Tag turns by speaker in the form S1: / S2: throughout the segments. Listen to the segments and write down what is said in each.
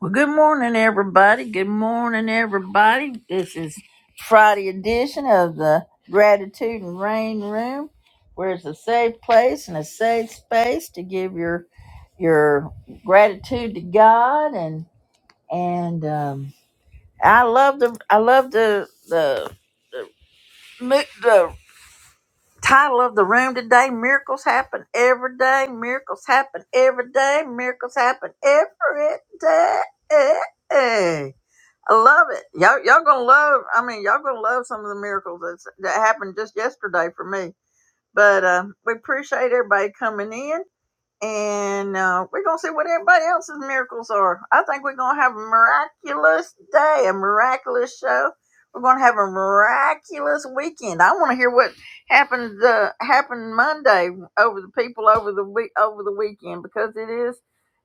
S1: Well, good morning, everybody. Good morning, everybody. This is Friday edition of the Gratitude and Rain Room, where it's a safe place and a safe space to give your your gratitude to God and and um, I love the I love the the mi- the title of the room today. Miracles happen every day. Miracles happen every day. Miracles happen every day. I love it. Y'all, y'all gonna love. I mean, y'all gonna love some of the miracles that's, that happened just yesterday for me. But uh, we appreciate everybody coming in and uh, we're gonna see what everybody else's miracles are. I think we're gonna have a miraculous day, a miraculous show. We're gonna have a miraculous weekend. I want to hear what happened uh, happened Monday over the people over the week over the weekend because it is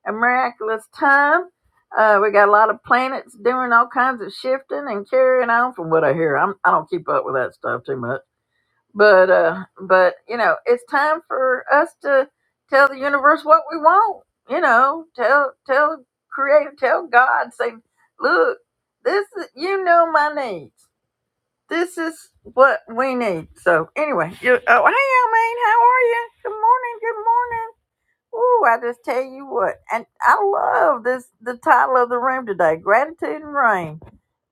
S1: a miraculous time. Uh, we got a lot of planets doing all kinds of shifting and carrying on from what I hear. I'm, I don't keep up with that stuff too much but uh, but you know, it's time for us to tell the universe what we want. You know, tell tell Creator, tell God, say, look, this is, you know my needs. This is what we need. So anyway, you, oh hey, Almaine, how are you? Good morning, good morning. Ooh, I just tell you what, and I love this the title of the room today, gratitude and rain.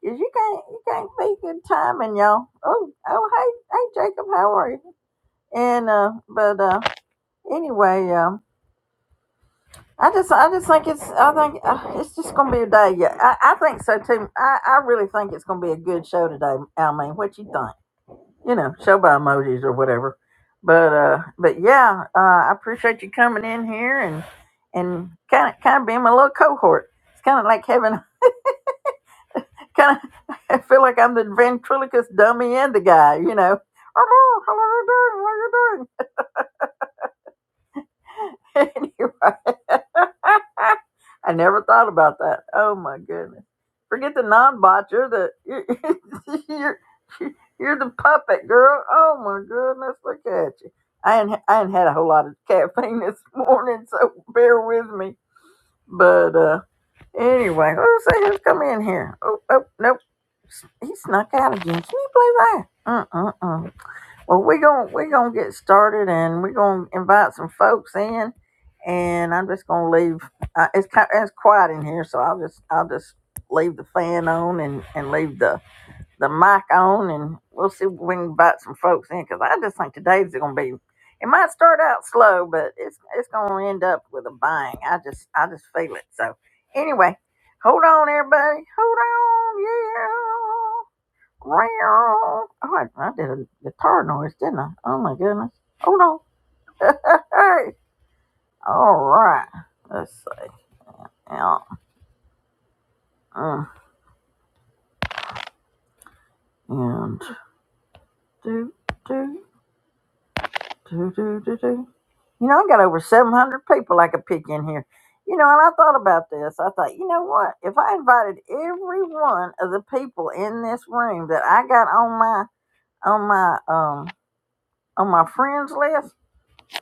S1: Cause you can't you can't beat good timing, y'all. Oh oh hey hey Jacob, how are you? And uh, but uh, anyway, um, I just I just think it's I think uh, it's just gonna be a day. Yeah, I, I think so too. I, I really think it's gonna be a good show today. I mean, what you think? You know, show by emojis or whatever. But uh, but yeah, uh, I appreciate you coming in here and and kind of kind of being my little cohort. It's kind of like having kind of I feel like I'm the ventriloquist dummy and the guy. You know, hello, how are you doing? What are you doing? anyway, I never thought about that. Oh my goodness! Forget the non-bot. You're the you're, you're you're the puppet girl. Oh my goodness! Look at you. I ain't I ain't had a whole lot of caffeine this morning, so bear with me. But uh anyway, who's say who's come in here? Oh, oh nope, he snuck out again. Can you believe that? Uh uh uh. Well, we're going we're gonna get started, and we're gonna invite some folks in, and I'm just gonna leave. Uh, it's kind it's quiet in here, so I'll just I'll just leave the fan on and and leave the the mic on, and we'll see if we can invite some folks in because I just think today's gonna be. It might start out slow, but it's it's gonna end up with a bang. I just I just feel it. So anyway, hold on, everybody, hold on, yeah. Wow. I, I did a guitar noise, didn't I? Oh my goodness. Oh no. Hey. All right. Let's see. now. Uh, And do, do, do, do, do, do. You know, I got over 700 people I could pick in here. You know, and I thought about this. I thought, you know what? If I invited every one of the people in this room that I got on my on my um on my friends list,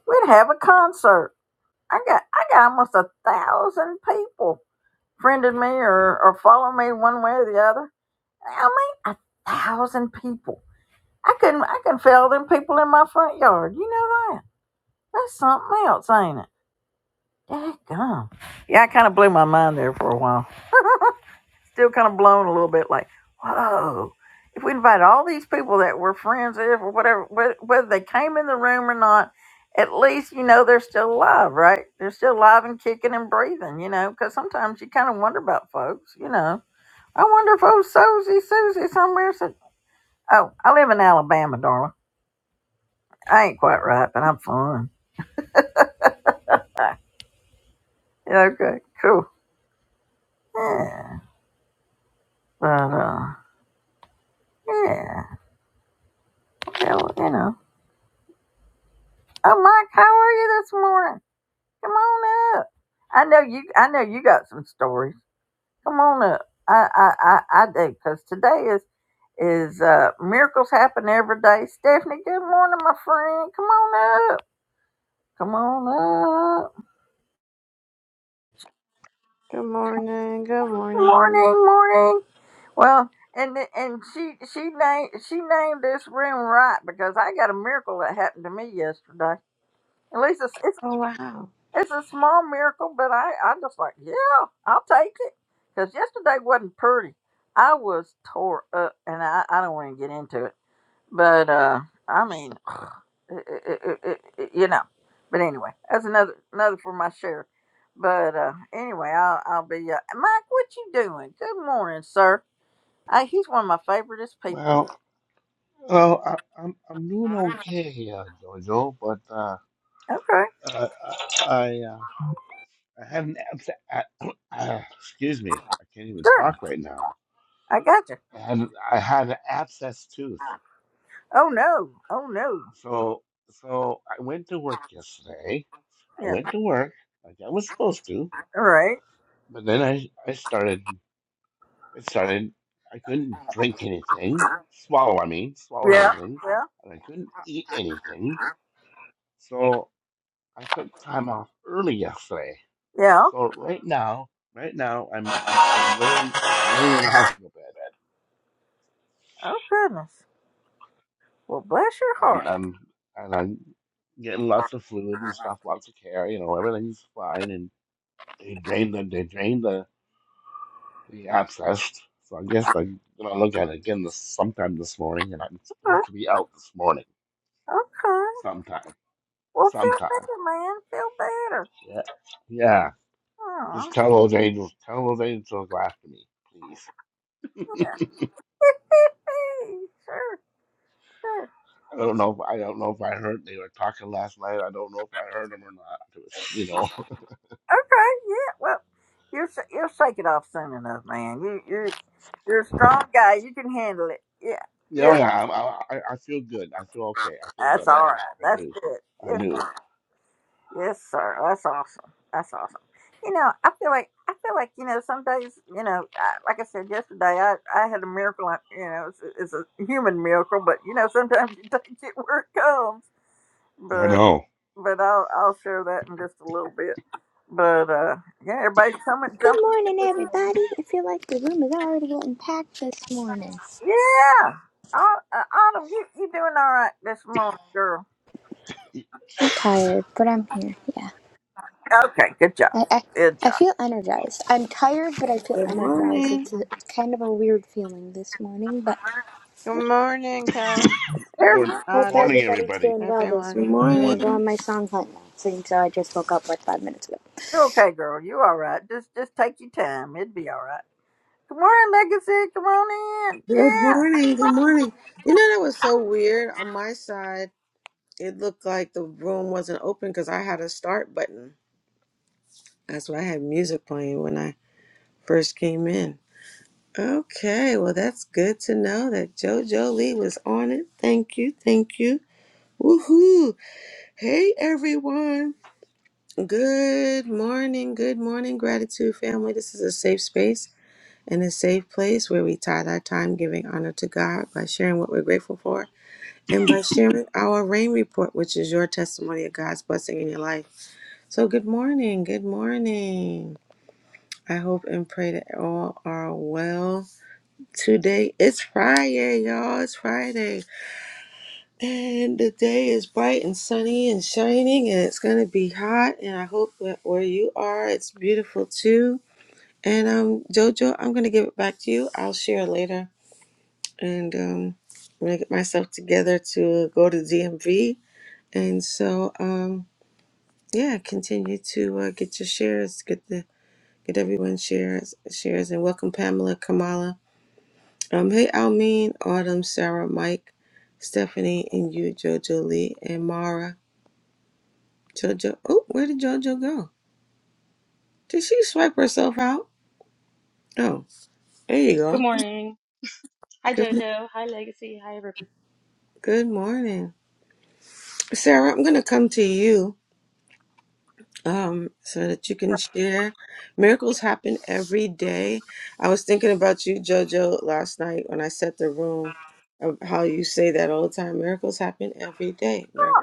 S1: we'd have a concert. I got I got almost a thousand people friended me or, or follow me one way or the other. I mean a thousand people. I couldn't I can feel them people in my front yard. You know that. That's something else, ain't it? Dadgum. Yeah, I kinda blew my mind there for a while. still kind of blown a little bit like, whoa, if we invited all these people that we're friends with or whatever, whether they came in the room or not, at least, you know, they're still alive, right? They're still alive and kicking and breathing, you know, because sometimes you kind of wonder about folks, you know. I wonder if old Susie, Susie somewhere said, oh, I live in Alabama, darling. I ain't quite right, but I'm fine. Yeah, okay, cool. Yeah, but, uh, yeah, well, you know. Oh, Mike, how are you this morning? Come on up. I know you. I know you got some stories. Come on up. I I I, I do because today is is uh, miracles happen every day. Stephanie, good morning, my friend. Come on up. Come on up.
S2: Good morning. Good morning.
S1: Morning, morning. Well, and and she she named she named this room right because I got a miracle that happened to me yesterday. At least it's, it's
S2: Oh, wow.
S1: It's a small miracle, but I, I just like, yeah, I'll take it. Because yesterday wasn't pretty. I was tore up, and I, I don't want to get into it. But, uh, I mean, it, it, it, it, it- you know. But anyway, that's another another for my share. But uh, anyway, I'll, I'll be, uh, Mike, what you doing? Good morning, sir. I, he's one of my favoriteest people.
S3: Well, well, I, I'm I'm doing okay, uh, Jojo, but uh,
S1: Okay,
S3: I I, uh, I had an abs- a- uh, excuse me, I can't even
S1: sure.
S3: talk right now.
S1: I got you.
S3: I had I had an abscess tooth,
S1: Oh, no. Oh, no.
S3: so so I went to work yesterday. I
S1: Yeah,
S3: went to work like I was supposed to,
S1: all right.
S3: but then I I started it started. I couldn't drink anything, swallow. I mean, swallow
S1: Yeah,
S3: anything,
S1: yeah,
S3: and I couldn't eat anything. So I took time off early yesterday.
S1: yeah.
S3: So right now, right now, I'm I'm I'm laying I'm laying in a hospital bed.
S1: Oh goodness. Well, bless your
S3: I'm
S1: heart.
S3: I'm and I'm getting lots of fluid and
S1: Okay.
S3: stuff, lots of care. You know, everything's fine. And they drained the they drained the the abscess. So I guess I'm gonna look at it again this sometime this morning. And I'm supposed to be out this morning
S1: okay.
S3: sometime,
S1: Well, feel
S3: sometime.
S1: better, man. Feel better.
S3: Yeah, yeah. Just
S1: Oh,
S3: tell those angels, tell those angels after me, please.
S1: yeah. sure, sure.
S3: I don't know. If, I don't know if I heard they were talking last night. I don't know if I heard them or not. It was, you know.
S1: Okay. Yeah. Well, you'll you'll shake it off soon enough, man. You you you're you're a strong guy. You can handle it. Yeah.
S3: yeah, oh,
S1: Yeah.
S3: yeah. I'm- I, I I feel good. I feel okay. I feel
S1: That's
S3: better
S1: all
S3: now.
S1: right.
S3: I
S1: That's
S3: do.
S1: good.
S3: I
S1: Yeah,
S3: do.
S1: Yes, sir. That's awesome. That's awesome. You know, I feel like I feel like you know some days you know I, like I said yesterday I I had a miracle I- you know it's, it's a human miracle but you know sometimes you take it where it comes
S3: I
S1: but
S3: know.
S1: but I'll I'll share that in just a little bit but uh yeah everybody's coming
S4: Good
S1: jumping in
S4: morning,
S1: this morning
S4: everybody. I feel like the room is already getting packed this morning.
S1: yeah Au- uh, Autumn you you doing all right this morning girl
S4: I'm tired, but I'm here. Yeah,
S1: okay good job
S4: I, I,
S1: good
S4: I
S1: job
S4: feel energized. I'm tired, but I feel
S5: Good
S4: energized.
S5: morning.
S4: It's, a, it's kind of a weird feeling this morning, but
S2: Good morning, Kels,
S3: Morning,
S4: hope
S3: morning,
S2: Autumn,
S4: everybody's
S3: everybody.
S4: doing well this
S2: everyone.
S5: Good
S4: morning. I'm gonna
S5: morning.
S4: go
S3: Morning.
S4: on my song hunt now, seeing so I just woke up like five minutes ago.
S1: You're okay, girl. You all right. Just just take your time. It'd be all right. Good morning, Legacy. Come on in.
S5: Good
S1: Yeah.
S5: morning. Good morning. You know that was so weird on my side. It looked like the room wasn't open because I had a start button. That's why I had music playing when I first came in. Okay, well that's good to know that JoJo Lee was on it. Thank you. Thank you. Woohoo! Hey everyone. Good morning. Good morning, gratitude family. This is a safe space in a safe place where we tithe our time giving honor to God by sharing what we're grateful for and by sharing our rain report, which is your testimony of God's blessing in your life. So, good morning. Good morning. I hope and pray that all are well. Today it's Friday, y'all. It's Friday. And the day is bright and sunny and shining, and it's going to be hot. And I hope that where you are, it's beautiful too. And um, Jojo, I'm going to give it back to you. I'll share later and um, I'm gonna get myself together to go to DMV. And so, um, yeah, continue to uh, get your shares, get the get everyone shares shares, and welcome Pamela, Kamala, um, hey Almeen, Autumn, Sarah, Mike, Stephanie, and you, JoJo Lee, and Mara, JoJo. Oh, where did JoJo go? Did she swipe herself out? Oh, there you
S6: Good
S5: go.
S6: morning. Hi
S5: Good mo-
S6: Jojo. Hi Legacy. Hi everyone.
S5: good morning, Sarah. I'm gonna come to you. um, so that you can share. Miracles happen every day. I was thinking about you, JoJo, last night when I set the room, of how you say that all the time. Miracles happen every day. Miracles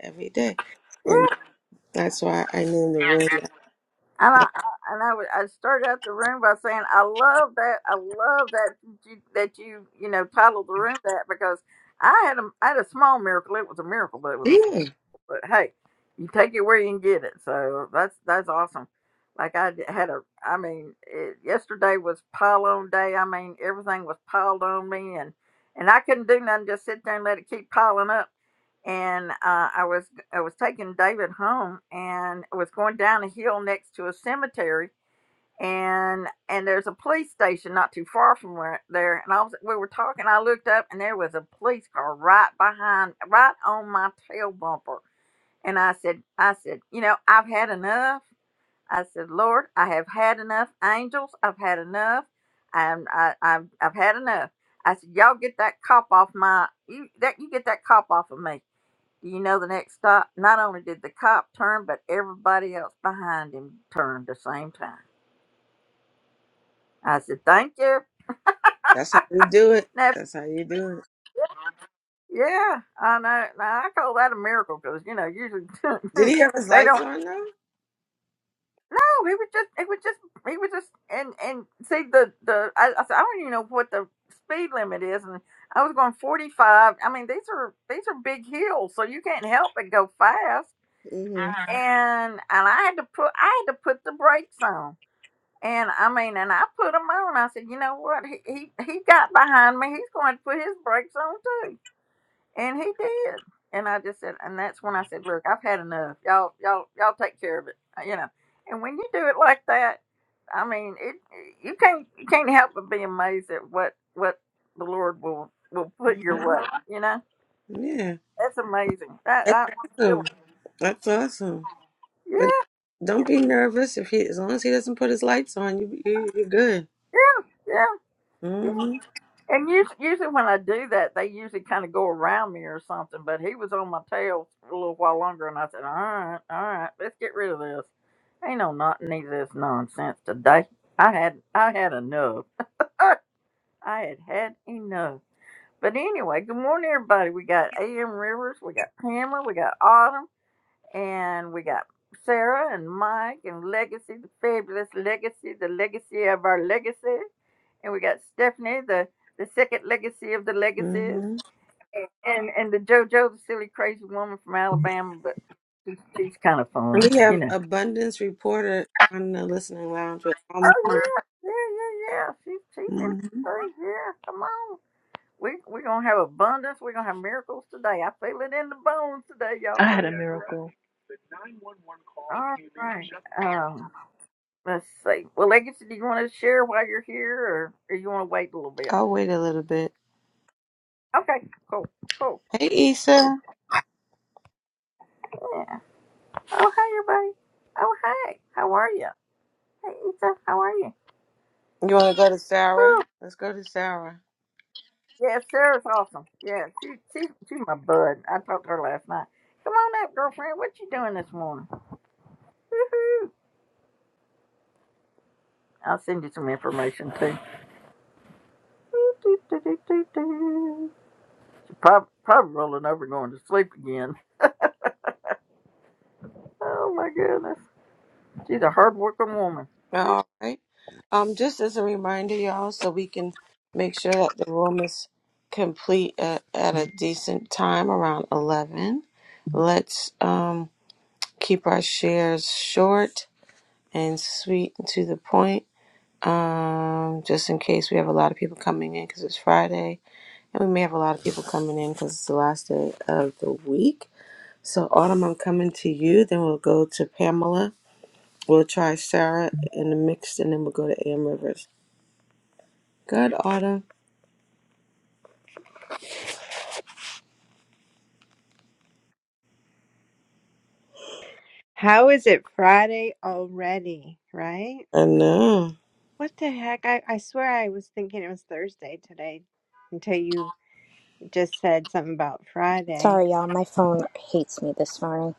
S5: every day. And
S1: Yeah.
S5: that's why I named the room.
S1: And I
S5: that.
S1: I- and I, was- I started out the room by saying I love that I love that you, that you you know titled the room that because I had a I had a small miracle. It was a miracle, but it was a
S5: Yeah,
S1: but hey, you take it where you can get it. So that's that's awesome. Like I d- had a, I mean, it, yesterday was pile on day. I mean, everything was piled on me, and and I couldn't do nothing. Just sit there and let it keep piling up. And uh, I was I was taking David home, and I was going down a hill next to a cemetery, and and there's a police station not too far from where there. And I was we were talking. I looked up, and there was a police car right behind, right on my tail bumper and I said, I said, you know, I've had enough. I said, Lord, I have had enough angels. I've had enough. I'm, I, I've, I've had enough. I said, y'all get that cop off my, you that you get that cop off of me. Do you know the next stop? Not only did the cop turn, but everybody else behind him turned the same time. I said, thank you.
S5: that's how you do it.
S1: Now,
S5: That's how you do it.
S1: yeah, I know. Now I call that a miracle because you know usually
S5: Did he have his
S1: they don't.
S5: lights on though?
S1: No, he was just he was just he was just and and see the the I, I said I don't even know what the speed limit is and I was going 45. I mean these are these are big hills so you can't help but go fast
S5: hmm
S1: and and I had to put I had to put the brakes on and I mean and I put them on. I said you know what he he, he got behind me. He's going to put his brakes on too and he did. And I just said, and that's when I said, look, I've had enough. Y'all, y'all, y'all take care of it, uh, you know. And when you do it like that, I mean, it you can't you can't help but be amazed at what what the Lord will will put your
S5: hmm
S1: way, you know.
S5: Yeah,
S1: That's amazing. That,
S5: that's
S1: that
S5: awesome. That's awesome.
S1: yeah,
S5: But
S1: yeah,
S5: don't be nervous if he, as long as he doesn't put his lights on, you, you you're good.
S1: yeah, yeah.
S5: hmm
S1: And usually, usually when I do that, they usually kind of go around me or something. But he was on my tail for a little while longer, and I said, "All right, all right, let's get rid of this. Ain't no not need of this nonsense today. I had I had enough. I had had enough." But anyway, good morning, everybody. We got A.M. Rivers, we got Pamela, we got Autumn. And we got Sarah and Mike and Legacy, the fabulous Legacy, the legacy of our legacy. And we got Stephanie, the, the second legacy of the legacies.
S5: hmm
S1: And and the JoJo, the silly crazy woman from Alabama, but she's kind of fun,
S5: We
S1: you
S5: have
S1: know.
S5: abundance reporter on the listening lounge with Almir.
S1: Oh yeah, yeah, yeah, yeah. She's she's in
S5: Mm-hmm.
S1: the yeah. Come on, we we're gonna have abundance. We're gonna have miracles today. I feel it in the bones today,
S7: I
S1: y'all.
S7: had a miracle.
S1: All right. Um, Let's see. Well, Legacy, do you want to share while you're here, or, or you want to wait a little bit?
S5: I'll wait a little bit.
S1: Okay, cool, cool,
S5: Hey,
S1: cool.
S5: Issa,
S1: Yeah. Oh, hey, everybody. Oh, hey. How are you? Hey, Ethan, how are you?
S5: you want to go to Sarah?
S1: Whew.
S5: Let's go to Sarah.
S1: Yeah, Sarah's awesome. Yeah, she, she, she's my bud. I talked to her last night. Come on up, girlfriend. What you doing this morning? Woo-hoo. I'll send you some information, too. She's probably, probably rolling over going to sleep again. Oh, my goodness. She's a hard-working woman. Ah,
S5: All right. Um, just as a reminder, y'all, so we can make sure that the room is complete at, at a decent time around eleven. Let's um keep our shares short and sweet and to the point um, just in case we have a lot of people coming in because it's Friday, and we may have a lot of people coming in because it's the last day of the week. So, Autumn, I'm coming to you. Then we'll go to Pamela. We'll try Sarah in the mix, and then we'll go to Am Rivers. Good, Autumn.
S2: How is it Friday already, right?
S5: I know.
S2: What the heck? I, I swear I was thinking it was Thursday today until you just said something about Friday.
S4: Sorry, y'all. My phone hates me this morning.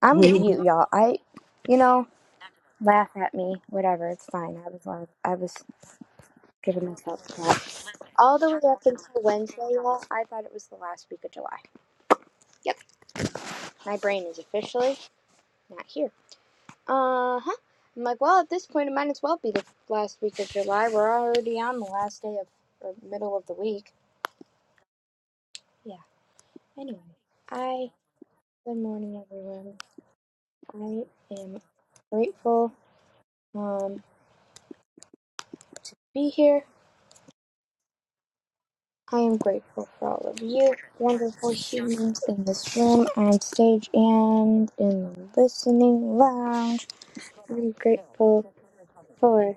S4: I'm with
S5: Mhm.
S4: you, y'all. I, you know, laugh at me, whatever. It's fine. I was, I was. giving myself props. All the way up until Wednesday, y'all, I thought it was the last week of July. Yep, my brain is officially not here. Uh huh. I'm like, well, at this point, it might as well be the last week of July. We're already on the last day of or middle of the week. Yeah. Anyway, I good morning, everyone. I am grateful um to be here. I am grateful for all of you, wonderful humans in this room and stage and in the listening lounge. I'm grateful for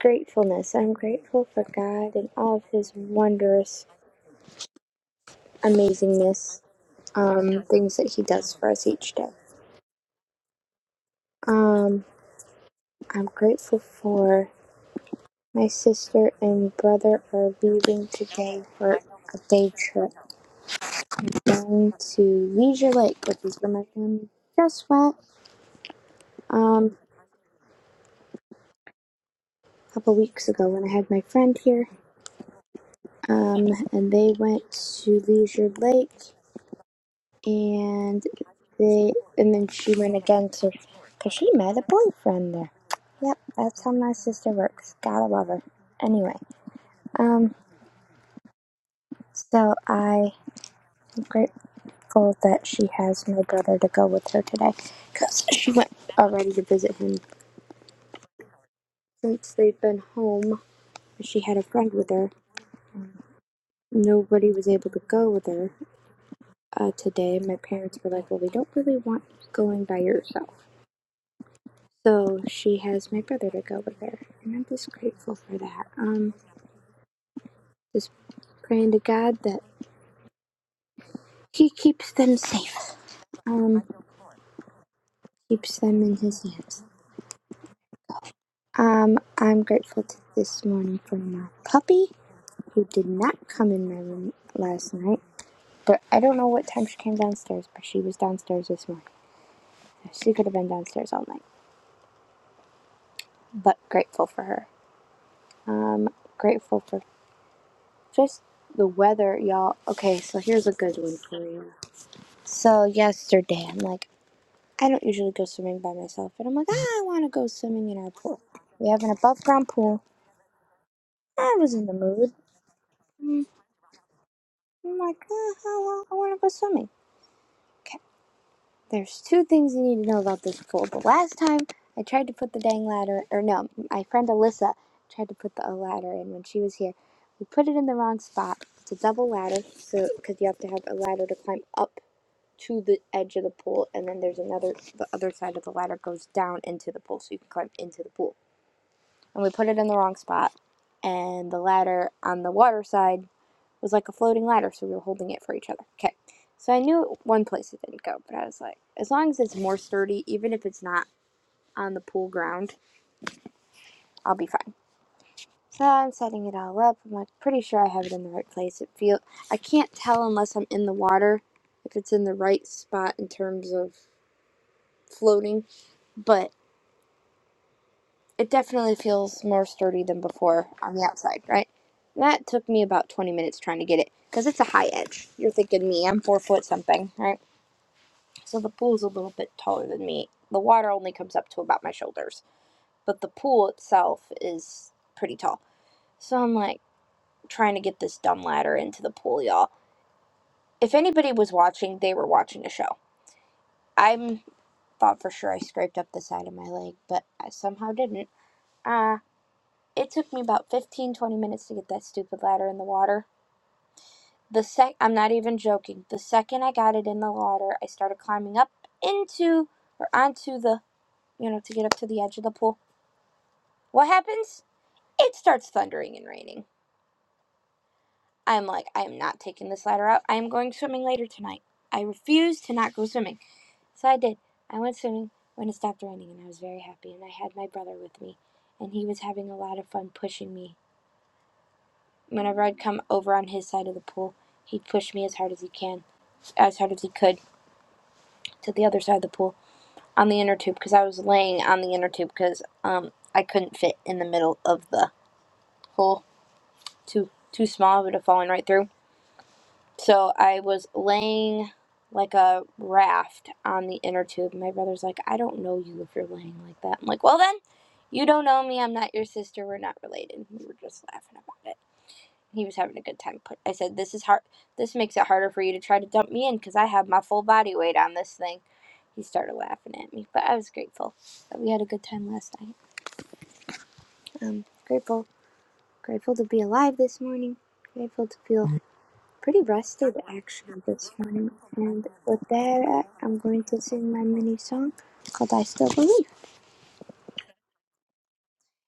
S4: gratefulness. I'm grateful for God and all of His wondrous amazingness, um, things that He does for us each day. Um, I'm grateful for my sister and brother are leaving today for a day trip going to Leisure Lake, which is where my family just went um, a couple weeks ago when I had my friend here, um, and they went to Leisure Lake, and they and then she went again to, cause she met a boyfriend there. Yep, that's how my sister works. Gotta love her. Anyway, um, so I'm grateful that she has my brother to go with her today, cause she went already to visit him since they've been home. She had a friend with her. Nobody was able to go with her uh, today, my parents were like, well, we don't really want you going by yourself. So she has my brother to go with her. And I'm just grateful for that. Um, just praying to God that He keeps them safe, um, keeps them in His hands. Um, I'm grateful to this morning for my puppy, who did not come in my room last night. But I don't know what time she came downstairs, but she was downstairs this morning. She could have been downstairs all night. But grateful for her. Um, grateful for Just the weather, y'all. Okay, so here's a good one for you. So yesterday, I'm like, I don't usually go swimming by myself, but I'm like, ah, I want to go swimming in our pool. We have an above ground pool. I was in the mood. I'm like, ah, oh, well, I want to go swimming. Okay, there's two things you need to know about this pool. The last time I tried to put the dang ladder, or no, my friend Alyssa tried to put the ladder in when she was here. We put it in the wrong spot. It's a double ladder, so because you have to have a ladder to climb up to the edge of the pool, and then there's another. The other side of the ladder goes down into the pool, so you can climb into the pool. And we put it in the wrong spot, and the ladder on the water side was like a floating ladder, so we were holding it for each other. Okay, so I knew one place it didn't go, but I was like, as long as it's more sturdy, even if it's not on the pool ground, I'll be fine. So I'm setting it all up. I'm like pretty sure I have it in the right place. It feel I can't tell unless I'm in the water if it's in the right spot in terms of floating, but it definitely feels more sturdy than before on the outside, right? That took me about 20 minutes trying to get it because it's a high edge. You're thinking me, I'm four foot something, right? So the pool's a little bit taller than me. The water only comes up to about my shoulders, but the pool itself is pretty tall. So I'm like trying to get this dumb ladder into the pool, y'all. If anybody was watching, they were watching a show. I thought for sure I scraped up the side of my leg, but I somehow didn't. Uh, It took me about 15 20 minutes to get that stupid ladder in the water. The sec I'm not even joking. The second I got it in the water, I started climbing up into or onto the, you know, to get up to the edge of the pool. What happens? It starts thundering and raining. I'm like, I am not taking this ladder out. I am going swimming later tonight. I refuse to not go swimming. So I did. I went swimming when it stopped raining and I was very happy and I had my brother with me and he was having a lot of fun pushing me Whenever I'd come over on his side of the pool, he'd push me as hard as he can, as hard as he could, to the other side of the pool on the inner tube because I was laying on the inner tube because um I couldn't fit in the middle of the hole, too too small, I would have fallen right through. So I was laying like a raft on the inner tube. My brother's like, I don't know you if you're laying like that. I'm like, well then, you don't know me. I'm not your sister. We're not related. We were just laughing about it. He was having a good time. Put I said, "This is hard. This makes it harder for you to try to dump me in because I have my full body weight on this thing." He started laughing at me, but I was grateful that we had a good time last night. Um, grateful, grateful to be alive this morning. Grateful to feel pretty rested actually this morning. And with that, I'm going to sing my mini song called "I Still Believe."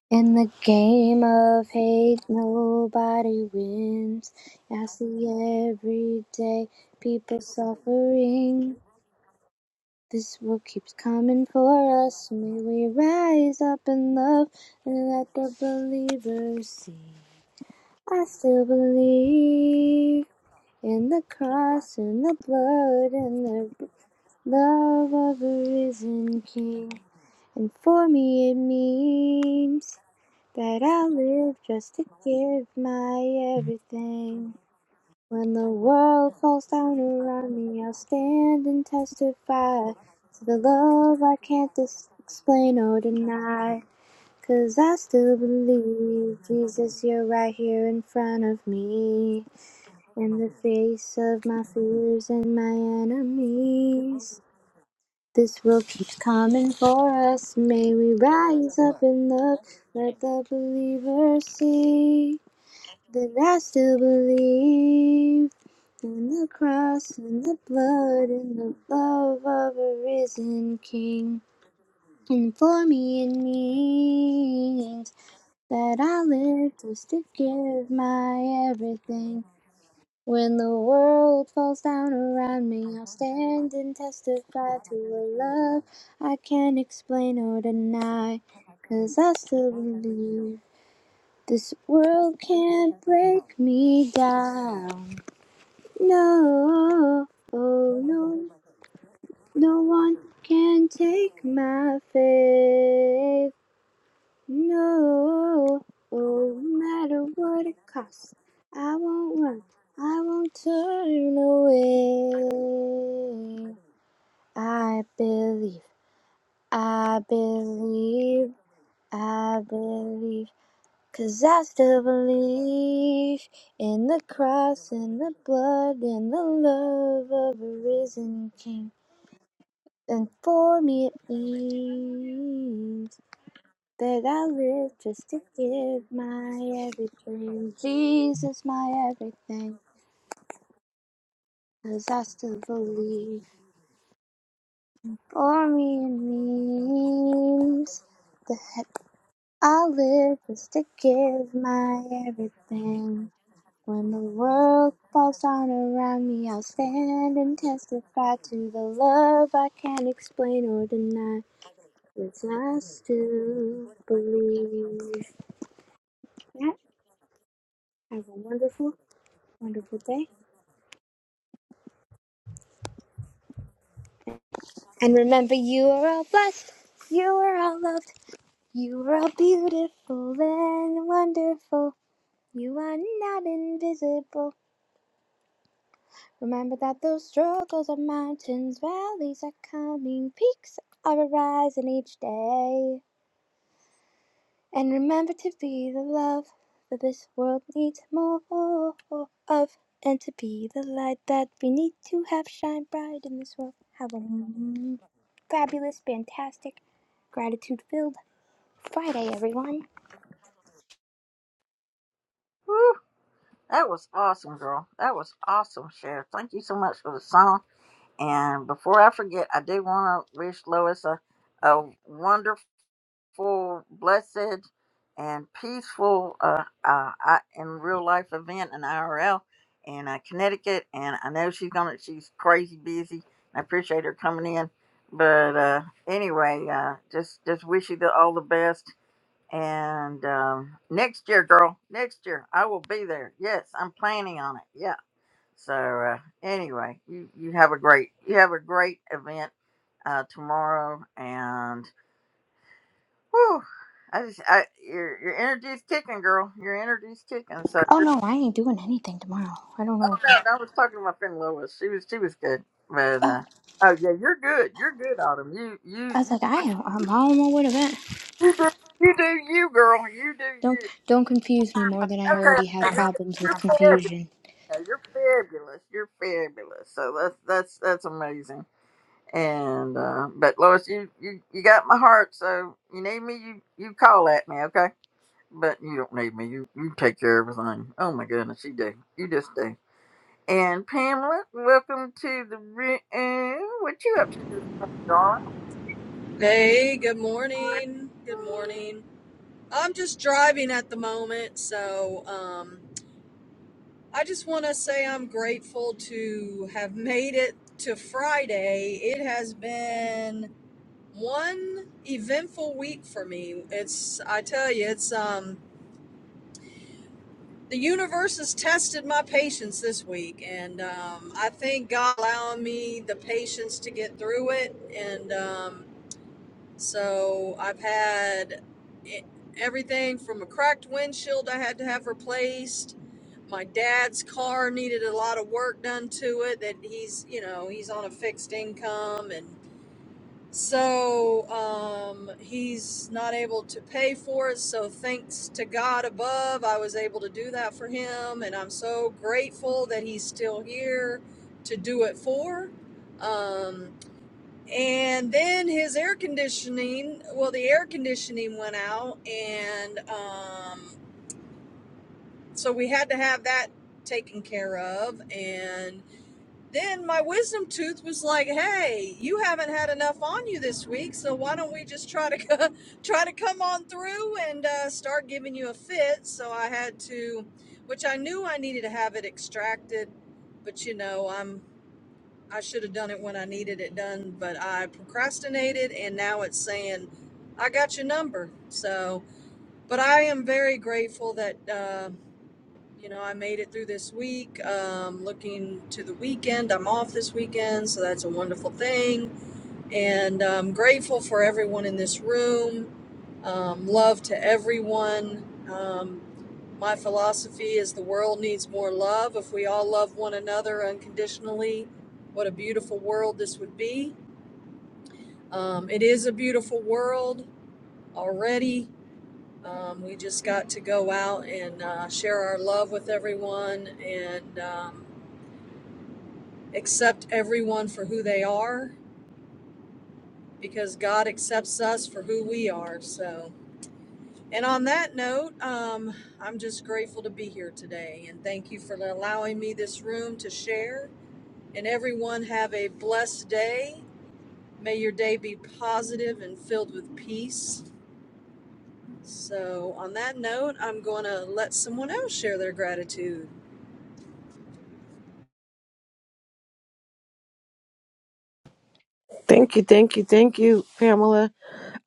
S4: In the game of hate, nobody wins. I see every day people suffering. This world keeps coming for us. May we rise up in love and let the believers see. I still believe in the cross, in the blood, and the love of a risen King. And for me, it means. That I live just to give my everything. When the world falls down around me, I'll stand and testify to the love I can't dis- explain or deny. 'Cause I still believe, Jesus, you're right here in front of me. In the face of my fears and my enemies. This world keeps coming for us. May we rise up in love, let the believer see. That I still believe in the cross and the blood and the love of a risen King. And for me it means that I live just to give my everything. When the world falls down around me, I'll stand and testify to a love I can't explain or deny. 'Cause I still believe this world can't break me down. No, oh no, no one can take my faith. No, oh, no matter what it costs, I won't run, I won't turn away. I believe, I believe, I believe. Cause I still believe in the cross and the blood and the love of a risen king. And for me it means that I live just to give my everything. Jesus, my everything. 'Cause I still believe for me it means that I live just to give my everything. When the world falls down around me, I'll stand and testify to the love I can't explain or deny. Yes, I still believe. Yeah, have a wonderful, wonderful day. And remember, you are all blessed. You are all loved. You are all beautiful and wonderful. You are not invisible. Remember that those struggles are mountains, valleys are coming, peaks are arising each day. And remember to be the love that this world needs more of, and to be the light that we need to have shine bright in this world. Have a fabulous, fantastic, gratitude filled Friday, everyone.
S1: woo. That was awesome, girl. That was awesome, Cher. Thank you so much for the song. And before I forget, I do want to wish Lois a, a wonderful, blessed, and peaceful uh, uh, I, in real life event in IRL in uh, Connecticut. And I know she's gonna she's crazy busy. I appreciate her coming in. But uh, anyway, uh, just just wish you the, all the best and um, next year, girl, next year I will be there. Yes, I'm planning on it. Yeah. So uh, anyway, you you have a great you have a great event uh, tomorrow, and whew, I just I your your energy's kicking, girl. Your energy's kicking. So
S4: Oh
S1: you're,
S4: no, I ain't doing anything tomorrow. I don't
S1: oh
S4: know.
S1: no, no, I was talking to my friend Lois. She was she was good, but uh, oh yeah, you're good. You're good, Autumn. You
S4: I
S1: you
S4: was
S1: you
S4: like, I am. I'm all on my way to that.
S1: you do you, do you girl. You do
S4: Don't
S1: you.
S4: don't confuse me more than I
S1: Okay,
S4: already had
S1: okay, you're,
S4: problems with
S1: you're fair.
S4: confusion.
S1: Yeah, you're fabulous. You're fabulous. So that's that's that's amazing. And uh but Lois, you you you got my heart. So you need me, you you call at me, okay? But you don't need me. You you take care of everything. Oh my goodness, you do. You just do. And Pamela, welcome to the room. What you up to this morning, darling?
S8: Hey, good morning. Good morning. I'm just driving at the moment, so um, I just want to say I'm grateful to have made it to Friday. It has been one eventful week for me. It's, I tell you, it's um, the universe has tested my patience this week, and um, I thank God allowing me the patience to get through it. And um, So I've had i- everything from a cracked windshield I had to have replaced. My dad's car needed a lot of work done to it that he's, you know, he's on a fixed income and so um, he's not able to pay for it. So thanks to God above, I was able to do that for him and I'm so grateful that he's still here to do it for. Um, and then his air conditioning, well, the air conditioning went out, and um, so we had to have that taken care of. And then my wisdom tooth was like, "Hey, you haven't had enough on you this week, so why don't we just try to try to come on through and uh, start giving you a fit?" So I had to, which I knew I needed to have it extracted, but you know, I'm I should have done it when I needed it done, but I procrastinated and now it's saying, I got your number. So, but I am very grateful that, uh, you know, I made it through this week. Um, looking to the weekend, I'm off this weekend, so that's a wonderful thing and I'm grateful for everyone in this room. Um, love to everyone. Um, my philosophy is the world needs more love. If we all love one another unconditionally, what a beautiful world this would be. Um, it is a beautiful world already. Um, we just got to go out and uh, share our love with everyone and um, accept everyone for who they are because God accepts us for who we are. So, And on that note, um, I'm just grateful to be here today and thank you for allowing me this room to share. And everyone have a blessed day. May your day be positive and filled with peace. So, on that note, I'm going to let someone else share their gratitude.
S5: Thank you, thank you, thank you, Pamela,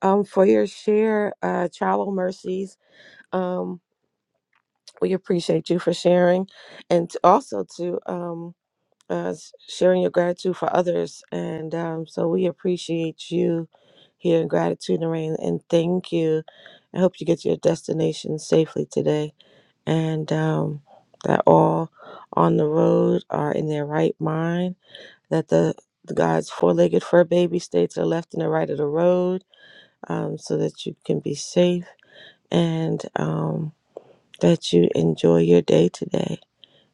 S5: um, for your share. Uh, travel mercies. Um, we appreciate you for sharing, and t- also to um, uh, s- sharing your gratitude for others. And um, so we appreciate you here in Gratitude and Rain. And thank you. I hope you get to your destination safely today. And um, that all on the road are in their right mind. That the, the God's four legged fur baby stay to the left and the right of the road um, so that you can be safe and um, that you enjoy your day today.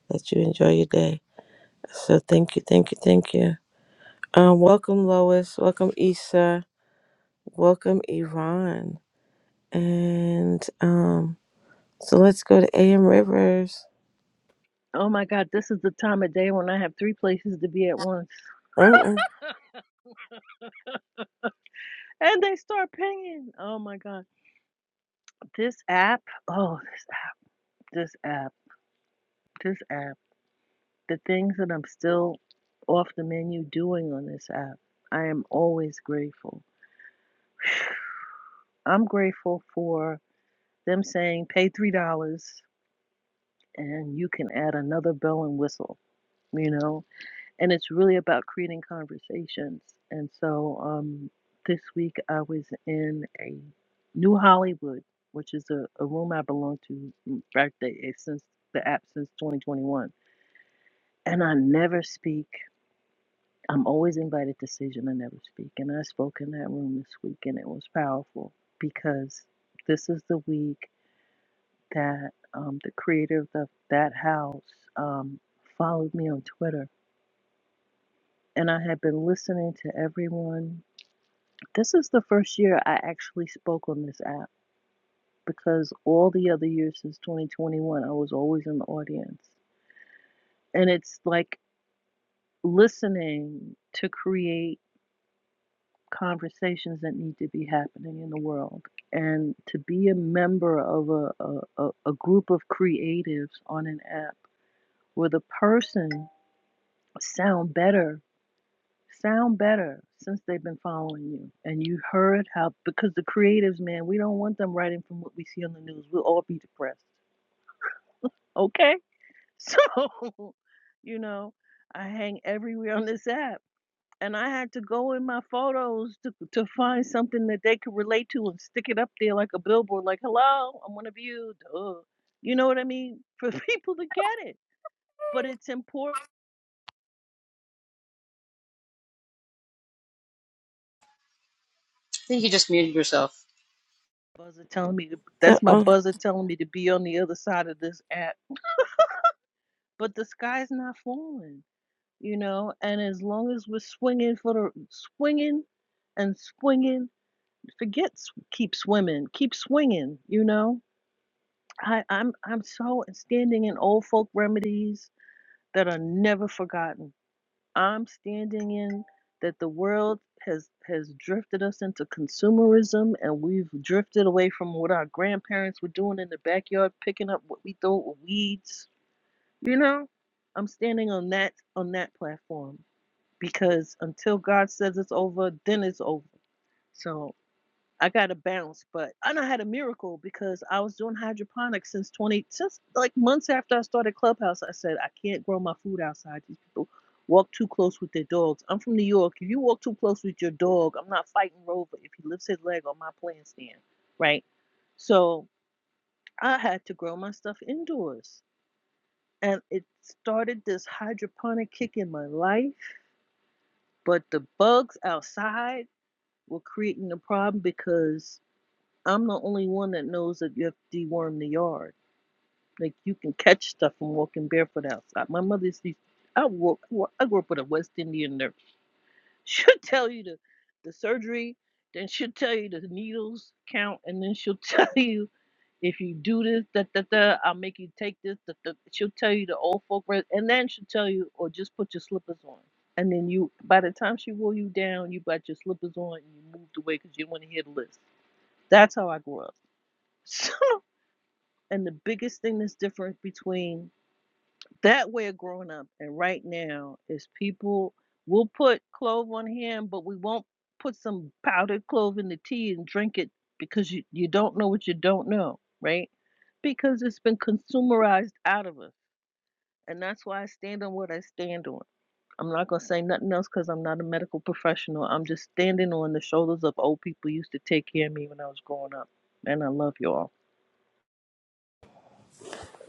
S5: That you enjoy your day. So thank you, thank you, thank you. Um, welcome Lois, welcome Issa, welcome Yvonne. And um, so let's go to AM Rivers.
S7: Oh my God, this is the time of day when I have three places to be at once.
S5: Uh-uh.
S7: And they start pinging. Oh my God. This app, oh, this, this app, this app, the things that I'm still off the menu doing on this app, I am always grateful. I'm grateful for them saying pay $3 and you can add another bell and whistle, you know? and it's really about creating conversations. And so um, this week I was in a New Hollywood, which is a, a room I belong to. In fact, they, it's since the app since 2021, and I never speak. I'm always invited to stage, and I never speak. And I spoke in that room this week, and it was powerful because this is the week that um, the creator of the, that house um, followed me on Twitter, and I had been listening to everyone This is the first year I actually spoke on this app because all the other years since 2021, I was always in the audience. And it's like listening to create conversations that need to be happening in the world. And to be a member of a, a, a group of creatives on an app where the person sound better sound better since they've been following you and you heard how because the creatives man we don't want them writing from what we see on the news we'll all be depressed okay so you know i hang everywhere on this app and i had to go in my photos to, to find something that they could relate to and stick it up there like a billboard like hello i'm one of you duh. you know what i mean for people to get it but it's important buzzer telling me to, that's my
S5: Uh-uh.
S7: buzzer telling me to be on the other side of this app but the sky's not falling, you know. And as long as we're swinging for the swinging and swinging, forget s- keep swimming, keep swinging, you know. I, I'm I'm so standing in old folk remedies that are never forgotten. I'm standing in that the world has has drifted us into consumerism and we've drifted away from what our grandparents were doing in the backyard picking up what we thought were weeds you know, I'm standing on that on that platform because until God says it's over, then it's over. So I got to bounce, but I know I had a miracle because I was doing hydroponics since 20 since like months after I started Clubhouse. I said I can't grow my food outside. These people walk too close with their dogs. I'm from New York. If you walk too close with your dog, I'm not fighting Rover if he lifts his leg on my plant stand, right? So I had to grow my stuff indoors and it started this hydroponic kick in my life. But the bugs outside were creating a problem because I'm the only one that knows that you have to deworm the yard. Like you can catch stuff from walking barefoot outside. My mother's used to, I grew, I grew up with a West Indian nurse She'll tell you the, the surgery, then she'll tell you the needles count, and then she'll tell you if you do this, da, da, da, I'll make you take this. Da, da. She'll tell you the old folk rest, and then she'll tell you, or just put your slippers on. And then you, by the time she wore you down, you got your slippers on and you moved away because you didn't want to hear the list. That's how I grew up. So, and the biggest thing that's different between that way of growing up and right now is people will put clove on hand but we won't put some powdered clove in the tea and drink it because you, you don't know what you don't know right because it's been consumerized out of us and that's why i stand on what i stand on i'm not going to say nothing else because i'm not a medical professional i'm just standing on the shoulders of old people who used to take care of me when i was growing up and i love you all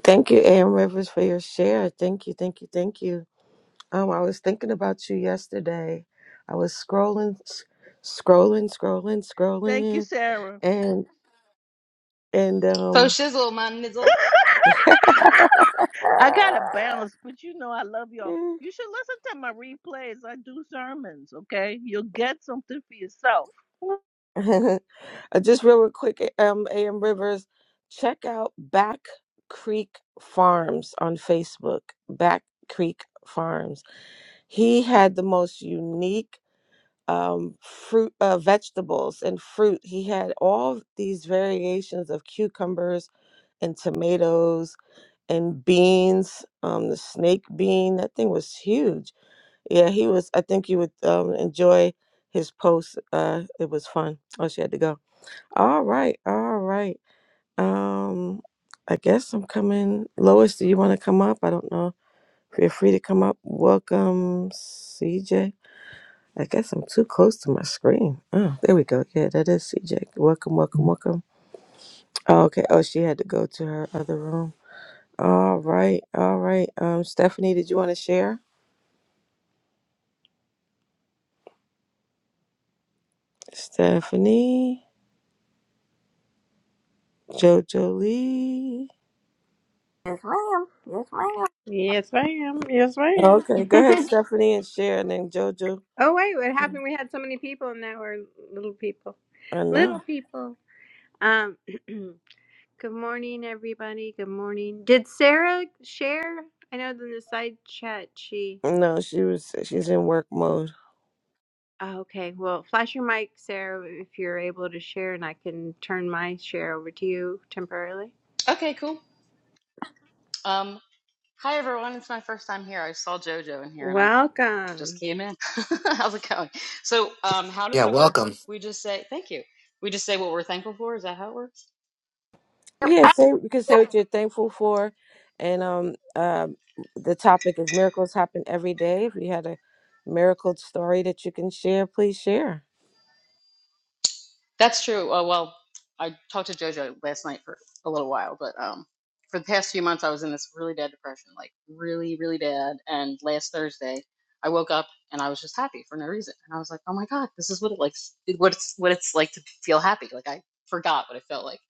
S5: Thank you, AM Rivers, for your share. Thank you, thank you, thank you. Um, I was thinking about you yesterday. I was scrolling, s- scrolling, scrolling,
S7: thank you
S5: scrolling,
S7: sarah
S5: and and
S6: So
S5: um
S6: shizzle, my nizzle.
S7: I got to balance, but you know I love y'all. You should listen to my replays. I do sermons, okay? You'll get something for yourself.
S5: Uh, just real, real quick, um, AM Rivers, check out Back Creek Farms on Facebook. Back Creek Farms. He had the most unique um, fruit, uh, vegetables, and fruit. He had all these variations of cucumbers and tomatoes and beans. Um, the snake bean, that thing was huge. Yeah, he was. I think you would um, enjoy his post. Uh, it was fun. Oh, she had to go. All right, all right. Um, I guess I'm coming. Lois, do you want to come up? I don't know. Feel free to come up. Welcome, CJ. I guess I'm too close to my screen. Oh, there we go. Yeah, that is CJ. Welcome, welcome, welcome. Oh, okay. Oh, she had to go to her other room. All right, all right. Um, Stephanie, did you want to share? Stephanie, JoJo Lee.
S1: Yes, ma'am. Yes, ma'am.
S2: Yes, ma'am. Yes,
S5: Oh,
S2: ma'am.
S5: Okay, go ahead, Stephanie, and share, and then JoJo.
S2: oh, wait. What happened? We had so many people and now we're little people.
S5: I
S2: Little
S5: know.
S2: people. Um, Good morning, everybody. Good morning. Did Sarah share? I know in the side chat she.
S5: No, she was she's in work mode.
S2: Oh, okay, well, flash your mic, Sarah, if you're able to share, and I can turn my share over to you temporarily.
S6: Okay, cool. Um, hi everyone. It's my first time here. I saw Jojo in here, and I just
S2: Welcome.
S6: came in. How's it going? So, um, how
S9: Yeah,
S6: does it work?
S9: welcome.
S6: We just say thank you. We just say what we're thankful for. Is that how it works?
S5: Yeah, say you can say what you're thankful for, and um, um the topic is miracles happen every day. If you had a miracle story that you can share, please share.
S6: That's true. Uh, well, I talked to JoJo last night for a little while, but um, for the past few months, I was in this really bad depression, like really, really bad. And last Thursday, I woke up and I was just happy for no reason. And I was like, "Oh my God, this is what it like, what it's what it's like to feel happy." Like I forgot what it felt like.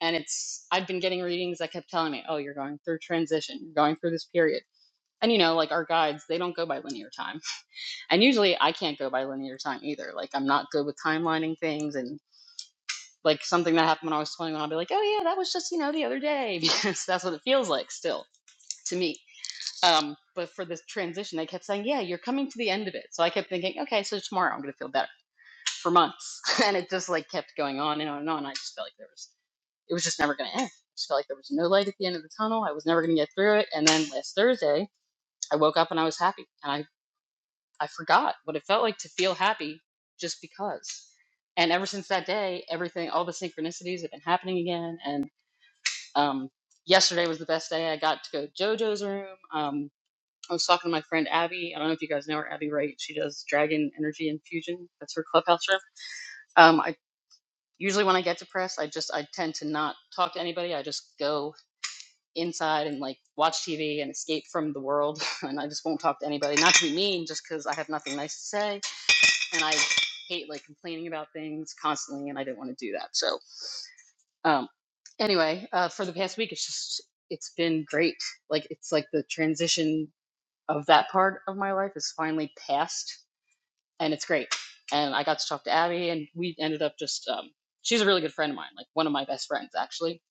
S6: And it's I've been getting readings that kept telling me, "Oh, you're going through transition. You're going through this period." And you know, like our guides, they don't go by linear time. And usually I can't go by linear time either. Like I'm not good with timelining things and like something that happened when I was 21, I'll be like, oh yeah, that was just, you know, the other day, because that's what it feels like still to me. Um, but for this transition, they kept saying, yeah, you're coming to the end of it. So I kept thinking, okay, so tomorrow I'm going to feel better for months. and it just like kept going on and on and on. I just felt like there was, it was just never going to end. I just felt like there was no light at the end of the tunnel. I was never going to get through it. And then last Thursday, I woke up and I was happy and I, I forgot what it felt like to feel happy just because. And ever since that day, everything, all the synchronicities have been happening again. and. Um, yesterday was the best day. I got to go to JoJo's room. Um, I was talking to my friend Abby. I don't know if you guys know her, Abby Wright. She does Dragon Energy Infusion. That's her clubhouse room. Um, I usually when I get depressed, I just I tend to not talk to anybody. I just go inside and like watch TV and escape from the world, and I just won't talk to anybody. Not to be mean, just because I have nothing nice to say, and I hate like complaining about things constantly, and I didn't want to do that. So Um, anyway, uh, for the past week, it's just it's been great. Like it's like the transition of that part of my life is finally past, and it's great. And I got to talk to Abby, and we ended up just um, she's a really good friend of mine, like one of my best friends actually.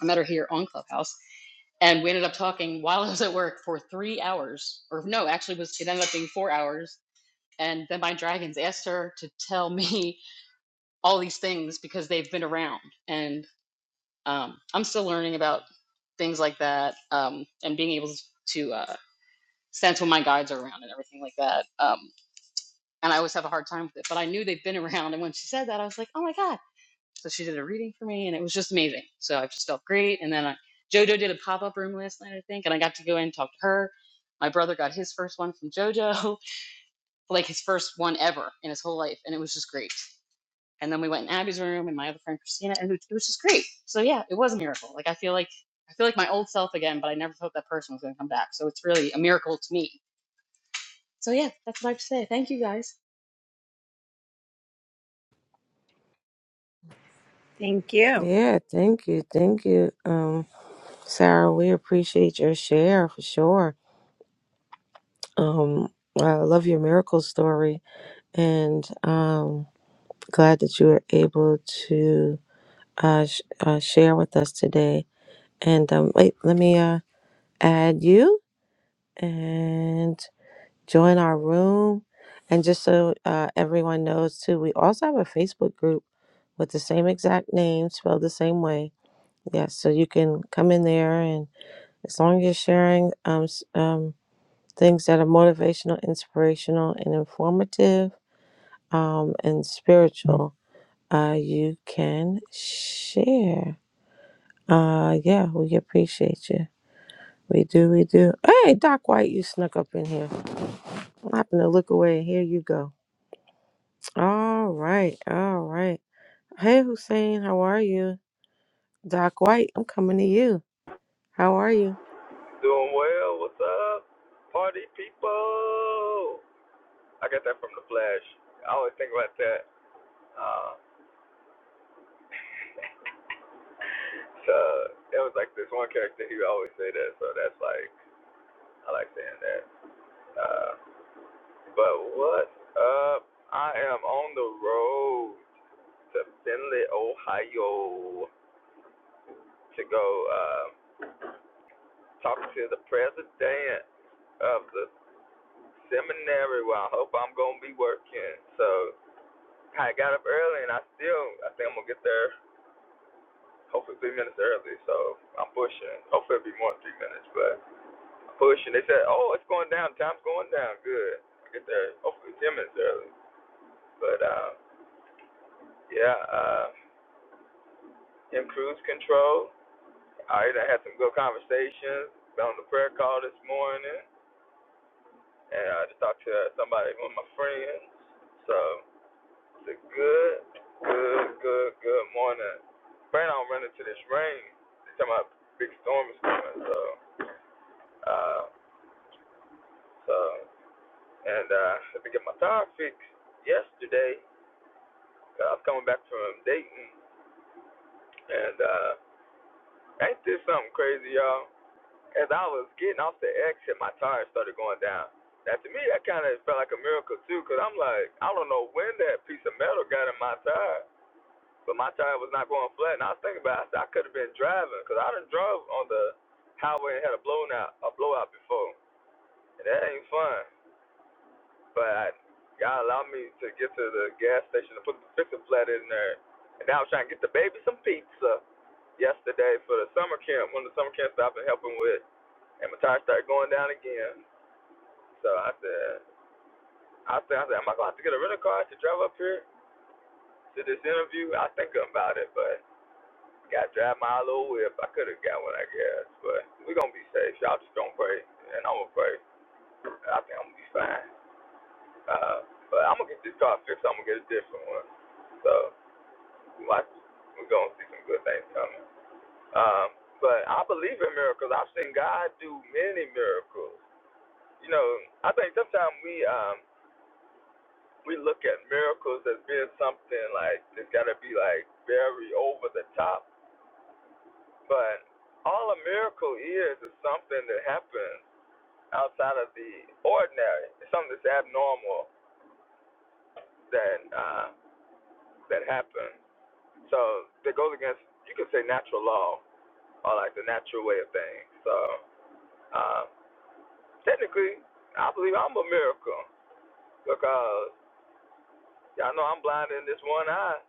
S6: I met her here on Clubhouse, and we ended up talking while I was at work for three hours, or no, actually, it was it ended up being four hours. And then my dragons asked her to tell me all these things because they've been around, and um, I'm still learning about things like that um, and being able to uh, sense when my guides are around and everything like that. Um, and I always have a hard time with it, but I knew they'd been around. And when she said that, I was like, oh my God. So she did a reading for me and it was just amazing. So I just felt great. And then I, JoJo did a pop up room last night, I think, and I got to go in and talk to her. My brother got his first one from JoJo, like his first one ever in his whole life. And it was just great. And then we went in Abby's room and my other friend Christina, and it was just great. So yeah, it was a miracle. Like I feel like I feel like my old self again, but I never thought that person was going to come back. So it's really a miracle to me. So yeah, that's what I have to say. Thank you guys.
S2: Thank you.
S5: Yeah, thank you, thank you, um, Sarah. We appreciate your share for sure. Um, I love your miracle story, and um, glad that you were able to uh, sh- uh share with us today. And um, wait, let me uh add you and. join our room. And just so uh, everyone knows, too, we also have a Facebook group with the same exact name, spelled the same way. Yes, so you can come in there, and as long as you're sharing um, s- um, things that are motivational, inspirational, and informative um, and spiritual, uh, you can share. Uh, yeah, we appreciate you. We do, we do. Hey, Doc White, you snuck up in here. I happened to look away, and here you go. All right, all right. Hey, Hussein, how are you? Doc White, I'm coming to you. How are you?
S10: Doing well. What's up, party people? I got that from the Flash. I always think about that. Uh, so it was like this one character he would always say that. So that's like I like saying that. Uh, but what up? I am on the road to Findlay, Ohio, to go uh, talk to the president of the seminary where I hope I'm gonna be working. So I got up early and I still I think I'm gonna get there hopefully three minutes early. So I'm pushing. Hopefully it'll be more than three minutes, but I'm pushing. They said, Oh, it's going down, time's going down, good. I get there hopefully ten minutes early. But um yeah, uh in cruise control. I had some good conversations been on the prayer call this morning and I just talked to somebody one of my friends. So It's a good, good, good, good morning. Pray I don't run into this rain. It's talking about big storm is coming, so uh so and uh let me get my tire fixed yesterday. 'cause I was coming back from Dayton and uh ain't this something crazy, y'all? As I was getting off the exit, my tire started going down. Now to me that kinda felt like a miracle too, because 'cause I'm like, I don't know when that piece of metal got in my tire. But my tire was not going flat, and I was thinking about it. I, said, I could have been driving because I done drove on the highway and had a blown out, a blowout before, and that ain't fun. But I, God allowed me to get to the gas station to put the fix a flat in there, and now I was trying to get the baby some pizza yesterday for the summer camp. One of the summer camps that I've been helping with, and my tire started going down again. So I said, I said, I said, am I gonna have to get a rental car to drive up here to this interview? I think about it, but. Got to drive my little whip. I could have got one, I guess. But we're going to be safe. Y'all just going to pray. And I'm going to pray. I think I'm going to be fine. Uh, but I'm going to get this car fixed. I'm going to get a different one. So we might, we're going to see some good things coming. Um, but I believe in miracles. I've seen God do many miracles. You know, I think sometimes we um, we look at miracles as being something like it's got to be like very over the top. But all a miracle is is something that happens outside of the ordinary. It's something that's abnormal that uh, that happened. So that goes against you could say natural law or like the natural way of things. So uh, technically, I believe I'm a miracle because y'all know I'm blind in this one eye,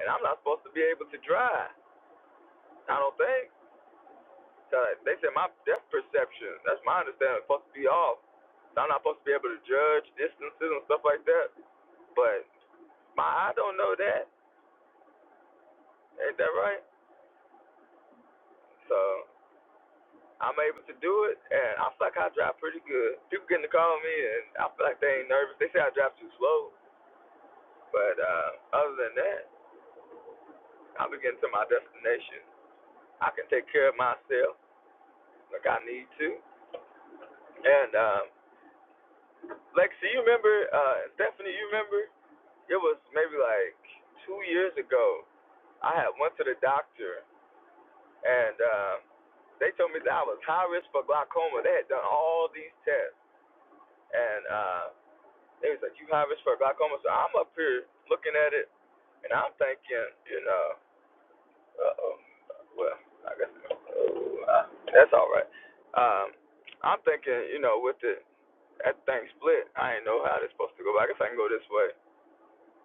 S10: and I'm not supposed to be able to drive. I don't think. So they said my depth perception, that's my understanding, is supposed to be off. So I'm not supposed to be able to judge distances and stuff like that. But my I don't know that. Ain't that right? So I'm able to do it, and I feel like I drive pretty good. People getting to call me, and I feel like they ain't nervous. They say I drive too slow, but uh, other than that, I'm getting to my destination. I can take care of myself like I need to. And um, Lexi, you remember? Uh, Stephanie, you remember? It was maybe like two years ago. I had went to the doctor, and uh, they told me that I was high risk for glaucoma. They had done all these tests, and uh, They was like, you hiring for a glaucoma? So I'm up here looking at it, and I'm thinking, you know, uh-oh, well, I guess oh, uh, that's all right. Um, I'm thinking, you know, with the that thing split, I ain't know how it's supposed to go. But I guess I can go this way.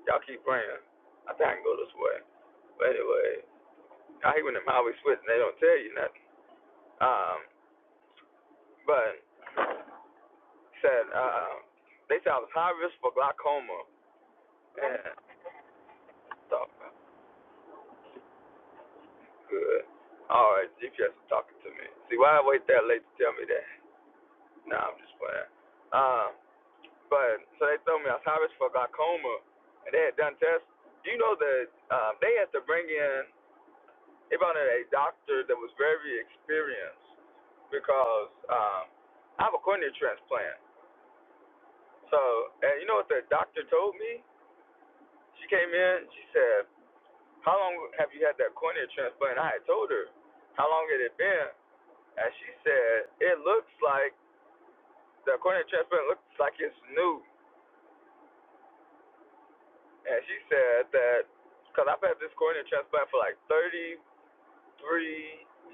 S10: Y'all keep praying. I think I can go this way. But anyway, I hate when them highway switch and they don't tell you nothing. Um, but said, uh, they said I was high risk for glaucoma, and I thought, Good. All right, GPS is talking to me. See, why I wait that late to tell me that? Nah, I'm just playing. Um, but so they told me I was harvest for glaucoma, and they had done tests. You know that um, they had to bring in they brought in a doctor that was very experienced because um, I have a cornea transplant. So, and you know what the doctor told me? She came in, she said, "How long have you had that cornea transplant?" And I had told her how long it had been, And she said, it looks like, the cornea transplant looks like it's new. And she said that, because I've had this cornea transplant for like 33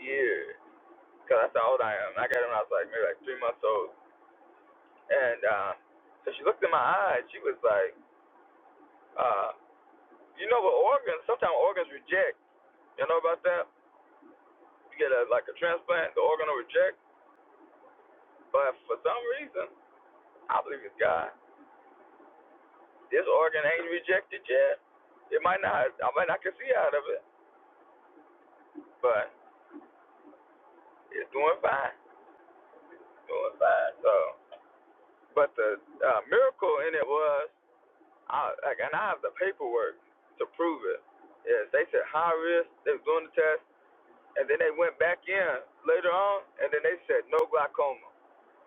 S10: years. Because that's how old I am. I got it when I was like maybe like three months old. And uh, so she looked in my eyes. She was like, uh, you know, with organs, sometimes organs reject. You know about that? You get a, like a transplant, the organ will reject. But for some reason, I believe it's God. This organ ain't rejected yet. It might not. I might not can see out of it, but it's doing fine. It's Doing fine. So, but the uh, miracle in it was, I, like, and I have the paperwork to prove it. Yes, they said high risk. They were doing the test, and then they went back in later on, and then they said no glaucoma,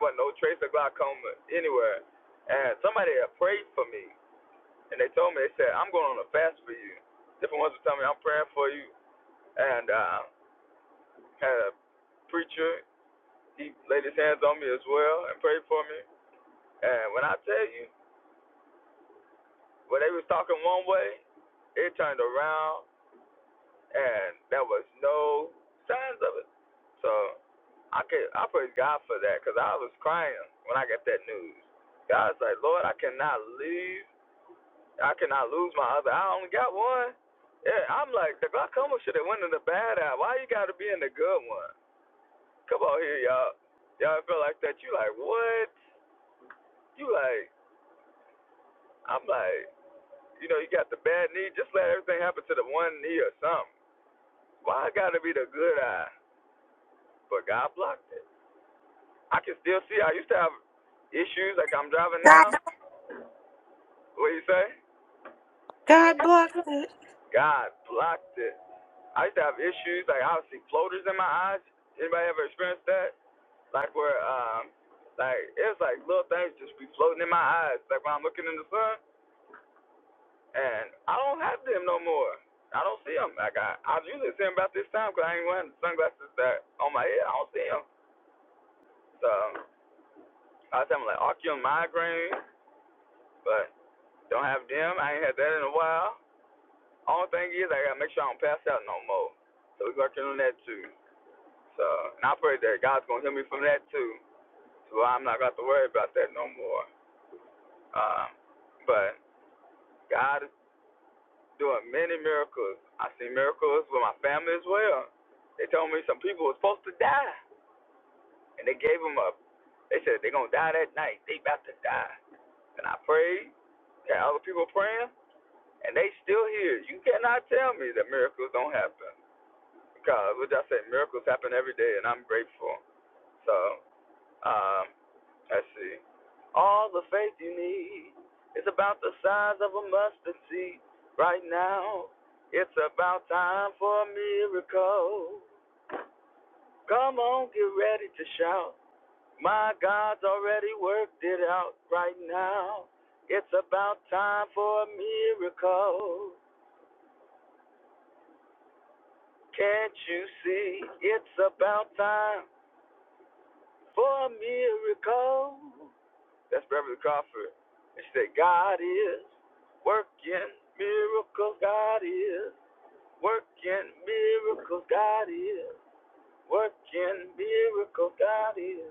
S10: but no trace of glaucoma anywhere. And somebody had prayed for me, and they told me they said I'm going on a fast for you. Different ones would tell me I'm praying for you, and uh, had a preacher, he laid his hands on me as well and prayed for me. And when I tell you, when they was talking one way, it turned around and there was no signs of it. So I could I praise God for that because I was crying when I got that news. God was like, Lord, I cannot leave. I cannot lose my other. I only got one. Yeah, I'm like the glaucoma should have went in the bad eye. Why you got to be in the good one? Come on here, y'all. Y'all feel like that? You like what? You like I'm like, you know, you got the bad knee, just let everything happen to the one knee or something. Why I gotta be the good eye? But God blocked it. I can still see. I used to have issues like I'm driving
S5: God
S10: now. What do you say?
S5: God bless it.
S10: God blocked it. I used to have issues like I would see floaters in my eyes. Anybody ever experienced that? Like where um, like it's like little things just be floating in my eyes. Like when I'm looking in the sun. And I don't have them no more. I don't see them. Like I, I usually see them about this time 'cause I ain't wearing sunglasses that on my head. I don't see them. So I was having like ocular migraine, but don't have them. I ain't had that in a while. Only thing is I gotta make sure I don't pass out no more. So we working on that too. So and I pray that God's gonna heal me from that too. So I'm not gonna have to worry about that no more. Um, but God is doing many miracles. I seen miracles with my family as well. They told me some people were supposed to die, and they gave them up. They said they're gonna die that night. They about to die. And I prayed, had other people praying, and they still here. You cannot tell me that miracles don't happen because, what I said, miracles happen every day, and I'm grateful. So, um, I see. All the faith you need is about the size of a mustard seed. Right now, it's about time for a miracle. Come on, get ready to shout. My God's already worked it out right now. It's about time for a miracle. Can't you see? It's about time for a miracle. That's Beverly Crawford. And she said, God is working miracles. God is working miracles. God is working miracles. God is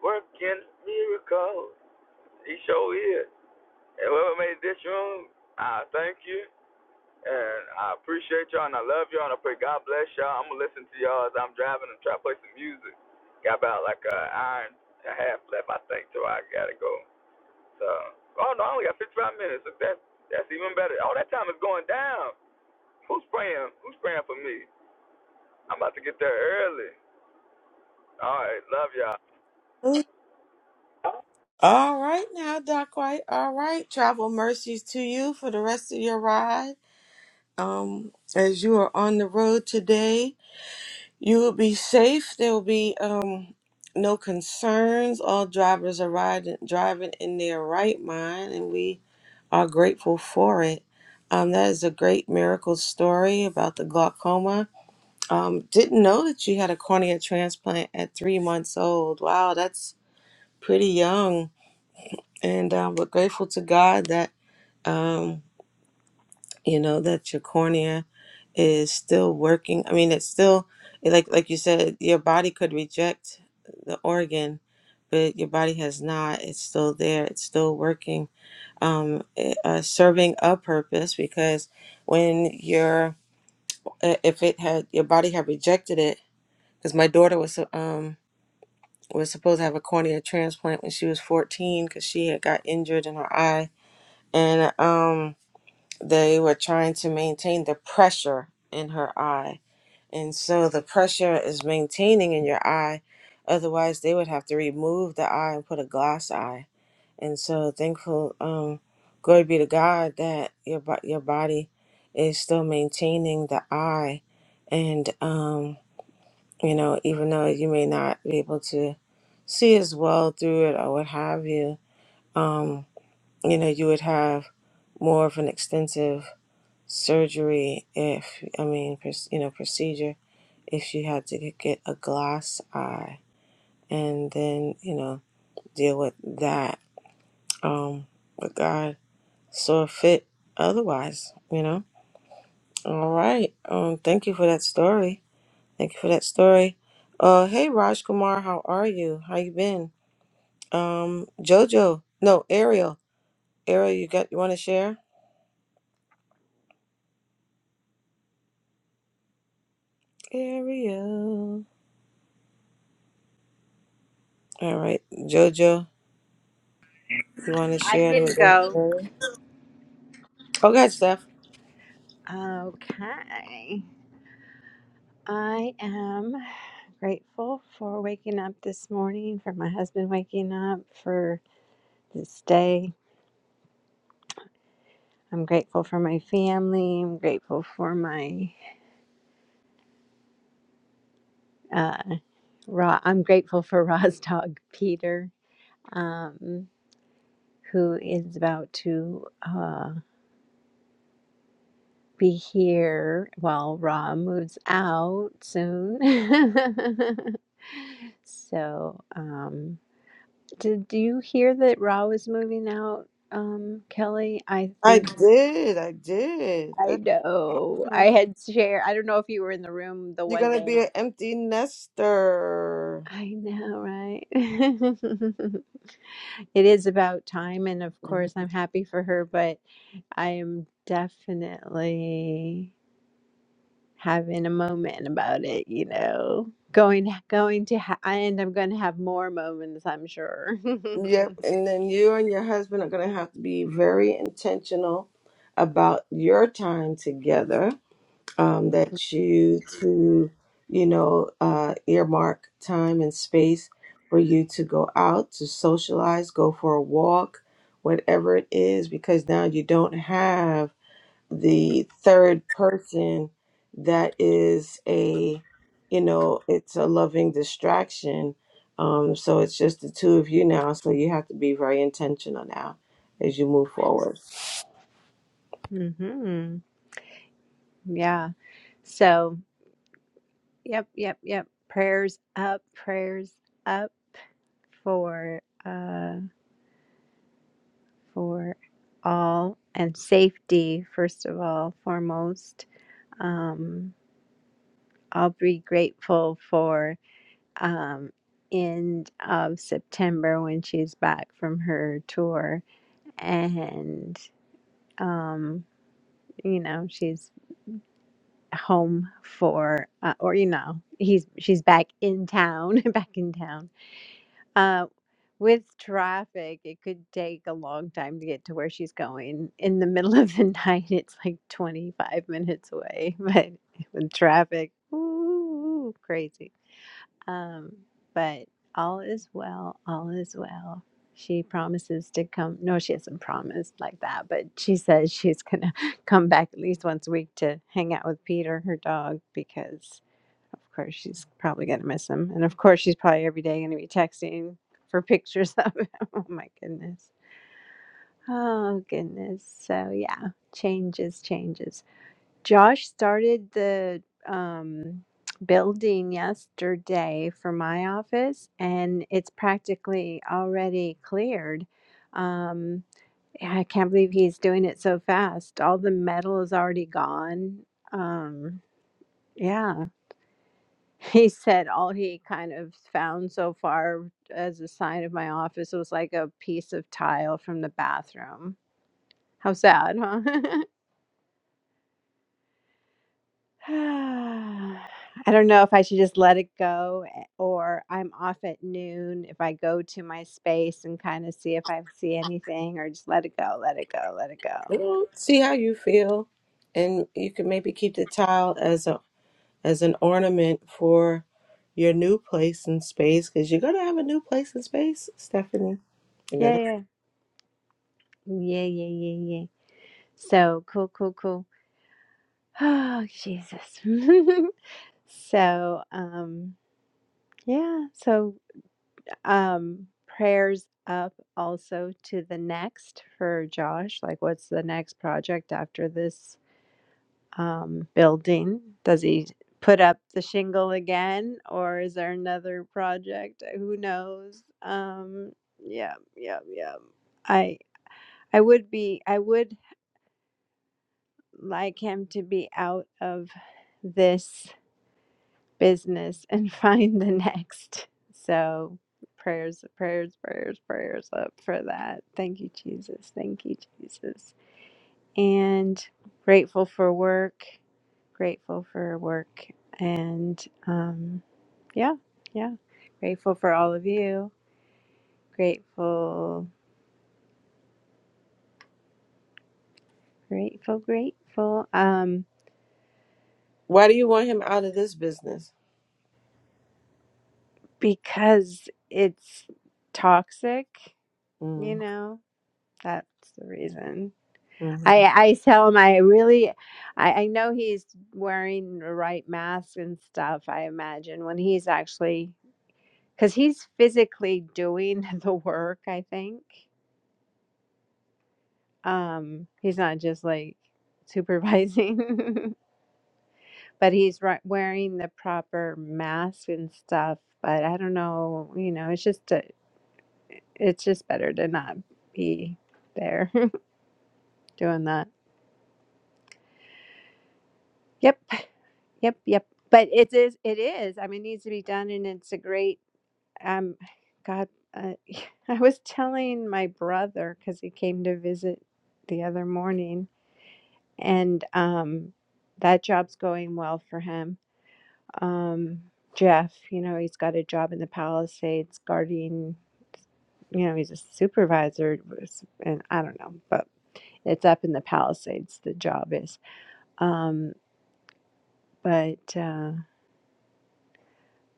S10: working miracles. He sure is. And whoever made this room, I thank you. And I appreciate y'all and I love y'all and I pray God bless y'all. I'm gonna listen to y'all as I'm driving and try to play some music. Got about like an hour and a half left, I think, so I gotta go. So, oh no, I only got 55 minutes. If That that's even better. All that time is going down. Who's praying? Who's praying for me? I'm about to get there early. All right, love y'all.
S5: Mm. All right now, Doc White. All right. Travel mercies to you for the rest of your ride. Um, as you are on the road today, you will be safe. There will be um no concerns. All drivers are riding driving in their right mind, and we are grateful for it. Um, that is a great miracle story about the glaucoma. Um, didn't know that she had a cornea transplant at three months old. Wow, that's pretty young. And um, we're grateful to God that um, you know that your cornea is still working. I mean, it's still like like you said, your body could reject the organ, but your body has not. It's still there. It's still working um, eh, uh, serving a purpose because when your if it had your body had rejected it because my daughter was um was supposed to have a cornea transplant when she was 14 because she had got injured in her eye and um they were trying to maintain the pressure in her eye and so the pressure is maintaining in your eye otherwise they would have to remove the eye and put a glass eye and so thankful um glory be to god that your bo- your body is still maintaining the eye and um you know even though you may not be able to see as well through it or what have you um you know you would have more of an extensive surgery if i mean proc- you know procedure if you had to g- get a glass eye and then you know deal with that um with god So it fit otherwise, you know? All right. Um, thank you for that story. Thank you for that story. Uh, hey, Raj Kumar, how are you? How you been? Um, Jojo, no, Ariel. Ariel, you got, you want to share? Ariel. All right, Jojo, you want to
S2: I
S5: share? Let
S2: can
S5: me go.
S2: go.
S5: Ariel. Oh, God, Steph.
S2: Okay. I am grateful for waking up this morning, for my husband waking up, for this day. I'm grateful for my family. I'm grateful for my Uh, Ra, I'm grateful for Ra's dog Peter, um, who is about to uh, be here while Ra moves out soon. so, um, did you hear that Ra was moving out? Um, Kelly, I
S5: I
S2: think
S5: did. I did.
S2: I
S5: That's
S2: know. I
S5: awesome.
S2: had shared. I don't know if you were in the room the
S5: You're
S2: one
S5: gonna
S2: day.
S5: be an empty nester.
S2: I know, right? It is about time, and of course, I'm happy for her, but I am definitely having a moment about it, you know. Going, going to, ha- and I'm going to have more moments, I'm sure.
S5: Yep. And then you and your husband are going to have to be very intentional about your time together. Um, that you to, you know, uh, earmark time and space for you to go out, to socialize, go for a walk, whatever it is, because now you don't have the third person that is a you know it's a loving distraction um so it's just the two of you now so you have to be very intentional now as you move forward
S2: hmm Yeah. So, yep, yep, yep. Prayers up, prayers up for, uh, for all and safety, first of all, foremost. Um I'll be grateful for um, end of September when she's back from her tour, and um, you know she's home for, uh, or you know he's she's back in town, back in town. Uh, with traffic, it could take a long time to get to where she's going. In the middle of the night, it's like 25 minutes away, but with traffic, ooh, crazy. Um, but all is well, all is well. She promises to come. No, she hasn't promised like that, but she says she's gonna come back at least once a week to hang out with Peter, her dog, because of course she's probably gonna miss him, and of course she's probably every day gonna be texting for pictures of him. Oh my goodness. Oh goodness. So yeah, changes, changes, Josh started the um, building yesterday for my office, and it's practically already cleared. Um, I can't believe he's doing it so fast. All the metal is already gone. Um, yeah. He said all he kind of found so far as a sign of my office was like a piece of tile from the bathroom. How sad, huh? I don't know if I should just let it go eh, or I'm off at noon if I go to my space and kind of see if I see anything or just let it go, let it go, let it
S5: you
S2: go.
S5: know, see how you feel and you can maybe keep the tile as a as an ornament for your new place and space because you're gonna have a new place and space stephanie you're
S2: Yeah,
S5: gonna
S2: yeah. Yeah, yeah, yeah, yeah. So cool, cool, cool. Oh, Jesus. so, um, yeah. So, um, prayers up also to the next for Josh. Like, what's the next project after this? um, building? Does he put up the shingle again, or is there another project? Uh, Who knows? Um, yeah, yeah, yeah. I I would be I would like him to be out of this business and find the next. So prayers, prayers, prayers, prayers up for that. Thank you, Jesus. Thank you, Jesus. And grateful for work grateful for work and um, yeah, yeah. Grateful for all of you. Grateful, grateful, grateful. Um,
S5: why do you want him out of this business
S2: because it's toxic, you
S5: mm-hmm.
S2: know. That's the reason. I I tell him I really, I, I know he's wearing the right mask and stuff. I imagine when he's actually because he's physically doing the work. I think Um, he's not just like supervising, but he's ri- wearing the proper mask and stuff. But I don't know, you know, it's just a, it's just better to not be there doing that. Yep, yep, yep. But it is, it is. I mean, it needs to be done, and it's a great. Um, God, uh, I was telling my brother because he came to visit the other morning, and um, that job's going well for him um, Jeff, you know, he's got a job in the Palisades guarding, you know, he's a supervisor, and I don't know, but it's up in the Palisades, the job is. Um, but uh,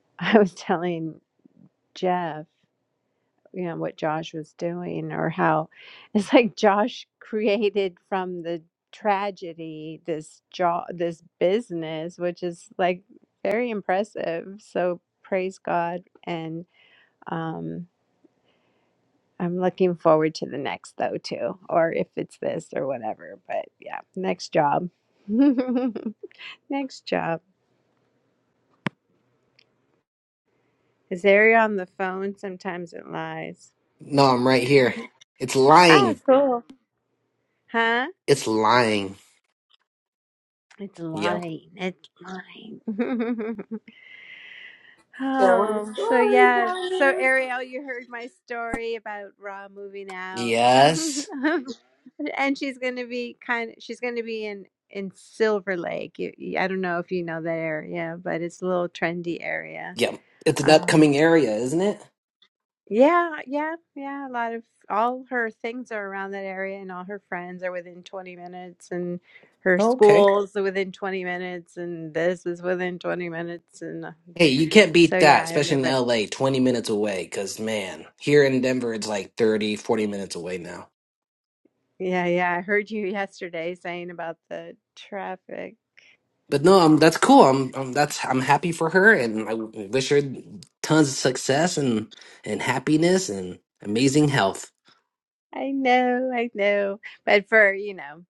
S2: I was telling Jeff, you know, what Josh was doing, or how it's like Josh created from the tragedy this job, this business, which is like very impressive. So praise God. And, um, I'm looking forward to the next though too, or if it's this or whatever. But yeah, next job. next job. Is Ari on the phone? Sometimes it lies.
S9: No, I'm right here. It's
S2: Ah,
S9: lying.
S2: cool. Huh?
S9: It's lying.
S2: It's
S9: Yep.
S2: lying. It's lying. Oh, so yeah. So Ariel, you heard my story about Ra moving out.
S9: Yes.
S2: and she's going to be kind she's going to be in in Silver Lake. You, you- I don't know if you know that area, but it's a little trendy area.
S9: Yep. It's an
S2: Um
S9: upcoming area, isn't it?
S2: yeah, yeah, yeah, a lot of all her things are around that area and all her friends are within 20 minutes and her
S9: Okay.
S2: schools are within 20 minutes and this is within 20 minutes and uh,
S9: Hey, you can't beat
S2: so
S9: that,
S2: yeah,
S9: especially in
S2: everybody.
S9: LA, 20 minutes away, because man, here in Denver, it's like 30, 40 minutes away now.
S2: Yeah, yeah. I heard you yesterday saying about the traffic.
S9: But no, I'm, that's cool. I'm, I'm, that's, I'm happy for her and I wish her tons of success and, and happiness and amazing health.
S2: I know, I know. But for, you know,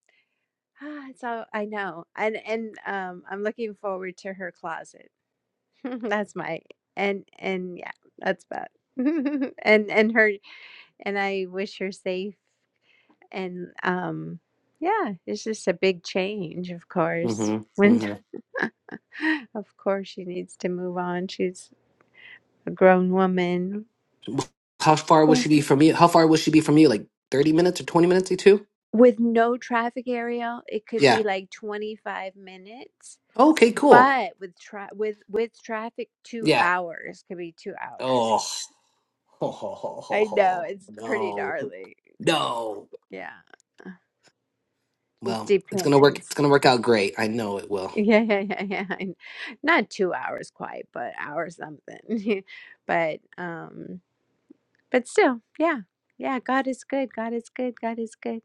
S2: ah, it's all I know. And and um I'm looking forward to her closet. That's my and and yeah, that's about. And and her and I wish her safe and um yeah, it's just a big change, of course.
S9: Mm-hmm.
S2: When
S9: Mm-hmm.
S2: of course she needs to move on. She's a grown woman.
S9: How far will she be from you? How far will she be from you? Like 30 minutes or 20 minutes, you two?
S2: with no traffic area it could be
S9: Yeah.
S2: like 25 minutes
S9: Okay, cool.
S2: but with tra- with with traffic 2
S9: Yeah.
S2: hours could be 2 hours
S9: Oh,
S2: i know it's pretty
S9: no.
S2: gnarly
S9: No.
S2: yeah just
S9: Well, it's gonna work it's
S2: depends
S9: gonna work out great. I know it will.
S2: yeah yeah yeah yeah I not 2 hours quite but hour something but um but still yeah yeah god is good god is good god is good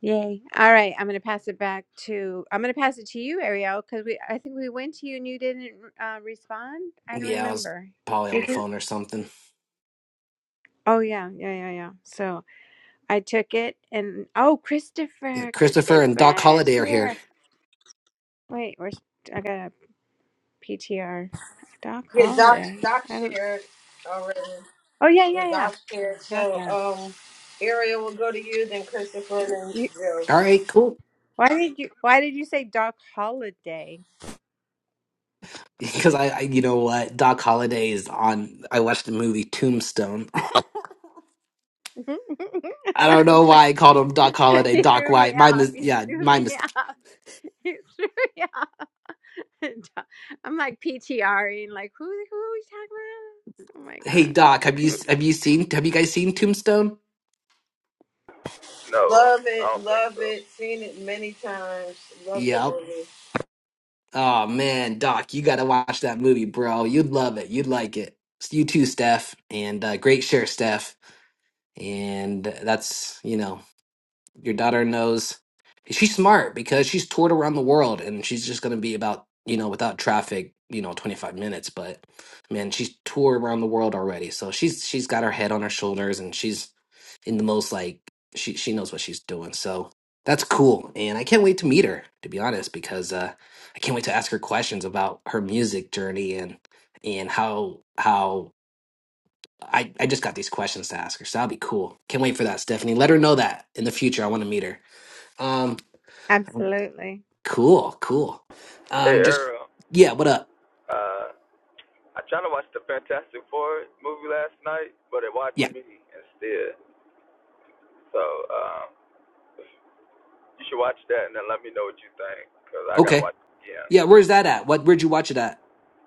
S2: Yay. All right. I'm going to pass it back to, I'm going to pass it to you, Ariel, because we, I think we went to you and you didn't uh, respond. I don't
S9: Yeah, I was
S2: remember.
S9: probably on
S2: Did
S9: the
S2: you?
S9: phone or something.
S2: Oh, yeah. Yeah. Yeah. Yeah. So I took it and, oh,
S9: Yeah,
S2: Christopher.
S9: Christopher and Doc
S2: Christopher is
S9: Holliday are here.
S2: here. Wait, where's, I got a P T R, PTR. Doc
S5: Yeah, Doc,
S2: Holiday.
S5: Doc
S2: I don't,
S5: shared already.
S2: oh, yeah.
S5: The
S2: Yeah. Yeah.
S5: Doc shared.
S2: Got
S5: So,
S2: that.
S5: um, Ariel will go to you, then Christopher, then
S2: You,
S5: Jill.
S9: All right, cool.
S2: why did you, why did you say Doc Holiday?
S9: Because I, I you know what, Doc Holliday is on I watched the movie Tombstone. I
S2: I
S9: don't know
S2: was
S9: why
S2: like,
S9: I called him Doc Holliday,
S2: he
S9: Doc
S2: threw me
S9: White. My
S2: off.
S9: mis-
S2: He
S9: yeah,
S2: threw
S9: my
S2: me
S9: mis-
S2: off. It's threw me I'm like PTRing, like who who are we talking about? Oh
S9: Hey Doc, have
S2: my
S9: you
S2: god!
S9: have you seen have you guys seen Tombstone?
S10: No,
S5: Love
S10: I
S5: it,
S10: don't think
S5: love
S10: so.
S5: it. Seen it many times. Love the
S9: Yep.
S5: movie.
S9: Oh man, Doc, you got to watch that movie, bro. You'd love it. You'd like it. You too, Steph, and uh, great share, Steph. And that's you know your daughter knows she's smart because she's toured around the world and she's just going to be about, you know, without traffic, you know, 25 minutes, but man, she's toured around the world already. So she's she's got her head on her shoulders and she's in the most like she she knows what she's doing. So that's cool. And I can't wait to meet her, to be honest, because uh I can't wait to ask her questions about her music journey and and how how I, I just got these questions to ask her, so that'll be cool. Can't wait for that, Stephanie. Let her know that in the future. I want to meet her. Um,
S2: Absolutely.
S9: cool, cool.
S10: Hey
S9: Um, just
S10: Earl,
S9: yeah, what up?
S10: uh, I tried to watch the Fantastic Four movie last night, but it watched
S9: Yeah,
S10: me instead. So um, you should watch that and then let me know what you think, cause I gotta
S9: okay.
S10: watch it again.
S9: Yeah, where's that at? What? Where'd you watch it at?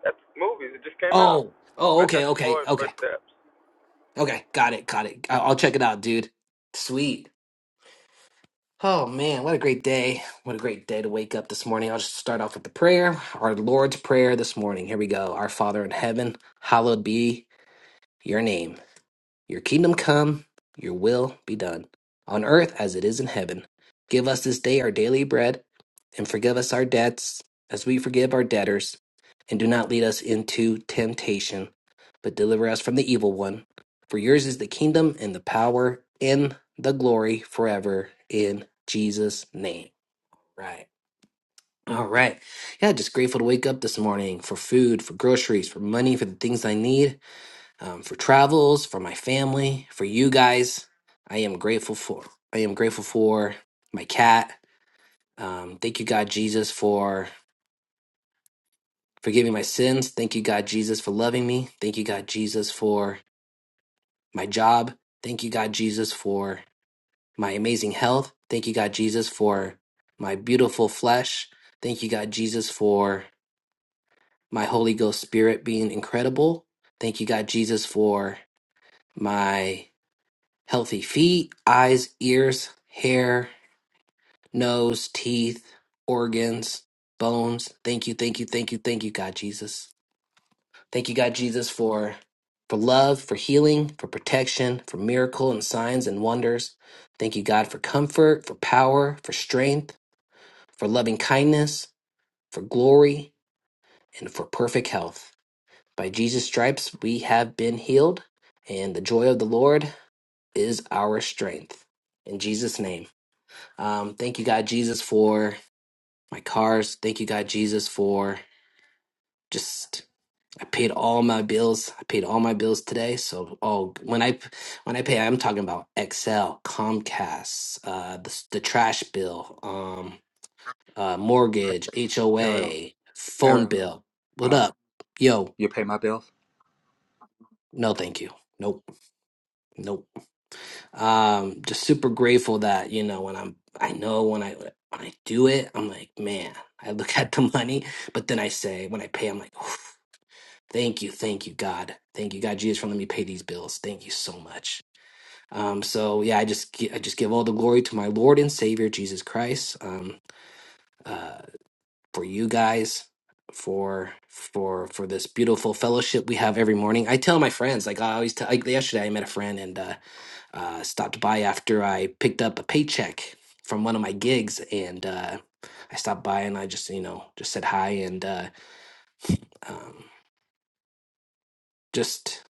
S10: That movie, it just came out.
S9: Oh, oh, okay,
S10: Fantastic
S9: okay,
S10: Four,
S9: okay,
S10: First Steps.
S9: okay. Got it, got it. I- I'll check it out, dude. Sweet. Oh man, what a great day! What a great day to wake up this morning. I'll just start off with the prayer, our Lord's prayer this morning. Here we go. Our Father in heaven, hallowed be your name. Your kingdom come, your will be done, on earth as it is in heaven. Give us this day our daily bread, and forgive us our debts as we forgive our debtors. And do not lead us into temptation, but deliver us from the evil one. For yours is the kingdom and the power and the glory forever in Jesus' name. Right. All right. Yeah, just grateful to wake up this morning for food, for groceries, for money, for the things I need um, for travels, for my family, for you guys. I am grateful for. I am grateful for my cat. Um, thank you, God Jesus, for forgiving my sins. Thank you, God Jesus, for loving me. Thank you, God Jesus, for my job. Thank you, God Jesus, for my amazing health. Thank you, God Jesus, for my beautiful flesh. Thank you, God Jesus, for my Holy Ghost Spirit being incredible. Thank you, God Jesus, for my Healthy feet, eyes, ears, hair, nose, teeth, organs, bones. Thank you, thank you, thank you, thank you, God Jesus. Thank you, God Jesus, for for love, for healing, for protection, for miracle and signs and wonders. Thank you, God, for comfort, for power, for strength, for loving kindness, for glory, and for perfect health. By Jesus' stripes we have been healed, and the joy of the Lord is our strength. In Jesus' name. Um, thank you, God Jesus, for my cars. Thank you, God Jesus, for just I paid all my bills. I paid all my bills today. So, oh, when I when I pay, I'm talking about Excel, Comcast, uh, the s- the trash bill, um, uh, mortgage,
S11: Ariel,
S9: HOA, phone
S11: Ariel,
S9: bill. What
S11: uh,
S9: up, yo?
S11: you pay my bills?
S9: No, thank you. Nope, nope. um just super grateful that you know when i'm i know when i when i do it i'm like man i look at the money but then i say when i pay i'm like "Oof, thank you thank you god thank you god jesus for letting me pay these bills thank you so much um so yeah i just gi- i just give all the glory to my lord and savior jesus christ um uh for you guys for for for this beautiful fellowship we have every morning i tell my friends like i always tell like yesterday i met a friend and uh uh, stopped by after I picked up a paycheck from one of my gigs, and uh, I stopped by and I just you know just said hi and uh, um, just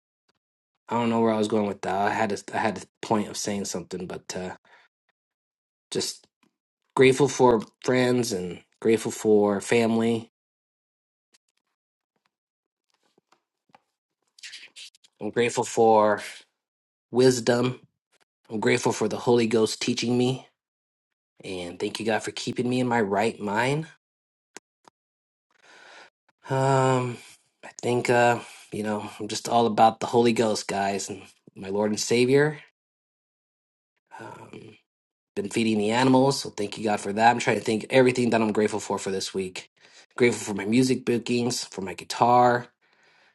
S9: I don't know where I was going with that. I had a, I had a point of saying something, but uh, just grateful for friends and grateful for family. I'm grateful for wisdom. I'm grateful for the Holy Ghost teaching me, and thank you God for keeping me in my right mind Um, I think uh, you know, I'm just all about the Holy Ghost, guys, and my Lord and Savior. Um, been feeding the animals, so thank you God for that. I'm trying to think everything that I'm grateful for for this week. Grateful for my music bookings, for my guitar,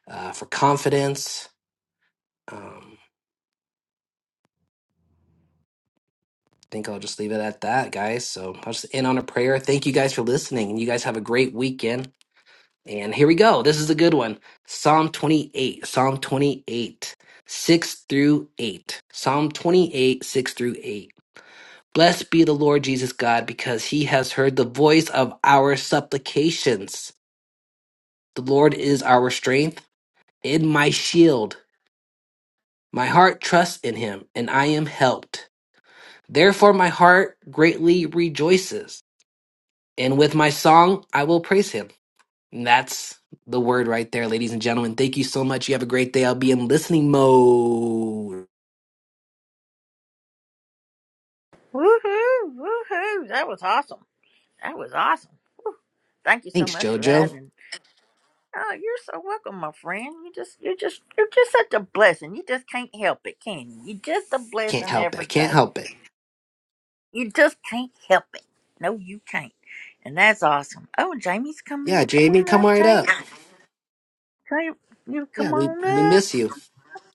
S9: uh, for confidence. Um, I think I'll just leave it at that, guys. So I'll just end on a prayer. Thank you guys for listening, and you guys have a great weekend. And here we go. This is a good one. Psalm 28, Psalm 28, 6 through 8. Psalm 28, 6 through 8. Blessed be the Lord Jesus God, because he has heard the voice of our supplications. The Lord is our strength and my shield. My heart trusts in him, and I am helped. Therefore, my heart greatly rejoices, and with my song I will praise him. And that's the word right there, ladies and gentlemen. Thank you so much. You have a great day. I'll be in listening mode.
S1: Woohoo! Woohoo! That was awesome. That was awesome. Thank you so
S9: Thanks,
S1: much for that.
S9: JoJo.
S1: Oh, you're so welcome, my friend. You just, you're just, you're just such a blessing. You just can't help it, can you? You're just a
S9: Can't
S1: blessing
S9: help it. I
S1: every
S9: can't
S1: day.
S9: help it.
S1: You just can't help it. No, you can't. And that's awesome. Oh, Jamie's coming
S9: Yeah,
S1: in. Come
S9: Jamie,
S1: on
S9: come
S1: up,
S9: right
S1: James.
S9: up.
S1: Come, you you
S9: Yeah,
S1: come
S9: we, we
S1: on up,
S9: miss you.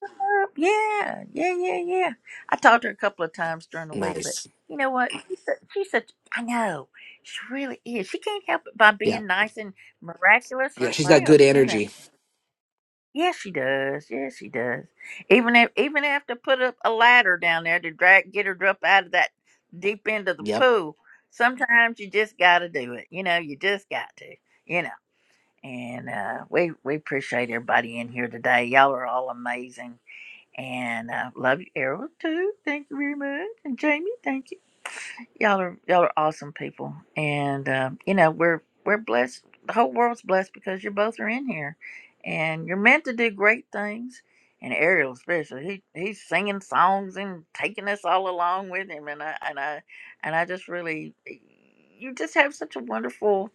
S1: up. Yeah, yeah, yeah, yeah. I talked to her a couple of times during the week, but
S9: Nice.
S1: you know what? She's such, she's such I know. She really is. She can't help it by
S9: Yeah.
S1: being nice and miraculous
S9: Yeah, she's got
S1: herself,
S9: good
S1: you know.
S9: energy.
S1: Yes, she does. Yes, she does. Even if even have to put up a ladder down there to drag get her up out of that deep end of the
S9: Yep.
S1: pool. Sometimes you just got to do it. You know, you just got to. You know. And uh, we we appreciate everybody in here today. Y'all are all amazing, and uh, love you, Errol too. Thank you very much, and Jamie. Thank you y'all are y'all are awesome people, and uh, you know we're we're blessed. The whole world's blessed because you both are in here, and you're meant to do great things. And Ariel, especially, he he's singing songs and taking us all along with him, and I and I and I just really, you just have such a wonderful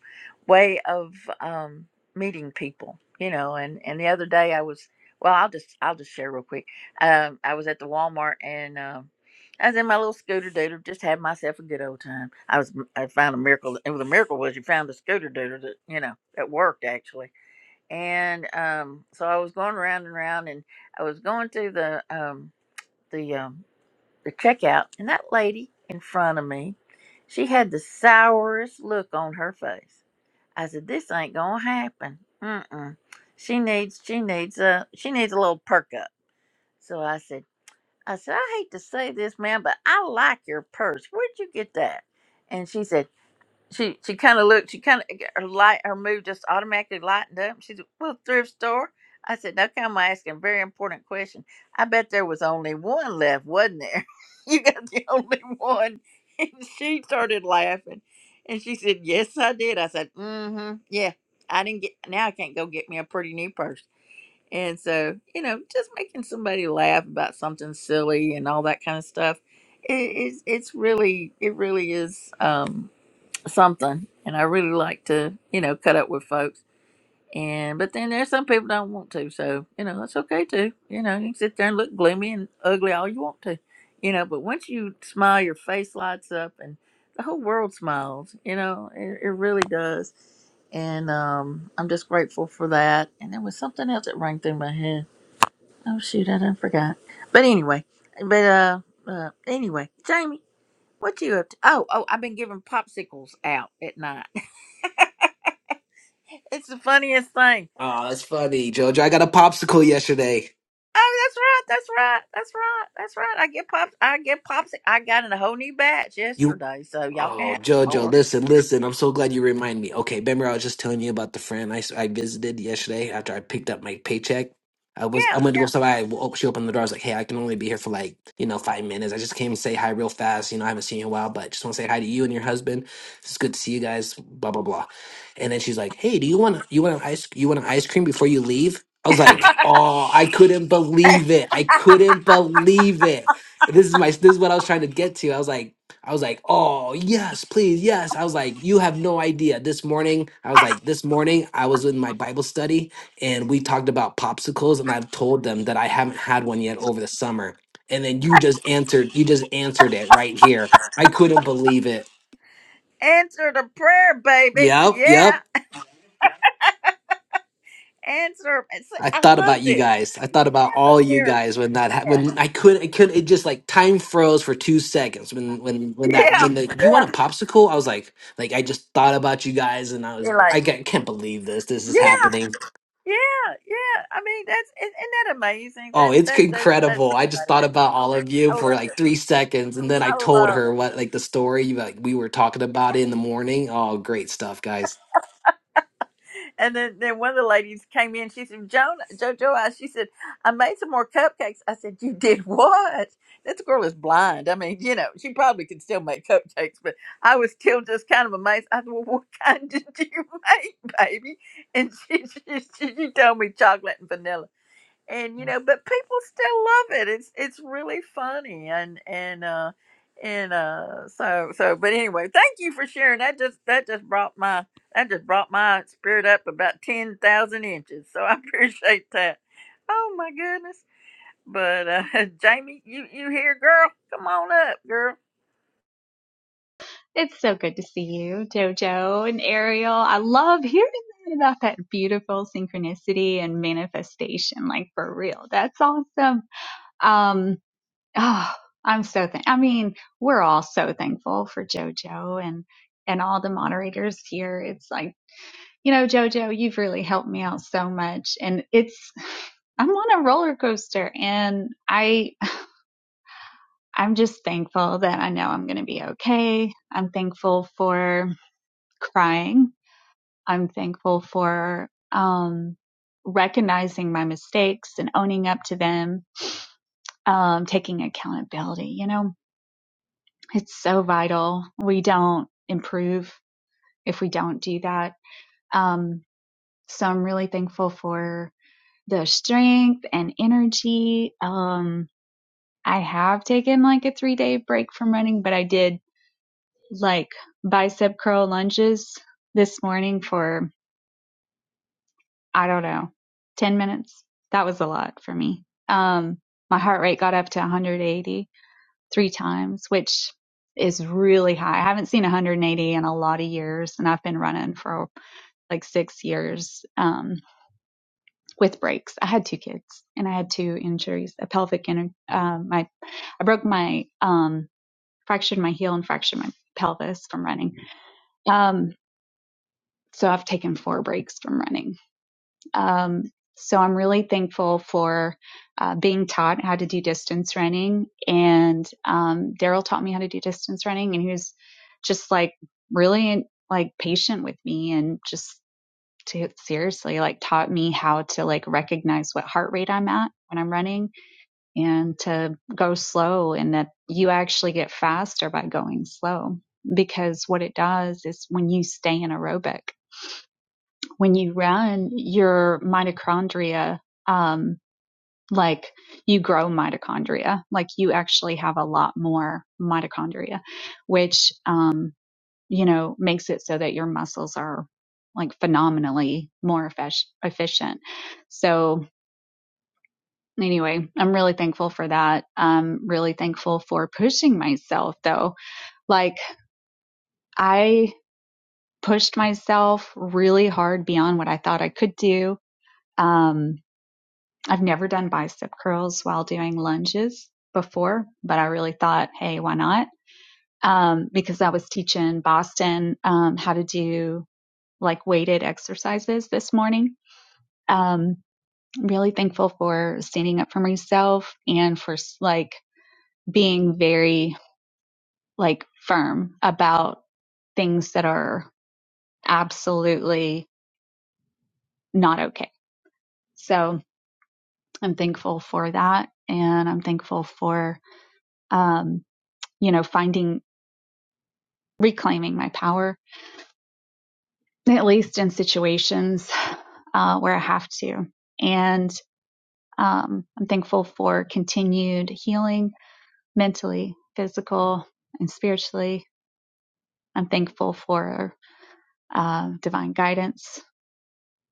S1: way of um, meeting people, you know. And and the other day I was, well, I'll just I'll just share real quick. Um, I was at the Walmart and. Um, I was in my little scooter dooter, just had myself a good old time. I was I found a miracle. It was a miracle was you found a scooter dooter that you know that worked actually. And um, so I was going round and round, and I was going through the um, the um, the checkout, and that lady in front of me, she had the sourest look on her face. I said, "This ain't gonna happen. Mm-mm. She needs she needs a she needs a little perk up." So I said. I said, I hate to say this, man, but I like your purse. Where'd you get that? And she said, she she kind of looked, she kind of her light, her mood just automatically lightened up. She said, well, thrift store. I said, no, come, I'm asking a very important question. I bet there was only one left, wasn't there? you got the only one. And she started laughing, and she said, yes, I did. I said, mm-hmm, yeah, I didn't get. Now I can't go get me a pretty new purse. And so, you know, just making somebody laugh about something silly and all that kind of stuff, it, it's it's really it really is um, something. And I really like to, you know, cut up with folks. And but then there's some people don't want to, so you know that's okay too. You know, you can sit there and look gloomy and ugly all you want to, you know. But once you smile, your face lights up, and the whole world smiles. You know, it, it really does. And um, I'm just grateful for that. And there was something else that rang through my head. Oh shoot, I done forgot. But anyway, but uh, uh anyway, Jamie, what you up to? Oh, oh, I've been giving popsicles out at night. it's the funniest thing.
S9: Oh, that's funny, JoJo. I got a popsicle yesterday.
S1: Oh, that's right, that's right, that's right, that's right. I get pops, I get pops. I got in a whole new batch
S9: You.
S1: yesterday, so y'all can
S9: Oh,
S1: have some
S9: Jojo,
S1: more.
S9: listen, listen. I'm so glad you remind me. Okay, remember I was just telling you about the friend I, s- I visited yesterday after I picked up my paycheck. I was
S1: Yeah,
S9: I went to go somebody. Oh, she opened the door. I was like, hey, I can only be here for like you know five minutes. I just came to say hi real fast. You know, I haven't seen you in a while, but just want to say hi to you and your husband. It's good to see you guys. Blah blah blah. And then she's like, hey, do you want you want an ice you want an ice cream before you leave? I was like, oh, I couldn't believe it. I couldn't believe it. This is my this is what I was trying to get to. I was like. I was like, oh, yes, please, yes. I was like, you have no idea. This morning, I was like, this morning, I was in my Bible study and we talked about popsicles, and I told them that I haven't had one yet over the summer. And then you just answered, you just answered it right here. I couldn't believe it.
S1: yeah. Answer the prayer, baby.
S9: Yep, yep.
S1: Yeah, answer. It's,
S9: I
S1: I
S9: thought about
S1: love
S9: you
S1: this.
S9: guys. I thought about
S1: Answer
S9: all you
S1: prayer.
S9: guys when that ha- when I could I could it just like time froze for two seconds when when when
S1: Yeah,
S9: that
S1: yeah.
S9: when the you want a popsicle I was like like I just thought about you guys and I was
S1: You're
S9: like,
S1: like,
S9: I ca- can't believe this this is
S1: yeah.
S9: happening
S1: Yeah, yeah. I mean, that's isn't that amazing?
S9: oh
S1: That
S9: it's
S1: that that's that's
S9: incredible
S1: so
S9: I just
S1: amazing.
S9: thought about all of you
S1: I
S9: for
S1: love
S9: like
S1: it.
S9: three seconds and then I
S1: I
S9: told
S1: love
S9: her
S1: it.
S9: what like the story like we were talking about it in the morning oh great stuff guys
S1: And then then one of the ladies came in. She said, "Joan, JoJo," I, she said, "I made some more cupcakes." I said, "You did what?" This girl is blind. I mean, you know, she probably could still make cupcakes, but I was still just kind of amazed. I said, "Well, what kind did you make, baby?" And she she, she, she told me chocolate and vanilla. and you know but people still love it it's it's really funny and and uh and uh so so but anyway thank you for sharing that just that just brought my that just brought my spirit up about 10,000 inches so i appreciate that oh my goodness but uh jamie you you here girl come on up girl
S12: It's so good to see you, Jojo and Ariel. I love hearing that about that beautiful synchronicity and manifestation, like for real. That's awesome. Um, oh, I'm so thank. I mean, we're all so thankful for Jojo and and all the moderators here. It's like you know, Jojo, you've really helped me out so much, and it's I'm on a roller coaster, and I I'm just thankful that I know I'm going to be okay. I'm thankful for crying I'm thankful for um, recognizing my mistakes and owning up to them, um, taking accountability. You know, it's so vital. We don't improve if we don't do that. Um, so I'm really thankful for the strength and energy. Um, I have taken like a three day break from running, but I did like bicep curl lunges this morning for. I don't know, 10 minutes. That was a lot for me. Um, my heart rate got up to 180 three times, which is really high. I haven't seen 180 in a lot of years, and I've been running for like six years um, with breaks. I had two kids, and I had two injuries: a pelvic and a- um, my I broke my um, fractured my heel and fractured my pelvis from running. Um, so I've taken four breaks from running Um, so I'm really thankful for uh, being taught how to do distance running. And um, Daryl taught me how to do distance running, and he was just like really like patient with me and just to, seriously like taught me how to like recognize what heart rate I'm at when I'm running and to go slow and that you actually get faster by going slow because what it does is when you stay in aerobic when you run your mitochondria um like you grow mitochondria like you actually have a lot more mitochondria which um you know makes it so that your muscles are like phenomenally more efficient so anyway i'm really thankful for that i'm really thankful for pushing myself though like i pushed myself really hard beyond what i thought i could do um I've never done bicep curls while doing lunges before, but I really thought, hey, why not? Um, because I was teaching Boston um, how to do like weighted exercises this morning. Um, really thankful for standing up for myself and for like being very like firm about things that are absolutely not okay. So I'm thankful for that. And I'm thankful for, um, you know, finding reclaiming my power, at least in situations uh, where I have to. And um, I'm thankful for continued healing mentally, physical, and spiritually. I'm thankful for uh, divine guidance.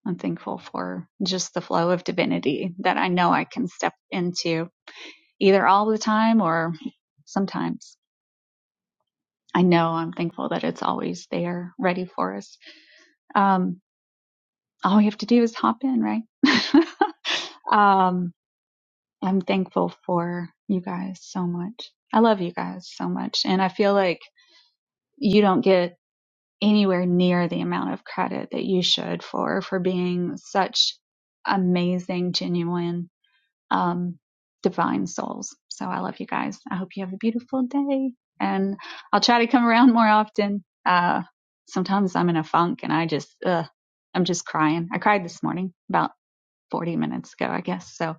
S12: I'm thankful for just the flow of divinity that I know I can step into either all the time or sometimes. I know I'm thankful that it's always there ready for us. Um, all we have to do is hop in, right? Um, I'm thankful for you guys so much. I love you guys so much. And I feel like you don't get anywhere near the amount of credit that you should for, for being such amazing, genuine, um, divine souls. So I love you guys. I hope you have a beautiful day and I'll try to come around more often. Uh, sometimes I'm in a funk and I just, ugh, I'm just crying. I cried this morning about 40 minutes ago, I guess. So,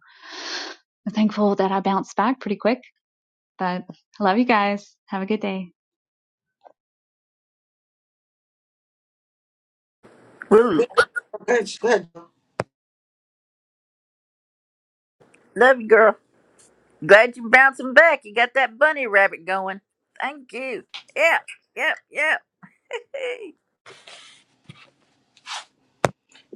S12: I'm thankful that I bounced back pretty quick, but I love you guys. Have a good day.
S1: we
S5: We- Good, good.
S1: love you girl glad you are bouncing back you got that bunny rabbit going thank you yep yep yep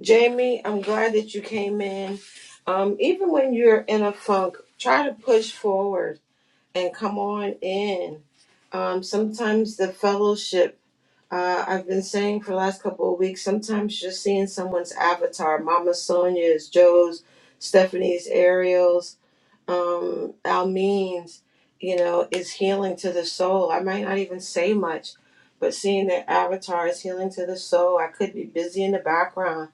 S5: Jamie, I'm glad that you came in. Um, even when you're in a funk, try to push forward and come on in. Um, sometimes the fellowship Uh, I've been saying for the last couple of weeks, sometimes just seeing someone's avatar, Mama Sonia's, Joe's, Stephanie's, Ariel's, um, Almeen's, you know, is healing to the soul. I might not even say much, but seeing their avatar is healing to the soul. I could be busy in the background.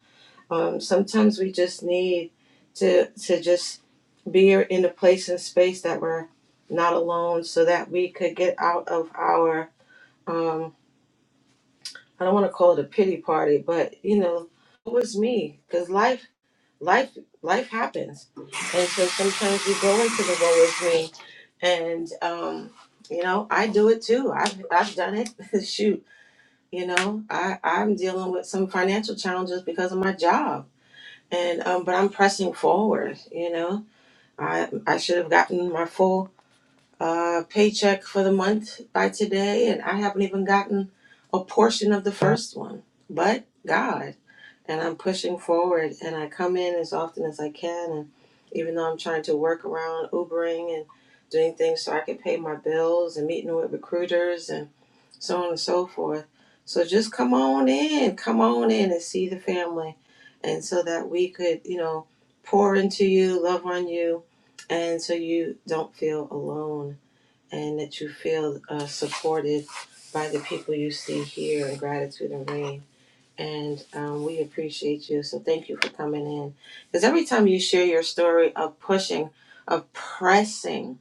S5: Um, sometimes we just need to to just be in a place and space that we're not alone so that we could get out of our um, I don't want to call it a pity party, but you know, it was me because life, life, life happens, and so sometimes you go into the woe is me, and um, you know, I do it too. I've I've done it. Shoot, you know, I I'm dealing with some financial challenges because of my job, and um, but I'm pressing forward. You know, I I should have gotten my full uh paycheck for the month by today, and I haven't even gotten a portion of the first one, but God and I'm pushing forward and I come in as often as I can and even though I'm trying to work around Ubering and doing things so I can pay my bills and meeting with recruiters and so on and so forth. So just come on in, come on in and see the family and so that we could, you know, pour into you, love on you and so you don't feel alone and that you feel uh, supported by the people you see here in gratitude and rain and um, we appreciate you. So thank you for coming in. Because every time you share your story of pushing, of pressing,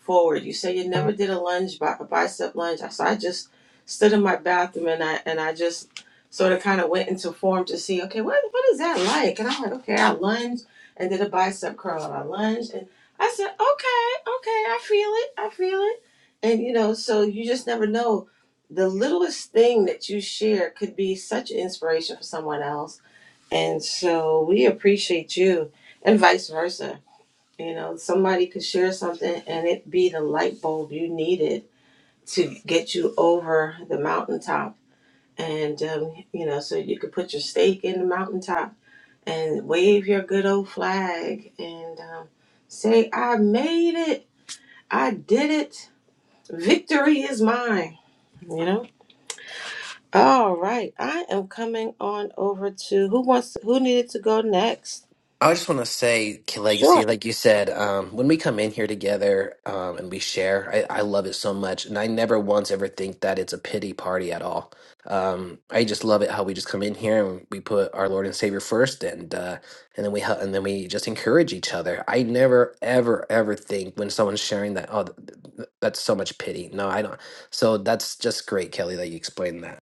S5: forward. You say you never did a lunge, bi- a bicep lunge. I So I just stood in my bathroom and I and I just sort of kind of went into form to see, okay, what what is that like? And I'm like, okay, I lunged and did a bicep curl. And I lunged and I said, okay, okay, I feel it, I feel it. And you know, so you just never know. The littlest thing that you share could be such an inspiration for someone else. And so we appreciate you and vice versa you know, somebody could share something and it be the light bulb you needed to get you over the mountaintop. And, um, you know, so you could put your stake in the mountaintop and wave your good old flag and um, say, I made it. I did it. Victory is mine. You know? All right. I am coming on over to who wants, who needed to go next?
S9: I just want to say, K- Legacy,
S5: Sure.
S9: like you said, um, when we come in here together um, and we share, I, I love it so much. And I never once ever think that it's a pity party at all. Um, I just love it how we just come in here and we put our Lord and Savior first, and uh, and then we hel- and then we just encourage each other. I never ever ever think when someone's sharing that, oh, th- th- that's so much pity. No, I don't. So that's just great, Kelly, that you explained that.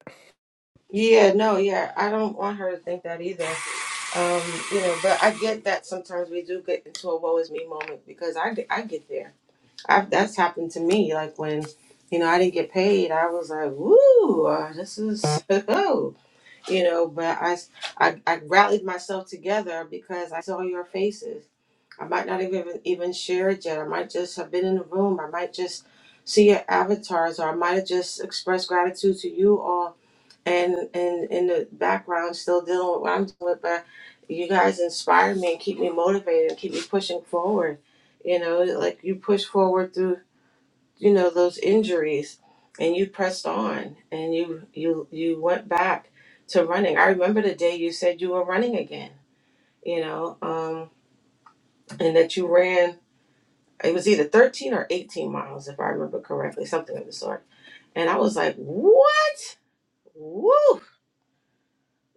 S5: Yeah, no, yeah. I don't want her to think that either. Um, you know, but I get that sometimes we do get into a woe is me moment because I get, I get there. I've, that's happened to me. Like when, you know, I didn't get paid, I was like, woo, uh, this is, oh," you know, but I, s- I, I rallied myself together because I saw your faces. I might not even, even share it yet. I might just have been in the room. I might just see your avatars or I might have just expressed gratitude to you all and and in the background still dealing with what I'm doing, but you guys inspire me and keep me motivated and keep me pushing forward. You know, like you push forward through you know those injuries, and you pressed on and you you you went back to running. I remember the day you said you were running again. You know, um, and that you ran. It was either 13 or 18 miles, if I remember correctly, something of the sort. And I was like, what? Woo!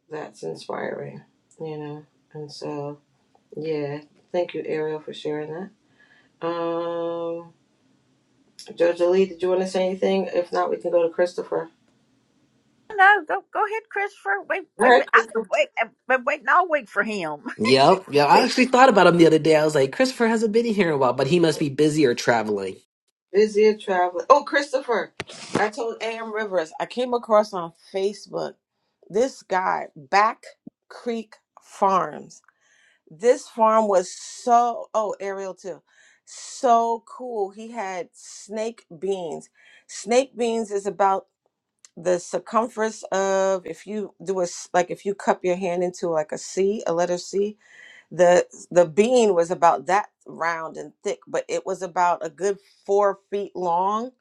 S5: that's inspiring, you know. And so, yeah, thank you, Ariel, for sharing that. Um, Jojo Lee, did you want to say anything? If not, we can go to Christopher.
S1: No, go go ahead, Christopher. We
S5: All
S1: we
S5: right,
S1: I've
S5: Christopher.
S1: been, wait, I've been waiting all week for him.
S9: Yep. Yeah. I actually thought about him the other day. I was like, Christopher hasn't been here in a while, but he must be busy or traveling.
S5: Busier traveling. Oh, Christopher, I told AM Rivers I came across on Facebook this guy, Back Creek Farms. This farm was so, oh, Ariel too, so cool. He had snake beans. Snake beans is about the circumference of if you do a s- like if you cup your hand into like a C, a letter C, the the bean was about that round and thick, but it was about a good four feet long.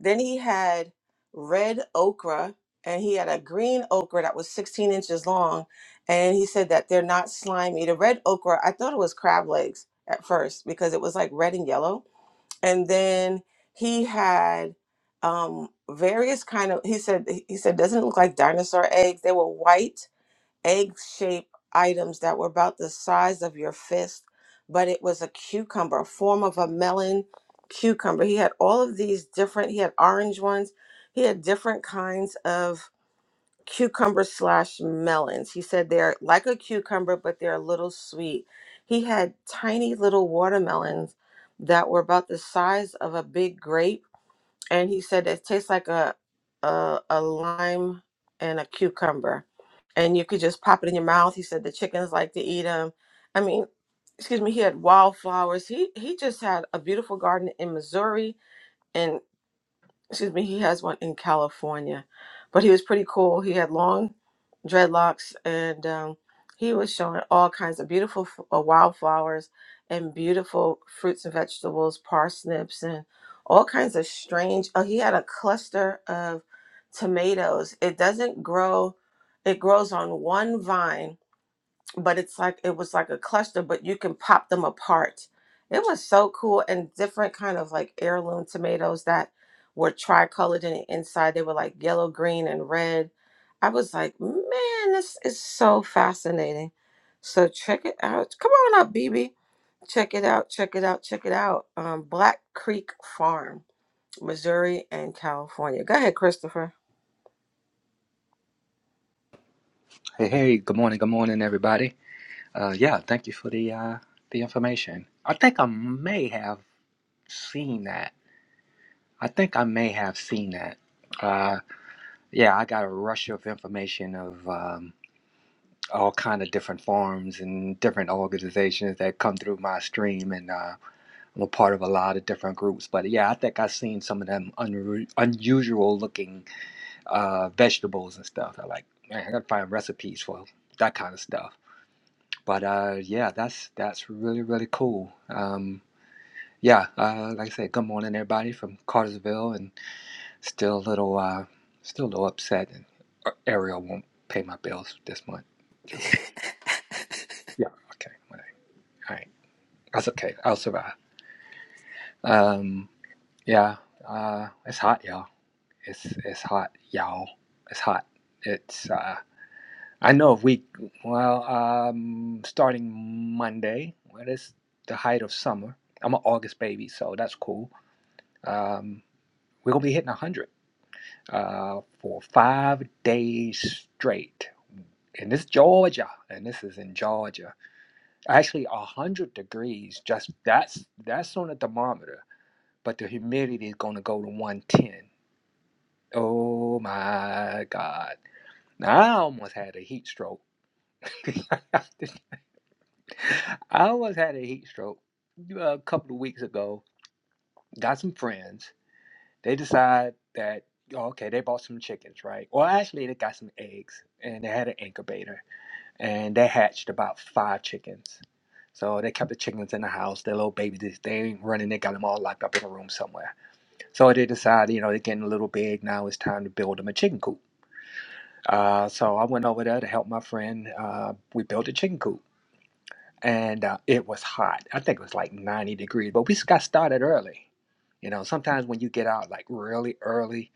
S5: Then he had red okra and he had a green okra that was 16 inches long. And he said that they're not slimy. The red okra, I thought it was crab legs at first because it was like red and yellow and then he had um various kind of he said he said doesn't it look like dinosaur eggs they were white egg shaped items that were about the size of your fist but it was a cucumber a form of a melon cucumber he had all of these different he had orange ones he had different kinds of cucumber slash melons. He said they're like a cucumber, but they're a little sweet. He had tiny little watermelons that were about the size of a big grape, and he said it tastes like a a, a lime and a cucumber, and you could just pop it in your mouth. He said the chickens like to eat them. I mean, excuse me. He had wildflowers. He he just had a beautiful garden in Missouri, and excuse me, he has one in California. But he was pretty cool. He had long dreadlocks, and um, he was showing all kinds of beautiful f- uh, wildflowers and beautiful fruits and vegetables, parsnips, and all kinds of strange. Oh, he had a cluster of tomatoes. It doesn't grow; it grows on one vine but it's like it was like a cluster but you can pop them apart it was so cool and different kind of like heirloom tomatoes that were tricolored in the inside they were like yellow green and red i was like man this is so fascinating so check it out come on up bb check it out check it out check it out um, black creek farm missouri and california go ahead christopher
S11: Hey, hey, good morning, good morning, everybody. Uh, yeah, thank you for the uh, the information. I think I may have seen that. I think I may have seen that. Uh, yeah, I got a rush of information of um, all kind of different forms and different organizations that come through my stream, and uh, I'm a part of a lot of different groups. But yeah, I think I've seen some of them unru unusual looking uh, vegetables and stuff. I like, man, I gotta find recipes for that kind of stuff. But uh, yeah, that's that's really really cool. Um, yeah, uh, like I said, good morning everybody from Cartersville, and still a little uh, still a little upset. And uh, Ariel won't pay my bills this month. Just yeah, okay, whatever. all right, that's okay. I'll survive. Um, yeah, uh, it's hot, y'all. It's it's hot, y'all. It's hot. It's uh, I know if we, well, um, starting Monday, well, it's the height of summer. I'm an August baby, so that's cool. Um, we're going to be hitting 100 uh, for five days straight. And this Georgia, and this is in Georgia. Actually, 100 degrees, just that's that's on a thermometer, but the humidity is going to go to 110. Oh my God. Now I almost had a heat stroke. I almost had a heat stroke a couple of weeks ago. Got some friends. They decide that oh, okay, they bought some chickens, right? Well, actually, they got some eggs, and they had an incubator, and they hatched about five chickens. So they kept the chickens in the house. Their little babies, they ain't running. They got them all locked up in a room somewhere. So they decided, you know, they're getting a little big now. It's time to build them a chicken coop. Uh, so I went over there to help my friend. Uh, we built a chicken coop. and uh, it was hot. I think it was like 90 degrees, but we s- got started early. You know, sometimes when you get out like really early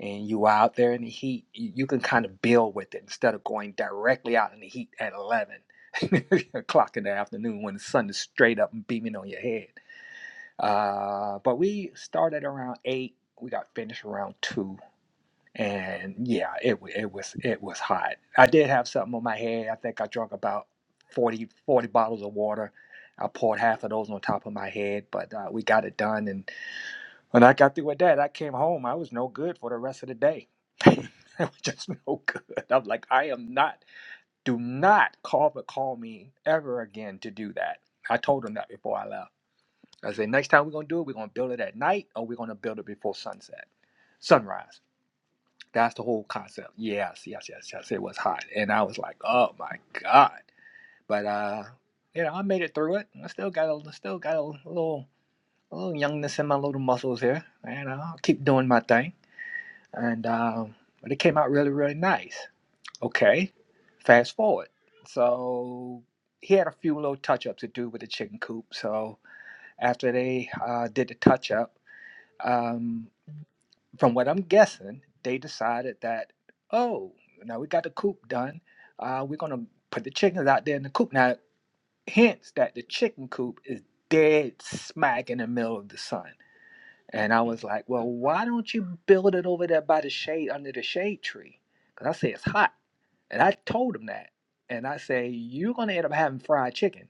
S11: and you out there in the heat, you, you can kind of build with it instead of going directly out in the heat at 11 o'clock in the afternoon when the sun is straight up and beaming on your head. Uh, but we started around 8. We got finished around 2 and yeah, it wa- it was it was hot. I did have something on my head. I think I drank about 40 40 bottles of water. I poured half of those on top of my head, but uh, we got it done. And when I got through with that, I came home. I was no good for the rest of the day. I was just no good. I'm like, I am not. Do not call but call me ever again to do that. I told him that before I left. I said, next time we're gonna do it, we're gonna build it at night, or we're gonna build it before sunset, sunrise. That's the whole concept. Yes, yes, yes, yes. It was hot, and I was like, "Oh my god!" But uh, you know, I made it through it. I still got a still got a little a little youngness in my little muscles here, and I'll keep doing my thing. And um, but it came out really, really nice. Okay, fast forward. So he had a few little touch ups to do with the chicken coop. So after they uh, did the touch up, um, from what I'm guessing, they decided that, oh, now we got the coop done. Uh, we're gonna put the chickens out there in the coop. Now, hence that the chicken coop is dead smack in the middle of the sun. And I was like, well, why don't you build it over there by the shade under the shade tree? Because I say it's hot. And I told him that. And I say, you're gonna end up having fried chicken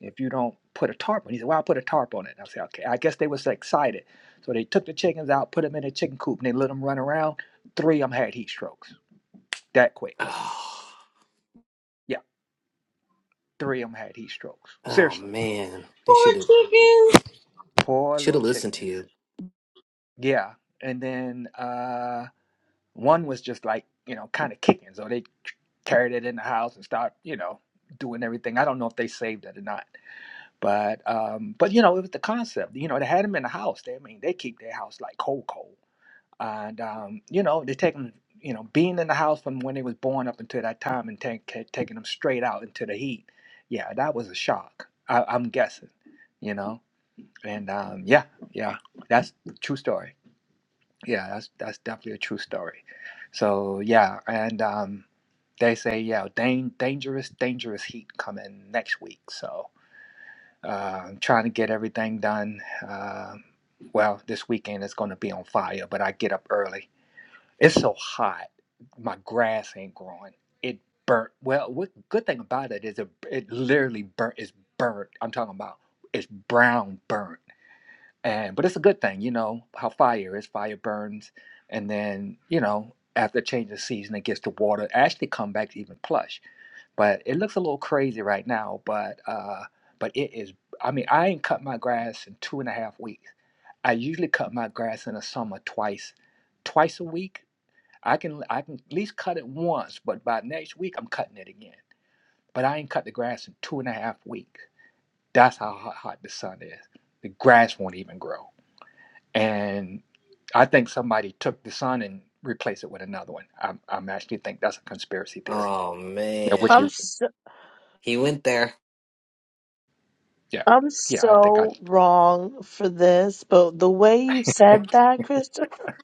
S11: if you don't put a tarp on. it. He said, Well, I'll put a tarp on it. And I said, Okay. I guess they was excited. So they took the chickens out, put them in a chicken coop, and they let them run around. Three of them had heat strokes that quick.
S9: Oh,
S11: Yeah, three of them had heat strokes.
S9: oh
S11: Seriously.
S9: man. They should have
S11: Poor
S9: should
S11: little
S9: have listened to
S11: chickens.
S9: you.
S11: Yeah. And then uh, one was just like, you know, kind of kicking. So they carried it in the house and start, you know, doing everything. I don't know if they saved it or not. But um, but you know, it was the concept. You know, they had them in the house. They I mean they keep their house like cold cold. and um, you know they take them you know being in the house from when they was born up until that time and take, ca- taking them straight out into the heat yeah that was a shock I, i'm guessing you know and um, yeah yeah that's a true story yeah that's that's definitely a true story so yeah and um, they say yeah dang, dangerous dangerous heat coming next week so uh, i'm trying to get everything done Um well this weekend it's going to be on fire but i get up early it's so hot. My grass ain't growing. It burnt. Well, what good thing about it is it, it literally burnt. It's burnt. I'm talking about it's brown burnt. And but it's a good thing, you know how fire is. Fire burns, and then you know after change of season, it gets the water it actually come back to even plush. But it looks a little crazy right now. But uh, but it is. I mean, I ain't cut my grass in two and a half weeks. I usually cut my grass in the summer twice, twice a week I can I can at least cut it once, but by next week I'm cutting it again. But I ain't cut the grass in two and a half weeks. That's how hot, hot the sun is. The grass won't even grow. And I think somebody took the sun and replaced it with another one. I'm, I'm actually think that's a conspiracy theory.
S9: Oh
S11: Yeah, which you
S13: I'm
S9: man.
S13: so,
S9: He went there.
S11: yeah
S13: I'm
S11: yeah I think I
S13: so wrong for this, but the way you said that, Christopher,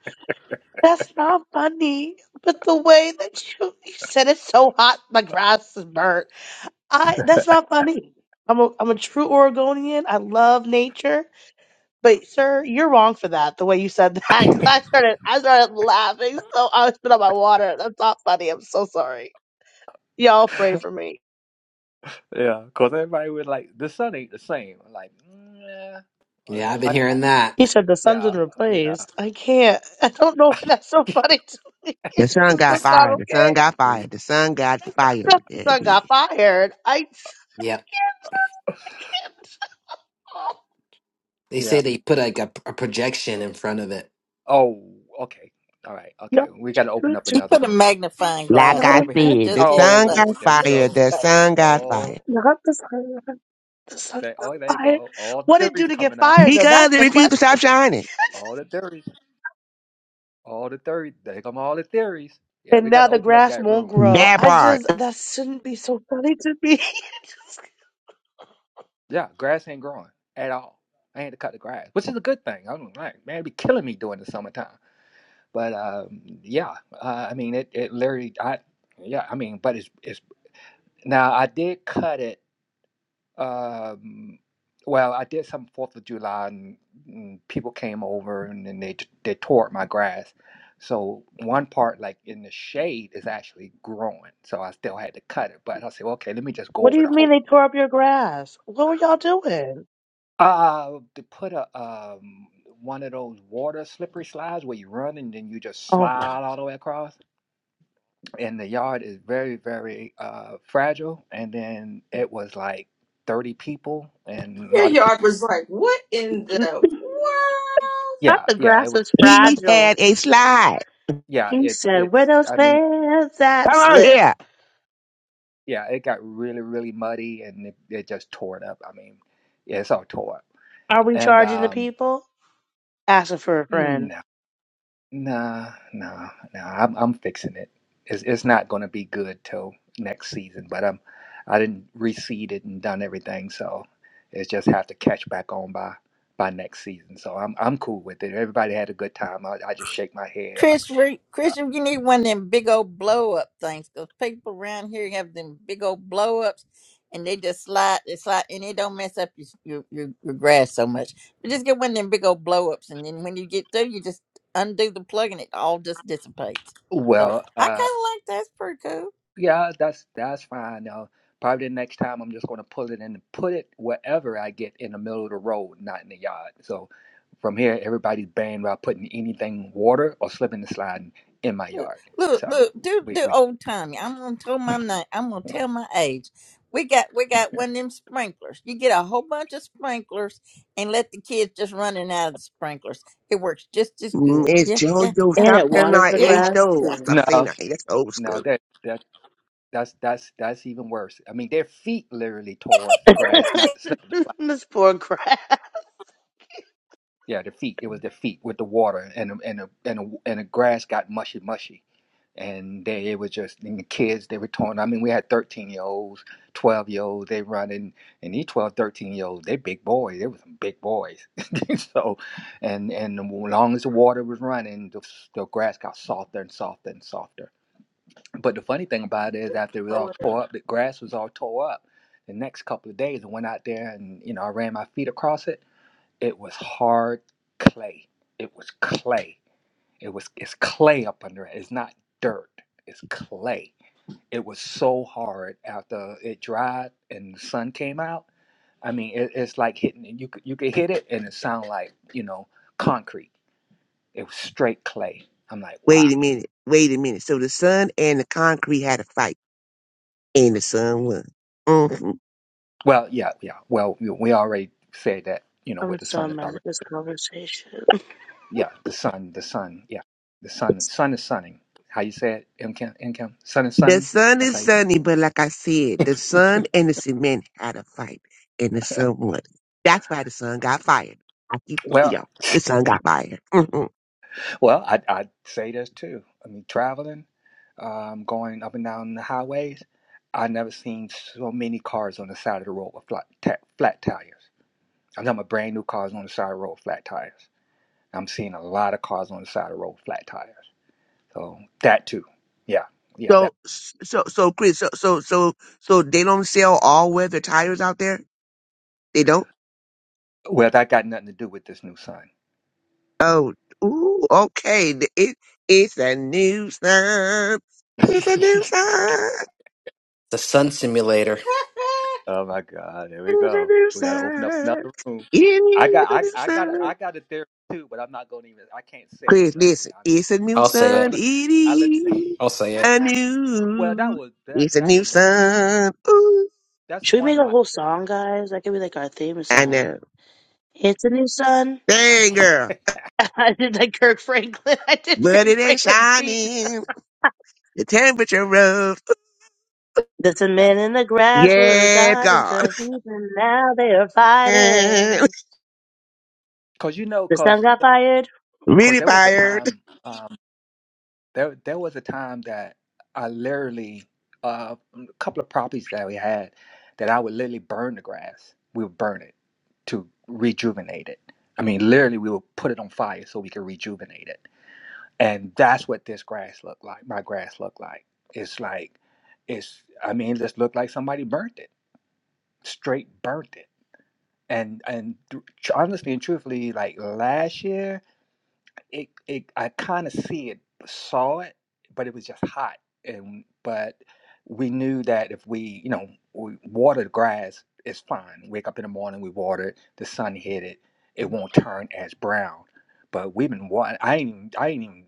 S13: that's not funny. But the way that you, you said it's so hot, my grass is burnt. I that's not funny. I'm a I'm a true Oregonian. I love nature, but sir, you're wrong for that. The way you said that, 'Cause I started I started laughing, so I spit out my water. That's not funny. I'm so sorry. Y'all pray for me.
S11: yeah because everybody was like the sun ain't the same. I'm like "Mm, yeah
S9: Yeah,
S11: uh,
S9: I've been
S11: like,
S9: hearing that.
S13: He said the son's
S11: yeah
S13: been
S11: yeah
S13: replaced. I can't. I don't know why that's so funny to me.
S14: The
S13: It's
S14: son
S13: just
S9: They,
S14: got
S13: that's
S9: s-
S13: not
S14: fired. The son
S13: okay.
S14: got fired. The son got
S13: Just
S14: fired.
S13: the
S14: There it
S13: son got
S14: is.
S13: fired. I
S9: yep.
S13: can't. tell.
S9: They
S11: yeah
S9: say they put like a, a projection in front of it.
S11: oh okay all right okay
S13: No,
S11: we got to open
S13: not
S11: up
S13: to-
S1: He
S11: another
S1: put
S11: room.
S1: a magnifying
S14: Like
S1: glass
S13: not
S14: I
S13: in
S1: over
S13: bed.
S1: his
S14: said,
S1: just
S14: the
S1: his
S14: sun got
S11: Oh,
S1: face.
S11: there we
S1: Just
S11: go.
S1: his
S14: fired. The
S1: face.
S14: sun got
S11: Oh,
S14: fired.
S13: Not the sun. The sun
S11: they,
S13: got
S11: oh, there you
S13: fired.
S11: go. All the
S13: What did it
S11: theories
S13: do to get
S11: coming out.
S13: fired though? That's
S14: Because it
S13: the
S14: refused to
S13: question.
S14: stop shining.
S11: All the theories. All the theories. There come all the theories. Yeah,
S13: And
S11: we got
S13: now
S11: to
S13: the
S11: open up
S13: grass
S11: that
S13: won't
S11: room. Yeah,
S13: grow.
S14: That
S13: I
S14: part.
S13: just that shouldn't be so funny to me.
S11: yeah, grass ain't growing at all. I had to cut the grass, which is a good thing. I'm like, man, it be killing me during the summertime. But um, yeah, uh, I mean, it, it literally, I, yeah, I mean, but it's, it's now I did cut it Um, well, I did some Fourth of July, and, and people came over and, then they they tore up my grass. So one part, like in the shade, is actually growing. So I still had to cut it, but I said, okay, let me just go
S13: What do
S11: over
S13: you
S11: the
S13: mean
S11: whole.
S13: they tore up your grass? What were y'all doing?
S11: Uh, to put a um one of those water slippery slides where you run and then you just
S13: Oh my!
S11: slide all the way across. And the yard is very very uh fragile. And then it was like thirty people and a
S5: Your
S11: lot of people.
S5: yard was like, what in
S13: Not
S5: the
S11: Yeah,
S13: the
S11: yeah, it
S13: grass
S11: was
S13: is
S11: everybody.
S14: He had
S13: fragile.
S14: a slide.
S11: yeah,
S13: He
S11: it's
S13: said, "Where
S11: it's.
S13: those
S11: I mean,
S13: fans that
S14: Come on
S13: slip?
S14: here.
S11: yeah, it got really really muddy and it, it just tore it up. I mean, yeah, it's all tore up.
S13: Are we
S11: And
S13: charging the
S11: um,
S13: people? Asking for a friend,
S11: no, no, no, no. I'm I'm fixing it. It's it's not going to be good till next season. But I'm I didn't reseed it and done everything, so it's just have to catch back on by by next season. So I'm I'm cool with it. Everybody had a good time. I, I just shake my head like,
S1: Christopher Christopher, you need one of them big old blow up things because people around here have them big old blow ups and they just slide they slide and it don't mess up your your, your, your grass so much. But just get one of them big old blow ups and then when you get through you just undo the plug and it all just dissipates. So
S11: well,
S1: I
S11: uh.
S1: kinda like that's pretty cool.
S11: Yeah, that's that's fine. Uh, probably the next time I'm just going to pull it in and put it wherever I get in the middle of the road, not in the yard. So from here, everybody's banned about putting anything water or slipping and sliding in my yard.
S1: Look,
S11: So
S1: look, do
S11: we
S1: do
S11: we
S1: old timey. I'm gonna tell my name. I'm gonna tell my age. We got we got one of them sprinklers. You get a whole bunch of sprinklers and let the kids just running out of the sprinklers. It works just as
S14: Mm,
S1: good.
S14: It's
S1: Yeah, yeah,
S14: JoJo.
S1: yeah,
S13: and
S14: Stop
S13: it
S14: telling our
S13: waters the
S1: yeah,
S14: age
S13: grass
S14: though.
S1: yeah.
S14: Stop
S13: too."
S14: saying
S11: no
S14: our age. That's old
S11: no
S14: school.
S11: that that that's that's that's even worse. I mean, their feet literally tore up the grass, not the slip.
S13: this poor grass.
S11: Yeah, the feet. It was the feet with the water, and the- and the, and the, and the grass got mushy, mushy, and they it was just and the kids they were torn. I mean, we had thirteen year olds, twelve year olds. They running, and these 12, 13 year olds, they big boys. They were some big boys. so, and and as long as the water was running, the, the grass got softer and softer and softer. But the funny thing about it is, after it was all
S5: world?
S11: tore up, the grass was all tore up. The next couple of days, I went out there and you know I ran my feet across it it was hard clay. It was clay. It was it's clay up under it. It's not dirt. It's clay. It was so hard after it dried and the sun came out. I mean, it, it's like hitting you. could- You could hit it and it sound like you know concrete. It was straight clay. I'm like, wow.
S14: Wait a minute. Wait a minute. So the sun and the concrete had a fight. And the sun won. Mm-hmm.
S11: Well, yeah, yeah. Well, we we already said that. You know,
S13: I'm
S11: with the
S13: so
S11: sun is
S13: mad
S11: already
S13: at this conversation.
S11: yeah. The sun, the sun, yeah. The sun, The sun is sunning. How you say it, M. Kim? M. Kim? Sun is
S14: The
S11: sunning.
S14: son
S11: That's how
S14: is
S11: you say.
S14: sunny, but like I said, the son and the cement had a fight, and the son won. That's why the son got fired. I keep
S11: it.
S14: telling
S11: Well,
S14: y'all, the son got fired. Mhm.
S11: Well, I, I'd say this too. I mean, traveling, um, going up and down the highways, I never seen so many cars on the side of the road with flat, ta- flat tires. I'm talking about brand new cars on the side of the road with flat tires. I'm seeing a lot of cars on the side of the road with flat tires. So that too, yeah, yeah. That
S14: So, so, so, Chris, so, so, so, so they don't sell all weather tires out there. They don't.
S11: well, that got nothing to do with this new sign.
S14: Oh, ooh, okay. The- It, it's a new sun. It's a new sun.
S9: The sun simulator.
S11: Oh my God, here we
S14: It's a
S11: go.
S14: new
S11: We gotta open up
S14: sun.
S11: another room.
S14: It's
S11: I got
S14: a
S11: I
S14: new
S11: I got
S14: sun.
S11: I got a theory too, but I'm not gonna even I can't say it
S14: Cause
S11: right here.
S14: listen,
S11: I'm
S14: it's a
S11: not gonna say
S14: new
S9: I'll
S11: it. I'm
S9: say
S11: not
S14: sun.
S9: it.
S14: It
S11: gonna I let
S14: is.
S9: I'll say
S11: you
S9: it.
S14: I
S11: Well that
S14: knew
S11: was that
S14: it's a
S11: that
S14: new
S11: was
S14: sun. Ooh,
S11: that's
S13: Should we
S11: one
S13: make
S11: of
S13: a
S11: my
S13: whole song,
S11: theories.
S13: guys? That could be like our theme
S14: I
S13: song.
S14: know.
S13: It's a new sun.
S14: Dang girl,
S13: I did like Kirk Franklin. I did
S14: but
S13: Kirk
S14: it ain't
S13: Franklin beat.
S14: shining. The temperature rose.
S13: There's a
S11: yeah.
S13: men in the grass were a
S14: Yeah,
S13: god into
S14: God.
S13: a heathen. Now they are
S14: really
S13: fighting.
S11: Cause you know,
S13: The
S11: cause
S13: sun got fired.
S11: cause there was a
S14: fired.
S11: time uh, There, there was a time that I literally, uh, a couple of properties that we had, that I would literally burn the grass. We would burn it to rejuvenate it. I mean, literally, we would put it on fire so we could rejuvenate it. And that's what this grass looked like. My grass looked like. It's like, it's. I mean, it just looked like somebody burnt it, straight burnt it. And and th- honestly and truthfully, like last year it, it I kind of see it, saw it, but it was just hot. And but we knew that if we, you know, we water the grass, it's fine. Wake up in the morning, we water it. The sun hit it, it won't turn as brown. But we've been watering. I ain't even- I ain't even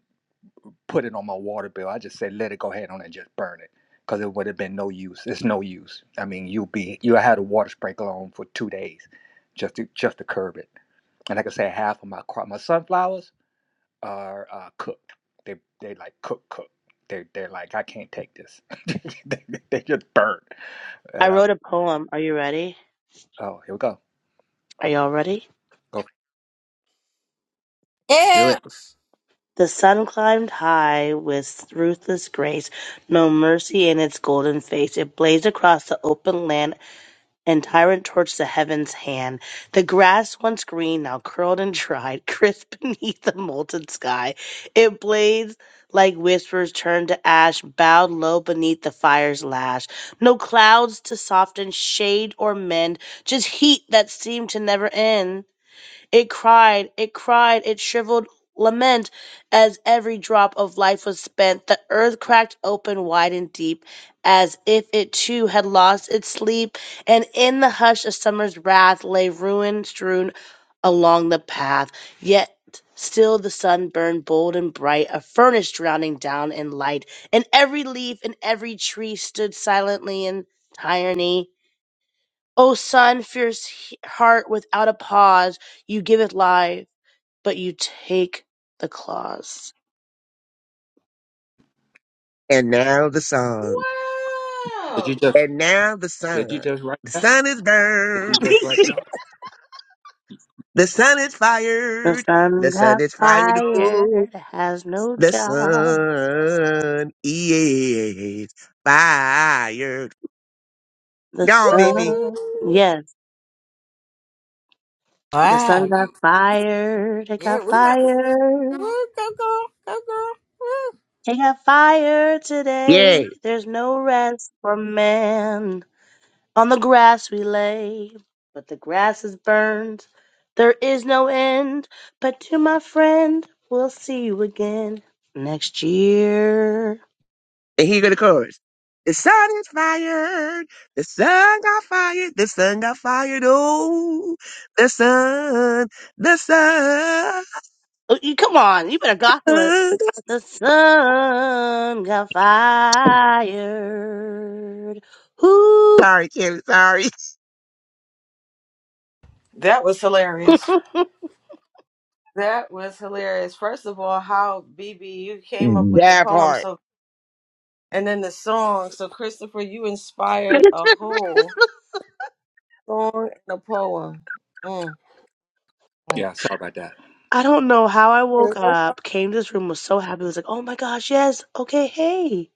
S11: put it on my water bill. I just said let it go ahead on and just burn it. Cause it would have been no use. It's no use. I mean, you'll be you had a water sprinkler on for two days, just to just to curb it. And like I said, half of my crop, my sunflowers, are uh, cooked. They they like cook cook. They they're like I can't take this. they, they just burn.
S13: I
S11: And uh,
S13: wrote a poem. Are you ready?
S11: oh, here we go.
S13: Are y'all ready?
S11: Go.
S9: Let's do
S1: yeah.
S9: it.
S13: The sun climbed high with ruthless grace, no mercy in its golden face. It blazed across the open land And tyrant towards the heavens' hand, the grass once green, now curled and dried, crisp beneath the molten sky. It blades like whispers turned to ash, bowed low beneath the fire's lash. No clouds to soften, shade, or mend, just heat that seemed to never end. It cried, it cried, it shriveled lament as every drop of life was spent. The earth cracked open wide and deep, as if it too had lost its sleep, and in the hush of summer's wrath lay ruin strewn along the path. Yet still the sun burned bold and bright, a furnace drowning down in light, and every leaf and every tree stood silently in tyranny. O sun, fierce he- heart without a pause, you give it life, but you take the claws.
S14: And now the song.
S11: Did you
S5: wow.
S11: just
S14: And now the
S11: did you
S14: sun.
S11: just write?
S14: The sun is
S11: Did you
S14: burned.
S11: just write that?
S14: The sun is
S13: The
S14: fired. The
S13: sun
S14: sun
S13: got
S14: is fired.
S13: fired, it has no
S14: The
S13: job.
S14: sun is fired.
S13: The
S14: Gone, baby.
S13: sun,
S5: Woo-hoo-hoo.
S13: yes, the sun
S1: Wow.
S13: got
S1: You,
S13: fired, it
S1: yeah,
S13: got
S1: we got
S13: fired,
S1: woo, go girl, go girl. Woo.
S13: it got fired
S14: Yeah.
S13: today. There's no rest for man. On the grass we lay, but the grass is burned. There is no end, but to my friend, we'll see you again next year.
S14: And here go the chorus. The sun is fired. The sun got fired. The sun got fired. Oh, the sun. The sun.
S13: Oh, you come on, you better gospel it. The sun got fired. Whoo!
S14: Sorry, Kim. Sorry.
S5: That was hilarious. That was hilarious. First of all, how BB you came up with the
S14: That
S5: poem
S14: part.
S5: so and then the song. So Christopher, you inspired a whole song and a poem. Mm. mm.
S11: Yeah, sorry about that.
S13: I don't know how I woke up, came to this room, was so happy, was like, oh my gosh, yes, okay, hey.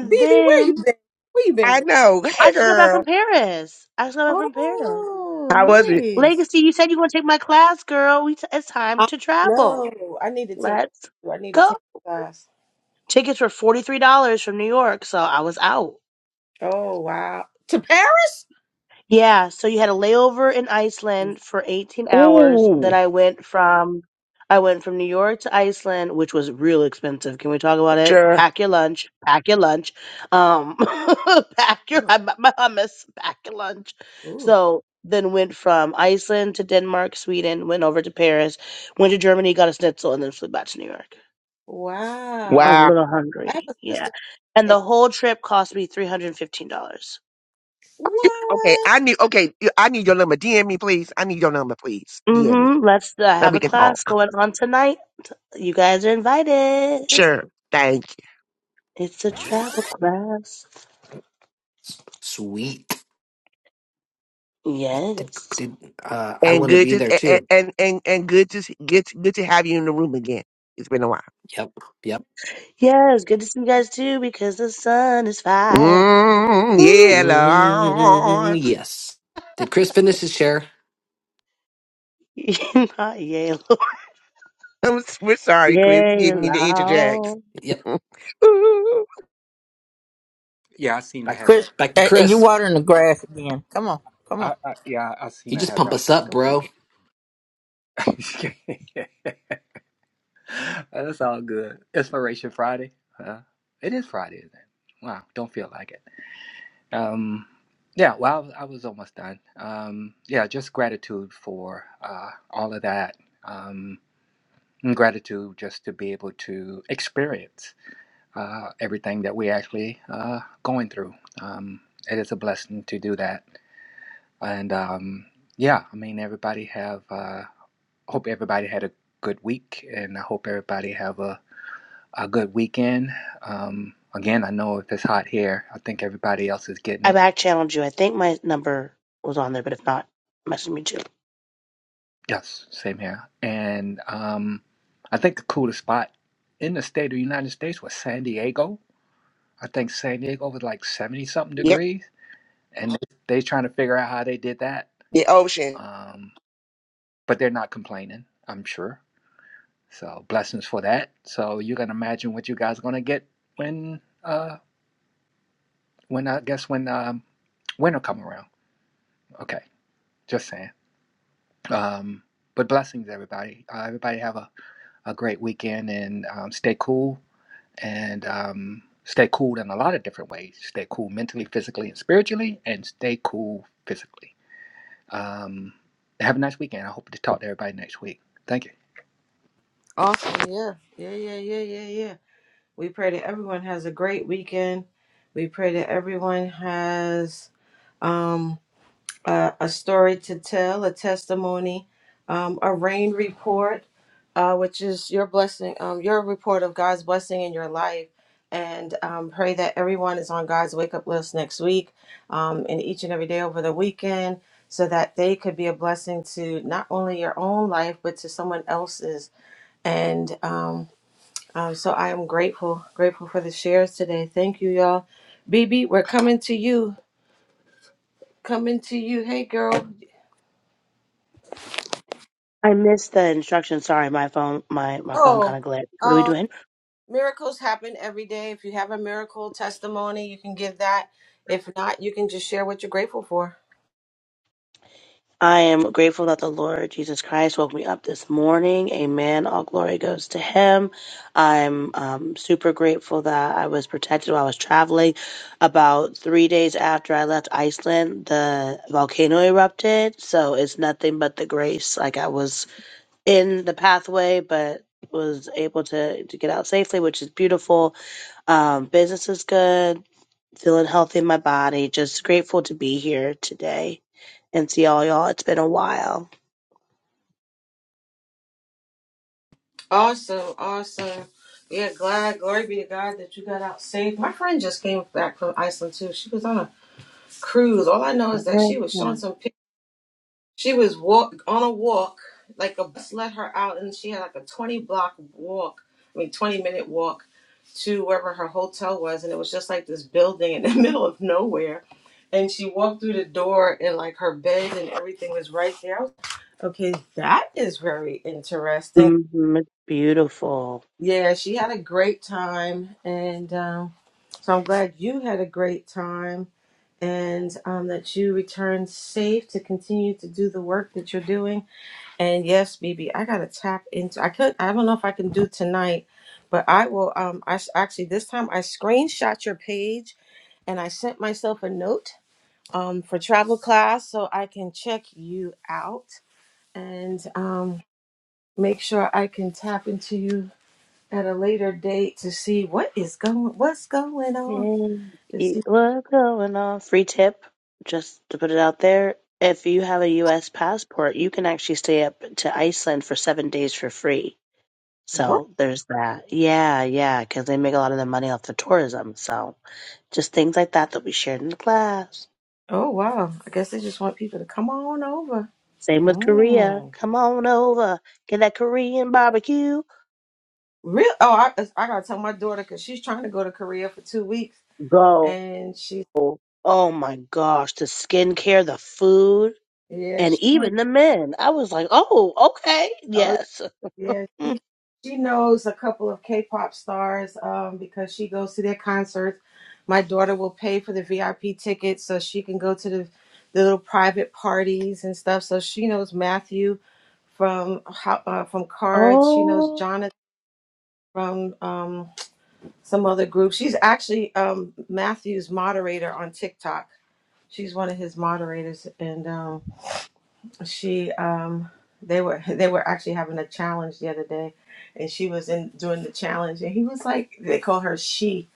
S5: BB, where you
S13: then
S5: been? Where you been?
S14: I
S5: Girl?
S14: know.
S13: I
S14: Hey,
S13: just got back from
S14: girl.
S13: Paris. I just got back from Paris.
S5: Oh,
S14: How was it?
S5: nice.
S13: Legacy, you said you want to take my class, girl. We it's time
S5: I
S13: to travel.
S5: know. I need to take
S13: Let's
S5: I need to
S13: go.
S5: take class.
S13: Tickets were $43 from New York, so I was out.
S5: Oh wow. To Paris?
S13: Yeah, so you had a layover in
S5: Mm.
S13: Iceland for 18 hours. Then
S14: Ooh.
S13: I went from I went from New York to Iceland, which was real expensive. Can we talk about it?
S14: Sure.
S13: Pack your lunch, pack your lunch. Um pack your I bought my hummus, pack your lunch.
S5: oh,
S13: So then went from Iceland to Denmark, Sweden, went over to Paris, went to Germany, got a schnitzel, and then flew back to New York. I
S5: Wow.
S13: was a little
S5: I have
S13: hungry,
S5: a
S13: yeah.
S5: sister.
S13: And
S5: Like,
S13: the whole trip cost me $315.
S14: Okay,
S5: what?
S14: I need okay, I need your number. DM me, please. I need your number, please. DM me.
S13: Mm-hmm. Let's. I
S14: so
S13: have
S14: we
S13: a
S14: can talk.
S13: class going on tonight. You guys are invited.
S14: Sure. Thank
S13: It's a travel class.
S9: S- Sweet. I did,
S13: Yes.
S9: did uh
S14: you.
S9: I
S14: And
S9: want to
S14: good
S9: be
S14: to
S9: there
S14: a-
S9: too.
S14: and and and good to get good to, have you in the room again. It's been a while.
S9: Yep. Yep.
S13: Yes, good to see you guys too because the sun is fine.
S14: Mm,
S13: Woo!
S14: yeah,
S9: Mm,
S14: Lord.
S9: yes. Did Chris finish his share?
S13: Not yellow.
S14: I'm, s- we're sorry, Chris. Give me the interject.
S13: Yellow.
S9: Yep.
S14: Ooh.
S11: Yeah, I seen I
S9: Back
S11: have that.
S1: Chris,
S9: back to
S11: effect
S1: uh,
S11: on-
S1: you
S9: Chris.
S1: watering the grass again? Come on, come on.
S11: I, I yeah, I
S9: You
S11: seen I
S9: just
S11: have
S9: pump
S11: that
S9: us
S11: effect
S9: up,
S11: on
S9: bro.
S11: people. That's all good. Inspiration Friday. Huh? It is Friday, isn't it? Wow, don't feel like it. Um, yeah, well, I was, almost done. Um, yeah, just gratitude for uh, all of that. Um, and gratitude just to be able to experience uh, everything that we actually uh, going through. Um, it is a blessing to do that. And um, yeah, I mean, everybody have. Uh, hope everybody had a good week, and I hope everybody have a a good weekend. Um, again, I know if it's hot here, I think everybody else is getting
S13: I
S11: it.
S13: back channeled you. I think my number was on there, but if not, message me too.
S11: Yes, same here. And um, I think the coolest spot in the state of the United States was San Diego. I think San Diego was like 70 something
S14: yep,
S11: degrees. And they, they trying to figure out how they did that.
S14: the ocean.
S11: Um, but they're not complaining, I'm sure. So blessings for that. So you can imagine what you guys are going to get when, uh, when I guess when um, winter come around. Okay, just saying. Um, but blessings, everybody. Uh, everybody have a, a great weekend and um, stay cool and um, stay cool in a lot of different ways. Stay cool mentally, physically, and spiritually, and stay cool physically. Um, have a nice weekend. I hope to talk to everybody next week. Thank you.
S5: Awesome. Yeah. Yeah. Yeah. Yeah. Yeah. Yeah. We pray that everyone has a great weekend. We pray that everyone has. um, uh, a story to tell, a testimony, um, a rain report, uh, which is your blessing, um, your report of God's blessing in your life. And um, pray that everyone is on God's wake up list next week um, and each and every day over the weekend so that they could be a blessing to not only your own life, but to someone else's. And um, um, so I am grateful, grateful for the shares today. Thank you, y'all. BB, we're coming to you. Coming to you. Hey, girl.
S13: I missed the instructions. Sorry, my phone my, my phone
S5: Oh,
S13: kinda glitched. What are we
S5: um,
S13: doing?
S5: miracles happen every day. If you have a miracle testimony, you can give that. If not, you can just share what you're grateful for.
S13: I am grateful that the Lord Jesus Christ woke me up this morning. Amen. All glory goes to Him. I'm um, super grateful that I was protected while I was traveling. About three days after I left Iceland, the volcano erupted. So it's nothing but the grace. Like I was in the pathway, but was able to, to get out safely, which is beautiful. Um, business is good feeling healthy in my body. Just grateful to be here today and see all y'all. It's been a while.
S5: Awesome, awesome. Yeah, glad, glory be to God that you got out safe. My friend just came back from Iceland too. She was on a cruise. All I know is that she was showing
S13: Yeah.
S5: some pictures. She was walk on a walk, like a bus let her out, and she had like a 20 block walk, I mean 20 minute walk to wherever her hotel was, and it was just like this building in the middle of nowhere. And she walked through the door, and like her bed and everything was right there. I was, like, okay, that is very interesting.
S13: hmm It's beautiful.
S5: Yeah, she had a great time, and um, so I'm glad you had a great time, and um, that you returned safe to continue to do the work that you're doing and yes, BB, I gotta tap into. I could. I don't know if I can do tonight, but I will. Um, I s- actually this time I screenshot your page and I sent myself a note. Um, for travel class, so I can check you out and um make sure I can tap into you at a later date to see what is going, what's going on,
S13: Yeah.
S5: to
S13: Eat
S5: see
S13: What's going on? Free tip, just to put it out there. If you have a U.S. passport, you can actually stay up to Iceland for seven days for free.
S5: what.
S13: So there's that. Yeah, yeah, because they make a lot of their money off the tourism. So. Just things like that that we shared in the class.
S5: Oh wow! I guess they just want people to come on over.
S13: Same with
S5: Mm.
S13: Korea. Come on over. Get that Korean barbecue.
S5: Real? Oh, I, I gotta tell my daughter because she's trying to go to Korea for two weeks,
S13: Go.
S5: and she,
S13: Oh my gosh, the skincare, the food,
S5: yeah,
S13: and
S5: she went.
S13: even the men. I was like, oh, okay,
S5: Oh,
S13: yes.
S5: yeah,
S13: Mm.
S5: she she knows a couple of K-pop stars um, because she goes to their concerts. My daughter will pay for the VIP tickets so she can go to the, the little private parties and stuff. So she knows Matthew from Ho- uh, from Cards. She knows
S13: Oh,
S5: Jonathan from. um. some other group. She's actually um, Matthew's moderator on TikTok. She's one of his moderators, and um, she um, they were they were actually having a challenge the other day, and she was in doing the challenge, and he was like, they call her she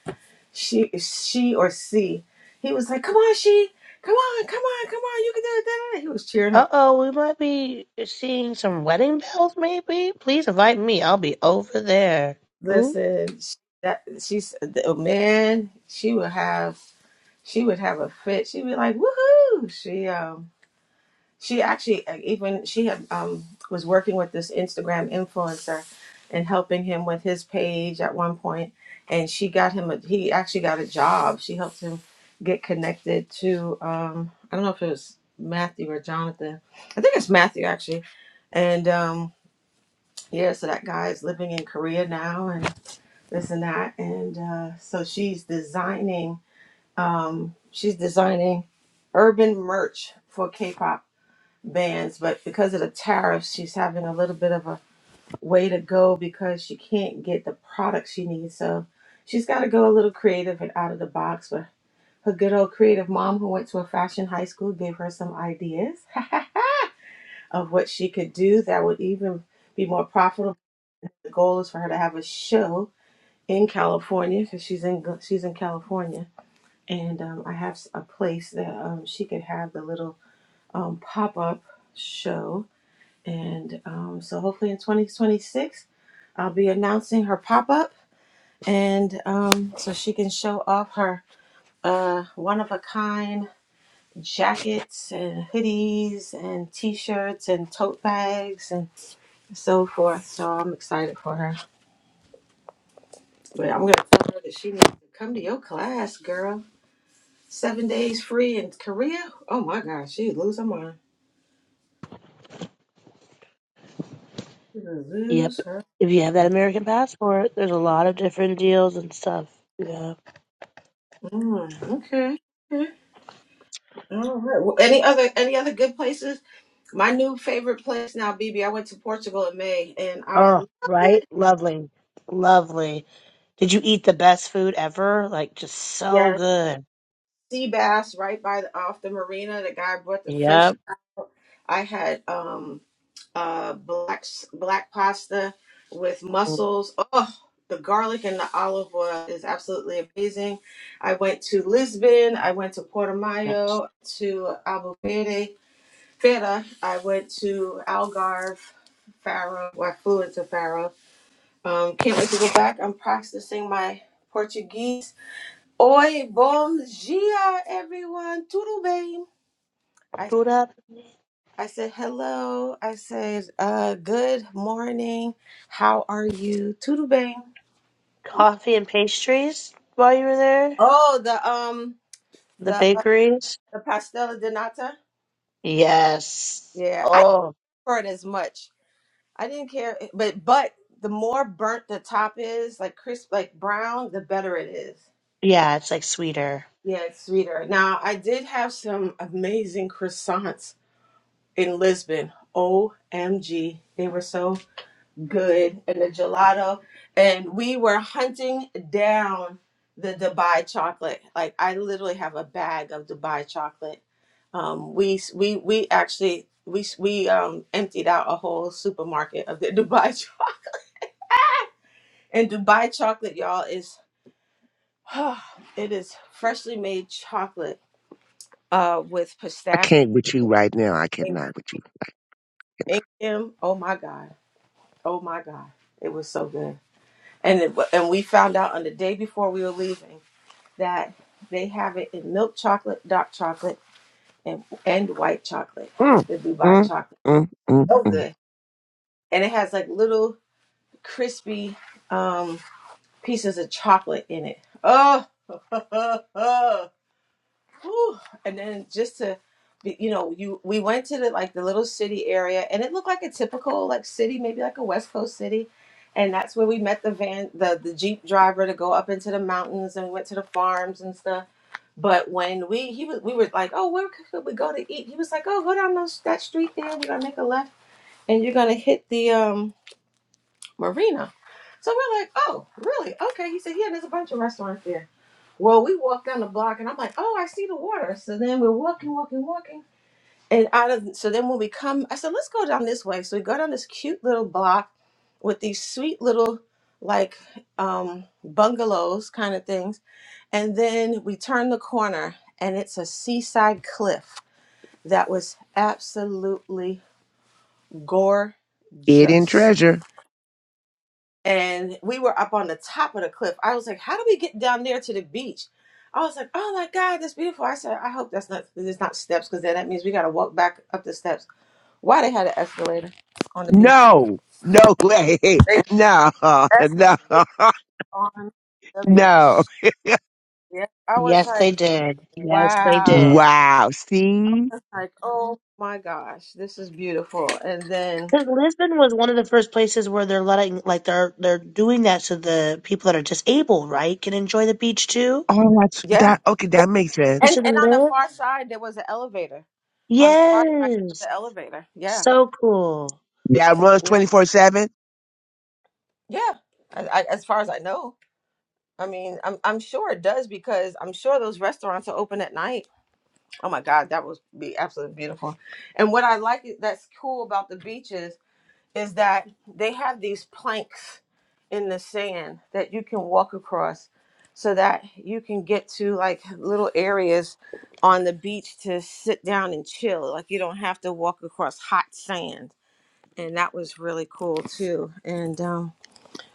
S5: she she or C. He was like, come on, she, come on, come on, come on, you can do it. da, da, da." He was cheering
S13: uh
S5: her.
S13: oh, we might be seeing some wedding bells, maybe. Please invite me. I'll be over there. Mm,
S5: Listen, sh- that she's oh, man, she would have she would have a fit. She'd be like, woohoo! She um she actually uh, even she had um was working with this Instagram influencer and helping him with his page at one point and she got him a he actually got a job she helped him get connected to um I don't know if it was Matthew or Jonathan I think it's Matthew actually and um yeah so that guy is living in Korea now and this and that and uh so she's designing um she's designing urban merch for K-pop bans, but because of the tariffs, she's having a little bit of a way to go because she can't get the products she needs. So she's got to go a little creative and out of the box. But her good old creative mom, who went to a fashion high school, gave her some ideas of what she could do that would even be more profitable. The goal is for her to have a show in California because she's in she's in California, and um, I have a place that um, she could have the little um, pop up show And um, so hopefully in 2026, I'll be announcing her pop up. And um, so she can show off her uh, one of a kind jackets and hoodies and t shirts and tote bags and so forth. So I'm excited for her. But I'm going to tell her that she needs to come to your class, girl. Seven days free in Korea. Oh my gosh, she'd lose her mind. She'd
S13: Yep.
S5: lose her
S13: If you have that
S5: mind.
S13: American passport, there's a lot of different deals and stuff. Yeah.
S5: Mm, okay. okay. All right. Well, any other any other good places? My new favorite place now, BB. I went to Portugal in May and I
S13: Oh,
S5: loved it.
S13: right? Lovely. Lovely. Did you eat the best food ever? Like, just so
S5: Yeah,
S13: good.
S5: sea bass right by the, off the marina. The guy brought the fish
S13: Yep.
S5: out. I had um uh black s- black pasta with
S13: Mm,
S5: mussels. Oh, the garlic and the olive oil is absolutely amazing. I went to Lisbon. I went to Porto
S13: yes.
S5: Mayo, to Albufeira. Feta, I went to Algarve, Faro. Well, I flew into Faro. Um, can't wait to go back. I'm practicing my Portuguese. Oi, bom dia, everyone. Tudo bem? I,
S13: Food up?
S5: I said hello. I said uh, good morning. How are you? Tudo bem?
S13: Coffee and pastries while you were there?
S5: Oh, the um
S13: The
S5: the
S13: bakeries?
S5: the pastela de nata.
S13: Yes.
S5: Yeah, I didn't
S13: Oh,
S5: learn as much. I didn't care, eh, but but the more burnt the top is, like crisp, like brown, the better it is.
S13: yeah, it's like sweeter.
S5: Yeah, it's sweeter. Now I did have some amazing croissants in Lisbon. OMG, they were so good, and the gelato, and we were hunting down the Dubai chocolate. Like I literally have a bag of Dubai chocolate. Um, we we we actually we we um emptied out a whole supermarket of the Dubai And Dubai chocolate, y'all, is it is freshly made chocolate uh with
S14: I
S5: pistachio
S14: can't with you right now. I
S5: and
S14: cannot with you.
S5: and cream. Oh my god. Oh my god. It was so good. And it, wa- and we found out on the day before we were leaving that they have it in milk chocolate, dark chocolate, and and white chocolate.
S14: Mm,
S5: The Dubai
S14: mm,
S5: chocolate.
S14: mm, mm,
S5: So
S14: mm.
S5: good. And it has like little crispy um pieces of chocolate in it. Oh, Whew. And then just to be, you know, you we went to the like the little city area and it looked like a typical like city, maybe like a West Coast city. And that's where we met the van the, the Jeep driver to go up into the mountains and we went to the farms and stuff. But when we he was we were like, Oh, where could we go to eat? He was like, Oh, go down those, that street there, we're gonna make a left and you're gonna hit the um marina. So we're like, Oh, really? Okay. He said, Yeah, there's a bunch of restaurants there. Well, we walked down the block, and I'm like, "Oh, I see the water." So then we're walking, walking, walking, and out of so then when we come, I said, "Let's go down this way." So we go down this cute little block with these sweet little like um, bungalows kind of things, and then we turn the corner, and it's a seaside cliff that was absolutely
S14: Hidden
S5: gorgeous.
S14: treasure.
S5: and we were up on the top of the cliff. I was like, "How do we get down there to the beach?" I was like, "Oh my God, that's beautiful." I said, "I hope that's not there's not steps because then that means we got to walk back up the steps." Why they had an escalator on the beach?
S14: No, no way.
S5: They
S14: No, no,
S5: escalated on the
S14: no.
S5: beach. Yeah, I was
S13: Yes,
S5: like,
S13: they did. Yes, they did.
S5: "Wow!"
S14: Wow. See?
S5: Like, "Oh my gosh, this is beautiful." And then,
S13: Because Lisbon was one of the first places where they're letting, like, they're they're doing that so the people that are disabled, right, can enjoy the beach too.
S14: Oh, that's
S5: yeah,
S14: that. Okay,
S5: yeah,
S14: that makes
S13: You
S5: and
S14: sense.
S13: should
S5: and on the
S13: live.
S5: far side there was an elevator. On the far side was
S13: Yes.
S5: the elevator. Yeah.
S13: So cool.
S14: That runs
S5: yeah.
S14: 24 7.
S5: Yeah, I, I, as far as I know. I mean, I'm I'm sure it does because I'm sure those restaurants are open at night. Oh my God, that would be absolutely beautiful. And what I like i- that's cool about the beaches is that they have these planks in the sand that you can walk across so that you can get to like little areas on the beach to sit down and chill. Like you don't have to walk across hot sand. And that was really cool too. And um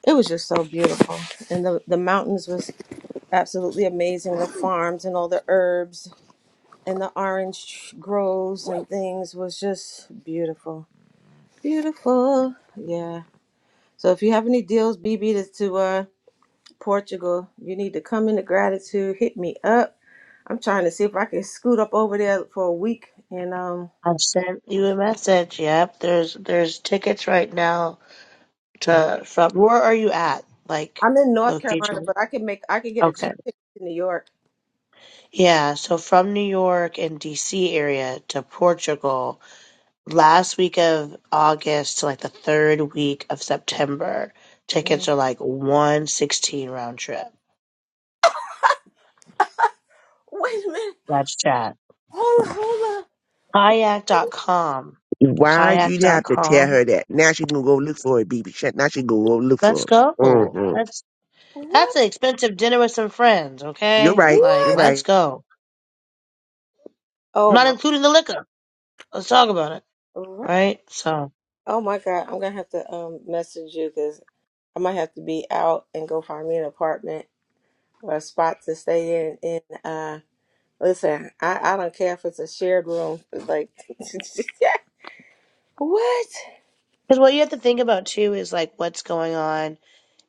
S5: it was just so beautiful. And the, the mountains was absolutely amazing. The farms and all the herbs and the orange groves and things was just beautiful. Beautiful. Yeah. So if you have any deals, BB, to, to uh, Portugal, you need to come into gratitude. Hit me up. I'm trying to see if I can scoot up over there for a week. And um,
S13: I sent you a message. Yep. There's there's tickets right now to from where are you at? Like
S5: I'm in North Carolina,
S13: location.
S5: but I can make I can get a
S13: Okay.
S5: cheap ticket to New York.
S13: Yeah, so from New York and DC area to Portugal last week of August to like the third week of September.
S5: Mhm.
S13: Tickets are like 116 round trip.
S5: Wait a minute.
S13: Let's chat.
S5: Hold on. Hold up,
S13: Kayak Kayak dot com.
S14: Why'd you
S13: Kayak dot
S14: have to tell
S13: com.
S14: her that? Now she gonna go look for it, baby. Shut- Now she gonna go look
S13: Let's
S14: for it.
S13: go.
S14: hmm
S13: Let's. That's
S5: What?
S13: an expensive dinner with some friends,
S14: You're
S13: okay?
S14: right.
S13: Like,
S14: You're
S5: What?
S13: let's
S14: right.
S13: go. I'm
S5: Oh
S13: not
S5: my.
S13: including the liquor. Let's talk about it,
S5: Ri-
S13: right? So,
S5: Oh my God, I'm gonna have to um message you because I might have to be out and go find me an apartment or a spot to stay in. And uh, listen, I I don't care if it's a shared room. Like, what?
S13: because what you have to think about too is like what's going on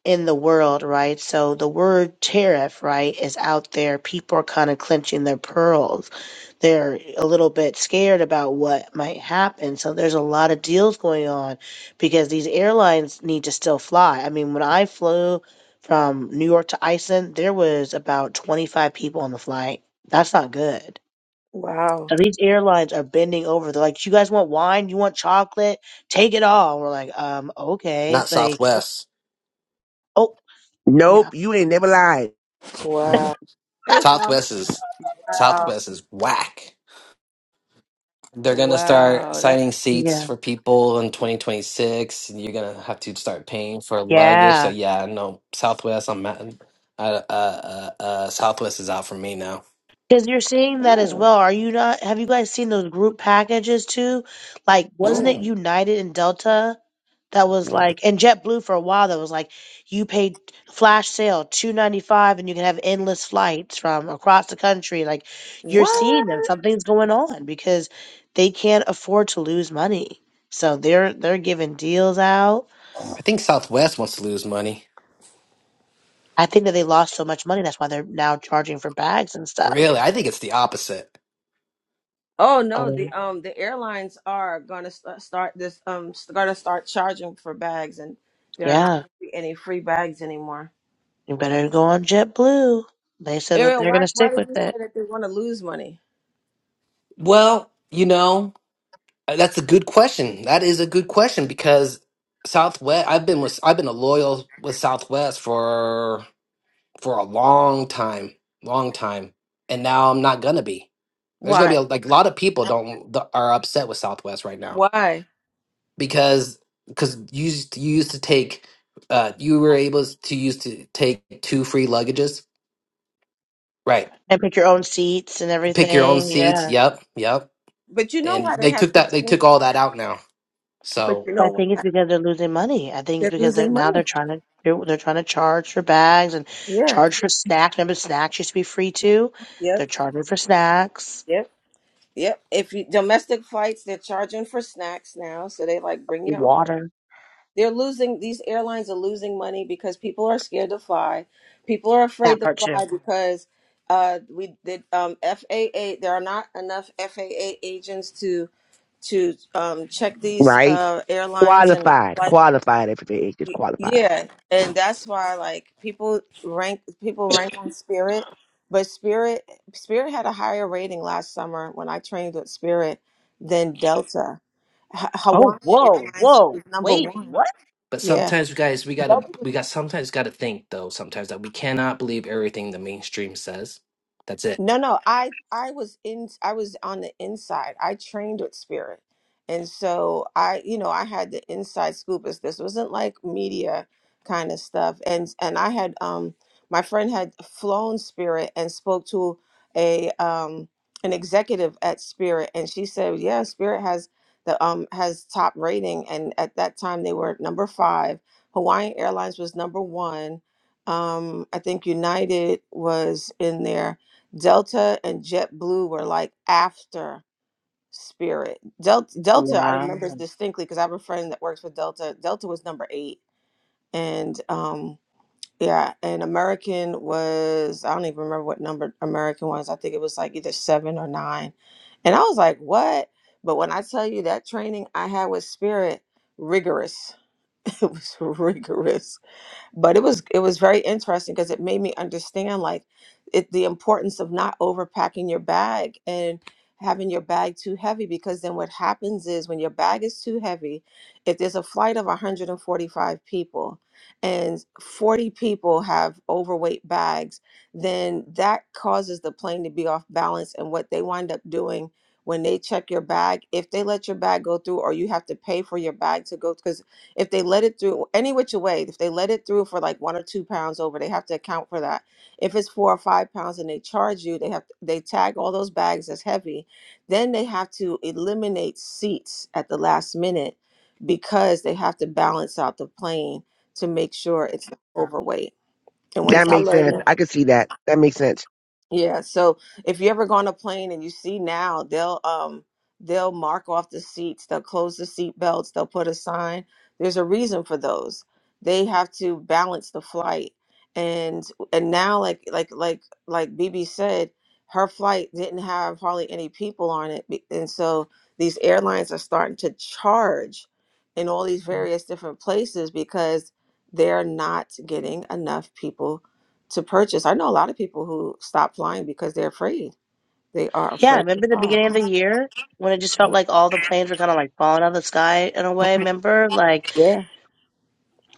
S13: in the world, right? So the word tariff, right, is out there. People are kind of clenching their pearls. They're a little bit scared about what might happen. So there's a lot of deals going on because these airlines need to still fly. I mean, when I flew from New York to Iceland, there was about 25 people on the flight. That's not good.
S5: Wow,
S13: So these airlines are bending over. They're like, you guys want wine? You want chocolate? Take it all. We're like, um, okay.
S9: Not
S13: Like,
S9: Southwest.
S13: oh, no.
S14: Nope, you ain't never lied.
S5: wow, hey, y'all.
S9: Southwest is
S5: wow,
S9: Southwest is whack. They're gonna start
S5: wow. That
S9: signing
S13: Yeah.
S9: seats for people in 2026, and you're gonna have to start paying for luggage. So
S13: Yeah.
S9: yeah, no Southwest. I'm at, uh, uh, uh, uh, Southwest is out for me now.
S13: Because you're seeing that as well. Are you not? Have you guys seen those group packages too? Like, wasn't it
S5: mm.
S13: United and Delta that was like, and JetBlue for a while that was like, you paid flash sale two ninety five and you can have endless flights from across the country. Like, you're
S5: what?
S13: seeing that something's going on because they can't afford to lose money. So they're they're giving deals out.
S9: I think Southwest wants to lose money.
S13: I think that they lost so much money that's why they're now charging for bags and stuff.
S9: Really, I think it's the opposite.
S5: Oh
S13: Oh,
S5: no, the
S13: really?
S5: um the airlines are gonna st- start this um st- gonna start charging for bags, and there are not
S13: Yeah.
S5: gonna be any free bags anymore.
S13: You better go on JetBlue. They said that
S5: Ariel,
S13: they're going
S5: why
S13: to
S5: why
S13: stick
S5: did
S13: with
S5: you say
S13: it
S5: that they want to lose money?
S9: Well, you know. Uh, That's a good question. That is a good question because Southwest. I've been with. I've been a loyal with Southwest for for a long time, long time, and now I'm not gonna be. There's gonna be
S5: Why?
S9: a, like a lot of people don't th- are upset with Southwest right now
S5: Why?
S9: because because you used you used to take uh you were able to used to take two free luggages right
S13: and pick your own seats and
S9: pick your own
S13: everything.
S9: seats
S13: Yeah.
S9: yep yep
S5: But you know
S9: and
S5: why they
S9: they
S5: have
S9: took
S5: to
S9: that they
S5: change.
S9: took all that out now
S5: But
S9: So.
S5: you
S13: But I
S5: know
S13: think it's
S5: why
S13: because they're losing money. I think it's
S5: they're
S13: because they're,
S5: losing
S13: now they're
S5: money?
S13: trying to they're, they're trying to charge for bags and
S5: Yeah.
S13: charge for snacks. Remember, snacks used to be free too. They're
S5: Yep.
S13: charging for snacks,
S5: Yep. Yep. If you, domestic flights, they're charging for snacks now, so they like bring your own.
S13: water,
S5: They're losing. These airlines are losing money because people are scared to fly. People are
S13: that
S5: afraid to
S13: part too.
S5: fly because uh, we did um, FAA. There are not enough FAA agents to to um, check these
S14: Right?
S5: uh, airlines and
S14: Qualified.
S5: flights
S14: Qualified. Everything is just
S5: Y-
S14: qualified.
S5: Yeah, and that's why like people rank people rank on Spirit, but Spirit Spirit had a higher rating last summer when I trained with Spirit than Delta. Ha
S13: Oh,
S5: Hawaiian
S13: whoa,
S5: Airlines
S13: whoa,
S5: was number
S13: wait,
S5: one.
S13: what?
S9: But
S5: Yeah,
S9: sometimes, guys, we gotta
S5: Delta was
S9: we got sometimes gotta think though. Sometimes that we cannot believe everything the mainstream says. That's it.
S5: No, no, I I was in I was on the inside. I trained with spirit. And so I, you know, I had the inside scoop as this wasn't like media kind of stuff. And and I had um my friend had flown spirit and spoke to a um an executive at Spirit and she said, "Yeah, Spirit has the um has top rating and at that time they were number 5. Hawaiian Airlines was number 1. Um I think United was in there Delta and JetBlue were like after Spirit. Delta, Delta I
S13: Wow.
S5: remember this distinctly because I have a friend that works for Delta. Delta was number eight, and um, yeah, and American was I don't even remember what number American was. I think it was like either seven or nine, and I was like, what? But when I tell you that training I had with Spirit, rigorous. it was rigorous but it was it was very interesting because it made me understand like it the importance of not overpacking your bag and having your bag too heavy because then what happens is when your bag is too heavy if there's a flight of 145 people and 40 people have overweight bags then that causes the plane to be off balance and what they wind up doing when they check your bag if they let your bag go through or you have to pay for your bag to go because if they let it through any which way, if they let it through for like one or two pounds over, they have to account for that. If it's four or five pounds and they charge you, they have they tag all those bags as heavy. Then they have to eliminate seats at the last minute because they have to balance out the plane to make sure it's not overweight. And
S14: That
S5: once I
S14: makes
S5: learned that-
S14: sense. I can see that. That makes sense.
S5: yeah, so if you ever go on a plane and you see now, they'll um they'll mark off the seats, they'll close the seat belts, they'll put a sign. There's a reason for those. They have to balance the flight. And and now like like like like BB said, her flight didn't have hardly any people on it. be- And so these airlines are starting to charge in all these Mhm. various different places because they're not getting enough people to purchase. I know a lot of people who stop flying because they're afraid. They are
S13: Yeah,
S5: afraid to
S13: remember the
S5: fly.
S13: beginning of the year when it just felt like all the planes were kind of like falling out of the sky in a way. Remember, like
S5: Yeah.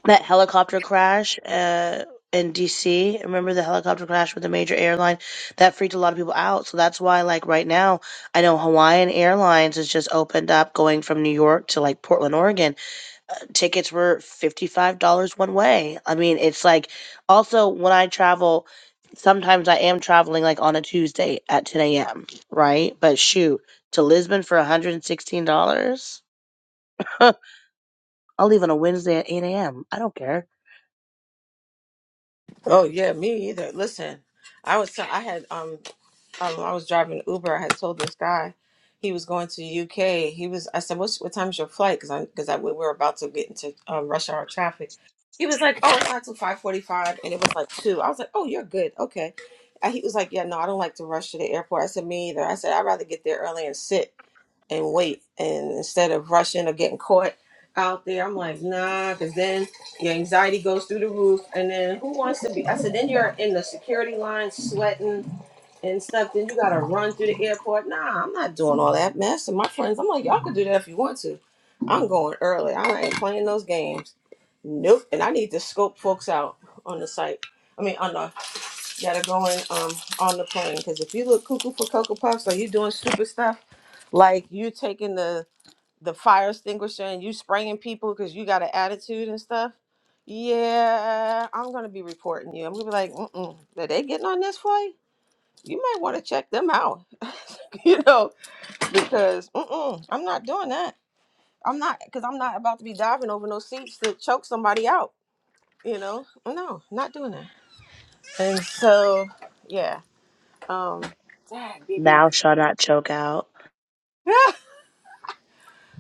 S13: that helicopter crash uh, in DC. Remember the helicopter crash with the major airline that freaked a lot of people out. So that's why, like right now, I know Hawaiian Airlines has just opened up going from New York to like Portland, Oregon. Uh, tickets were fifty five dollars one way. I mean, it's like also when I travel. Sometimes I am traveling like on a Tuesday at 10 a.m., right? But shoot, to Lisbon for $116? I'll leave on a Wednesday at 8 a.m. I don't care.
S5: Oh yeah, me either. Listen, I was I had um, um I was driving Uber. I had told this guy he was going to the UK. He was I said, "What's what time's your flight?" Because I because I we were about to get into um, rush hour traffic. He was like, "Oh, it's not till five forty-five, and it was like two. I was like, "Oh, you're good, okay." And he was like, "Yeah, no, I don't like to rush to the airport." I said, "Me either." I said, "I'd rather get there early and sit." and wait. And instead of rushing or getting caught out there, I'm like, nah, because then your anxiety goes through the roof. And then who wants to be? I said, then you're in the security line sweating and stuff. Then you got to run through the airport. Nah, I'm not doing all that mess. And my friends, I'm like, y'all could do that if you want to. I'm going early. I ain't playing those games. Nope. And I need to scope folks out on the site. I mean, on the that are going um on the plane. Because if you look cuckoo for cocoa puffs, or you doing stupid stuff, like you taking the the fire extinguisher and you spraying people because you got an attitude and stuff. Yeah, I'm gonna be reporting you. I'm gonna be like, mm are they getting on this flight? You might want to check them out, you know, because mm-mm, I'm not doing that. I'm not because I'm not about to be diving over no seats to choke somebody out. You know, no, not doing that. And so, yeah. Um, dang, BB.
S13: Thou shalt not choke out.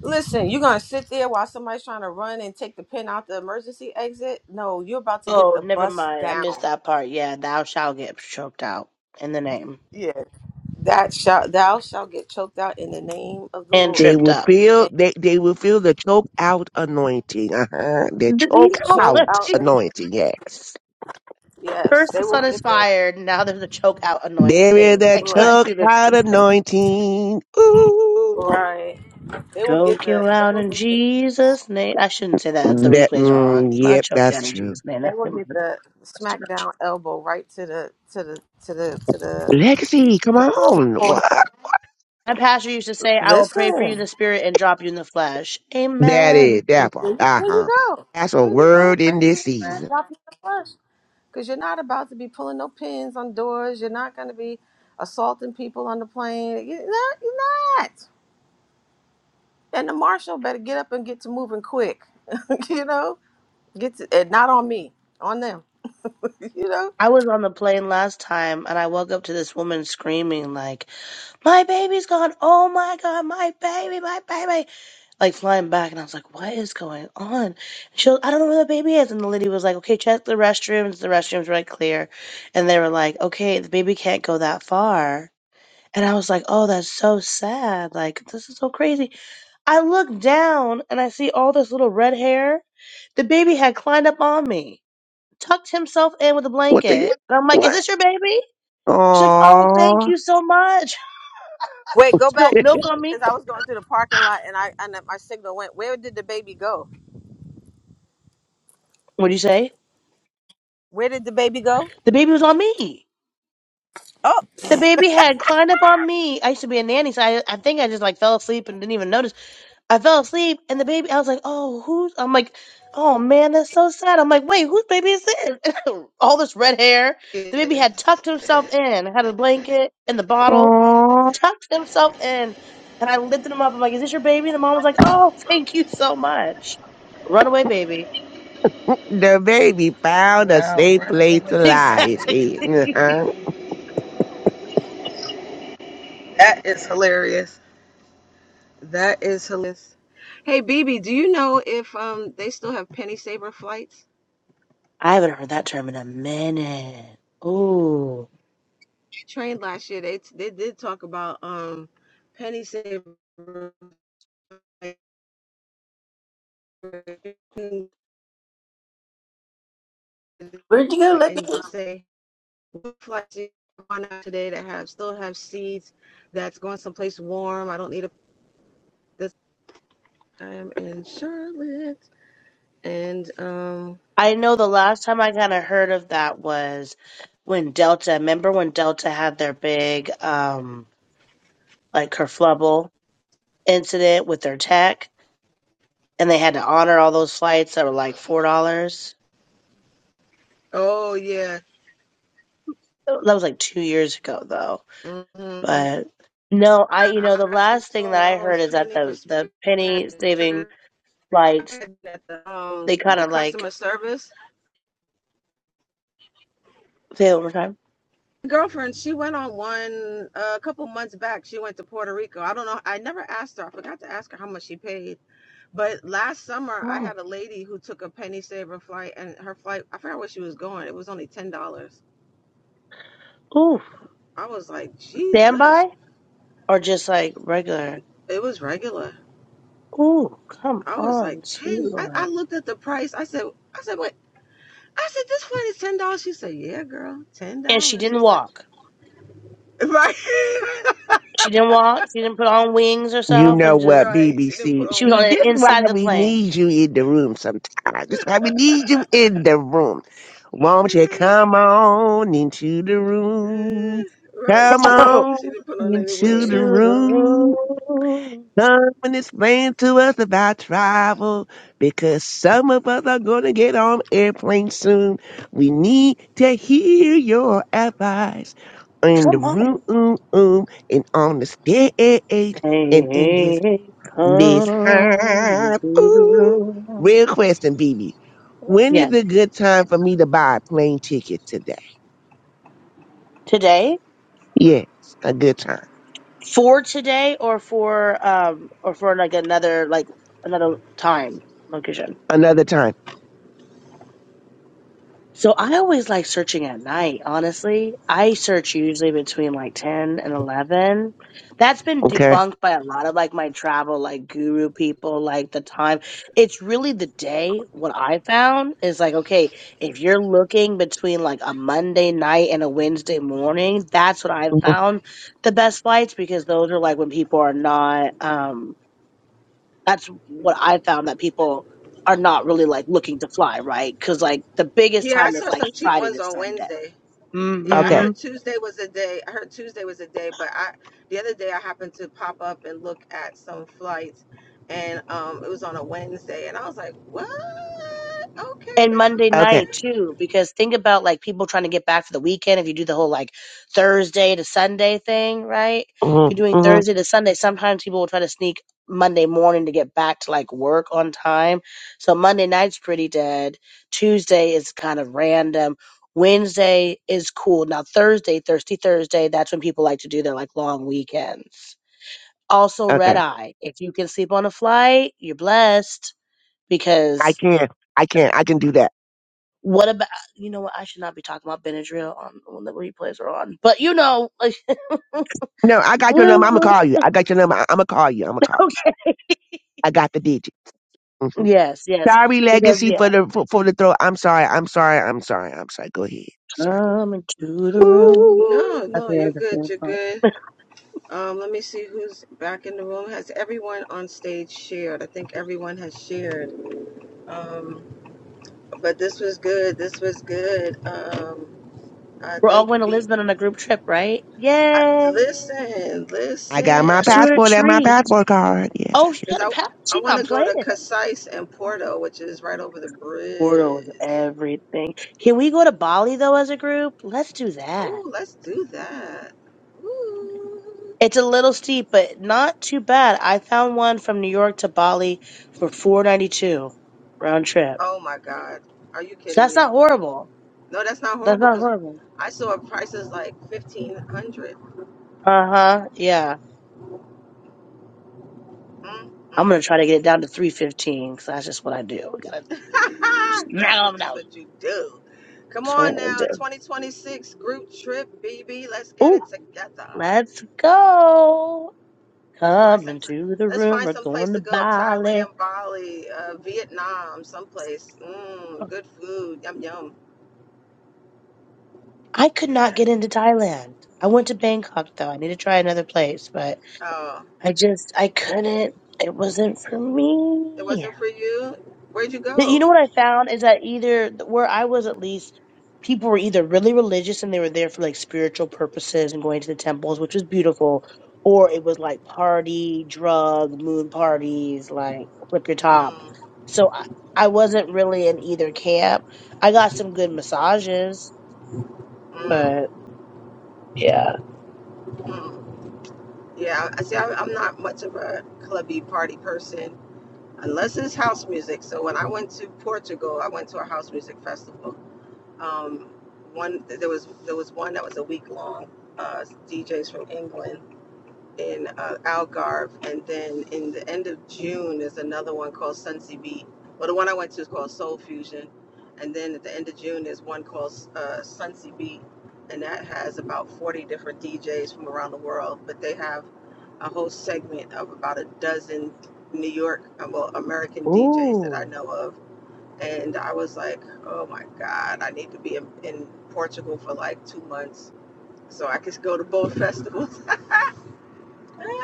S5: Listen, you're gonna sit there while somebody's trying to run and take the pin out the emergency exit? No, you're about to get
S13: Oh,
S5: the
S13: never
S5: bus
S13: mind. I
S5: down.
S13: missed that part. Yeah, thou shalt get choked out in the name
S5: Yeah, that shall thou shall get choked out in the name of the
S13: and
S14: They
S5: Lord,
S13: tripped
S14: will
S13: up.
S14: feel
S5: and
S14: they, they will feel the choke out anointing. Uh-huh. The
S13: The- you
S14: choke
S5: be
S13: know
S5: choked
S13: what?
S14: out
S5: out.
S13: She-
S5: And
S14: anointing, yes.
S5: yes,
S13: First
S5: they
S13: the sun
S5: will
S13: is
S5: get the
S13: fired. Now there's a choke out
S14: There is
S13: anointing. I
S14: that
S5: right,
S13: can't
S14: choke
S13: do this.
S14: out
S13: today.
S14: anointing. Ooh.
S5: right. They will get
S13: Choke
S5: the
S13: you
S5: they
S13: out
S5: will
S13: in
S5: get the
S13: Jesus' name. I shouldn't say that. The
S14: That
S13: replays are
S14: mm,
S13: on. Not
S14: yep,
S13: choke you out
S14: that's
S13: in
S14: true.
S13: Jesus' name.
S5: they
S13: That's,
S5: will get
S13: that's
S5: the
S13: too much.
S5: smackdown elbow right to the to the to the to the
S14: Legacy, come
S5: to the, to the
S14: on.
S5: forehead.
S14: What?
S13: My pastor used to say, I will pray for you in
S5: Listen.
S13: the spirit and drop you in the flesh.
S14: That is
S13: Amen.
S5: There
S14: that part.
S5: you
S14: Uh-huh.
S5: go.
S14: That's a
S5: There you go.
S14: word
S5: Pray
S14: in
S5: for
S14: this
S5: your friend.
S14: season.
S5: Drop in the flesh. Because you're not about to be pulling no pins on doors. You're not going to be assaulting people on the plane. You're not. You're not. And the marshal better get up and get to moving quick. you know? Get to, and not on me, on them. you know?
S13: I was on the plane last time and I woke up to this woman screaming, like, My baby's gone. Oh my God, my baby, my baby. Like flying back. And I was like, What is going on? She was, I don't know where the baby is. And the lady was like, Okay, check the restrooms. The restrooms right clear. And they were like, Okay, the baby can't go that far. And I was like, Oh, that's so sad. Like, this is so crazy. I look down and I see all this little red hair. The baby had climbed up on me, tucked himself in with a
S14: What the
S13: blanket.
S14: heck?
S13: And I'm like, Is
S14: What?
S13: this your baby? She's like, Oh, thank
S14: Aww.
S13: you so much.
S5: Wait, go back,
S13: Spilled milk
S5: baby.
S13: on me.
S5: Because I was going through the parking lot and I and my signal went. Where did the baby go?
S13: What'd you say?
S5: Where did the baby go?
S13: The baby was on me.
S5: Oh,
S13: The baby had climbed up on me. I used to be a nanny, so I, I think I just like fell asleep and didn't even notice. I fell asleep and the baby, I was like, oh, who's, I'm like, oh man, that's so sad. I'm like, wait, whose baby is this? All this red hair. The baby had tucked himself in, had a blanket and the bottle,
S14: Oh,
S13: tucked himself in. And I lifted him up. I'm like, is this your baby? And the mom was like, oh, thank you so much. Runaway baby.
S14: the baby found a safe place to lie his
S13: Exactly.
S14: head.
S5: that is hilarious. That is hilarious. Hey, BB, do you know if um they still have penny saver flights?
S13: I haven't heard that term in a minute. Ooh.
S5: I trained last year. They they did talk about um penny saver flights, and
S1: Where'd you go? Let me.
S5: just say what flights do you want out today that have still have seats that's going someplace warm. I don't need a this time in Charlotte and um
S13: I know the last time I kind of heard of that was when Delta, remember when Delta had their big, um, like kerfluffle incident with their tech, and they had to honor all those flights that were like four dollars.
S5: oh yeah.
S13: That was like two years ago, though.
S5: hmm
S13: But no, I you
S5: I
S13: know the
S5: actually
S13: last thing
S5: saw
S13: that
S5: when
S13: I
S5: I was
S13: heard is that
S5: training for
S13: the the
S5: speaker, I had
S13: penny
S5: to
S13: saving flights
S5: at the um
S13: they kind
S5: the
S13: of like
S5: customer service
S13: pay overtime.
S5: My girlfriend she went on one uh, a couple months back she went to puerto rico i don't know i never asked her i forgot to ask her how much she paid but last summer i
S13: Oh,
S5: had a lady who took a penny saver flight and her flight i forgot where she was going it was only ten dollars
S13: ooh,
S5: i was like jesus
S13: standby or just like regular.
S5: it was regular
S13: Ooh, come
S5: i was like
S13: on, sweet
S5: ten I, I
S13: lord.
S5: looked at the price i said i said wait i said this flight is ten dollars she said yeah girl ten
S13: And she
S5: dollars
S13: didn't
S5: she's like
S13: walk.
S5: right
S13: She didn't walk. She didn't put on wings
S14: You
S13: herself,
S14: know
S13: and just
S14: what,
S5: Right, she didn't put
S14: BBC?
S13: she
S5: on
S13: was
S14: See,
S13: on
S14: this
S5: wings.
S14: why
S13: inside the
S14: we
S13: plane.
S14: need you in the room sometimes. This why we need you in the room. Won't you come on into the room?
S5: right,
S14: Come
S5: she didn't.
S14: on
S5: She didn't put on any
S14: into the
S5: wings.
S13: into the
S14: room.
S13: room.
S14: Come and explain to us about travel because some of us are going to get on airplanes soon. We need to hear your advice in the
S13: Come on.
S14: room and on the stage
S13: Hey,
S14: and in this
S13: hey, hey,
S14: this
S13: come
S14: high.
S13: into the
S14: ooh,
S13: room.
S14: real question, BB. When is a
S13: Yes.
S14: good time for me to buy a plane ticket today?
S13: Today?
S14: Yes, a good time.
S13: For today or for um or for like another like another time location?
S14: Another time,
S13: So I always like searching at night, honestly. I search usually between like 10 and 11. That's been
S14: okay?
S13: debunked by a lot of like my travel like guru people like the time. It's really the day what I found is like okay, if you're looking between like a Monday night and a Wednesday morning, that's what I
S14: hmm
S13: found the best flights because those are like when people are not um that's what I found that people are not really like looking to fly, right? Because like the biggest
S5: Yeah, I
S13: time is
S5: saw
S13: like
S5: some cheap
S13: Friday
S5: ones
S13: to
S5: on
S13: Sunday.
S5: Wednesday. Yeah, I
S14: Okay,
S13: hmm
S5: heard Tuesday was a day. I heard Tuesday was a day, but I the other day I happened to pop up and look at some flights, and um, it was on a Wednesday, and I was like, what? Okay,
S13: and Monday
S5: now,
S14: okay,
S13: night
S5: okay.
S13: too, because think about like people trying to get back for the weekend. If you do the whole like Thursday to Sunday thing, right? If
S14: hmm
S13: you're doing
S14: hmm
S13: Thursday to Sunday, sometimes people will try to sneak Monday morning to get back to like work on time. So Monday night's pretty dead. Tuesday is kind of random. Wednesday is cool. Now Thursday, Thirsty Thursday, that's when people like to do their like long weekends. Also red
S14: okay.
S13: eye. If you can sleep on a flight, you're blessed
S14: I
S13: because
S14: can, I can, I can do that.
S13: what about you know what? I should not be talking about Benadryl on when the replays are on, but you know, like,
S14: No, I got your number. I'ma
S13: well,
S14: call you. I got your number. I- I'ma call you. I'ma call you.
S13: okay,
S14: I got the digit. hmm
S13: yes, yes,
S14: Sorry,
S13: because
S14: legacy
S13: yeah,
S14: for the for, for the throw. I'm sorry. I'm sorry. I'm sorry. I'm sorry. Go ahead. Sorry.
S13: come into the room.
S14: Ooh.
S5: No,
S13: i
S5: no, you're
S13: heard the fan
S5: good. You're
S13: part.
S5: good. Um, let me see who's back in the room. Has everyone on stage shared? I think everyone has shared. Um, But this was good. This was good. Um, I
S13: We're all
S5: thank you.
S13: going to
S5: Be
S13: Lisbon on a group trip, right?
S5: I,
S13: Yay!
S5: listen,
S14: I got
S5: listen,
S14: my
S5: I
S13: It's a
S5: guess
S14: passport and my
S13: retreat.
S14: passport card. Yes,
S13: Oh, she
S5: because
S13: got a
S5: I
S13: pass.
S5: I
S13: She's
S5: want to
S13: not
S5: go
S13: playing.
S5: to Casais and Porto, which is right over the
S13: Portal is
S5: bridge.
S13: everything. Can we go to Bali though as a group? Let's do that.
S5: Oh, let's do that. Ooh.
S13: It's a little steep, but not too bad. I found one from New York to Bali for four ninety two round trip.
S5: Oh my God, are you
S13: So
S5: kidding
S13: that's
S5: me?
S13: not horrible.
S5: No, that's not
S13: That's
S5: horrible
S13: not
S5: because
S13: horrible.
S5: I saw prices like fifteen hundred.
S13: Uh huh. Yeah.
S5: Mm,
S13: I'm
S5: mm,
S13: gonna try
S5: mm.
S13: to get it down to three fifteen because that's just what I do. We gotta smack
S5: That's
S13: them
S5: what you
S13: down.
S5: what you do. Come
S13: That's what I
S5: on
S13: gotta
S5: now,
S13: do.
S5: 2026 group trip, BB. Let's get
S13: Ooh,
S5: it together.
S13: let's go.
S5: Let's find
S13: Come
S5: some.
S13: into the
S5: Let's
S13: room.
S5: find
S13: We're
S5: some place
S13: going to
S5: to go.
S13: Bali.
S5: Thailand, Bali, uh, Vietnam, someplace. Mmm, good food. Yum yum.
S13: I could not
S5: Yeah.
S13: get into Thailand. I went to Bangkok though. I need to try another place, but
S5: Oh,
S13: I just I couldn't. It wasn't for
S5: it
S13: me.
S5: wasn't for you. Where'd you
S13: But You
S5: go?
S13: know what I found is that either where I was at least, people were either really religious and they were there for like spiritual purposes and going to the temples, which was beautiful, or it was like party, drug, moon parties, like flip your top.
S5: Mm,
S13: So I, I wasn't really in either camp. I got some good massages,
S5: mm,
S13: but yeah.
S5: mm. Yeah, I see. I, I'm not much of a clubby party person unless it's house music. So when I went to Portugal, I went to a house music festival Um, one there was there was one that was a week long. Uh, DJs from England in uh, Algarve, and then in the end of June there's another one called Sunsea Beat. Well, the one I went to is called Soul Fusion, and then at the end of June there's one called uh, Sunsea Beat, and that has about 40 different DJs from around the world. But they have a whole segment of about a dozen New York, uh, well, American DJs that I
S13: Ooh,
S5: know of and I was like, oh my God, I need to be in, in Portugal for like two months so I could go to both festivals.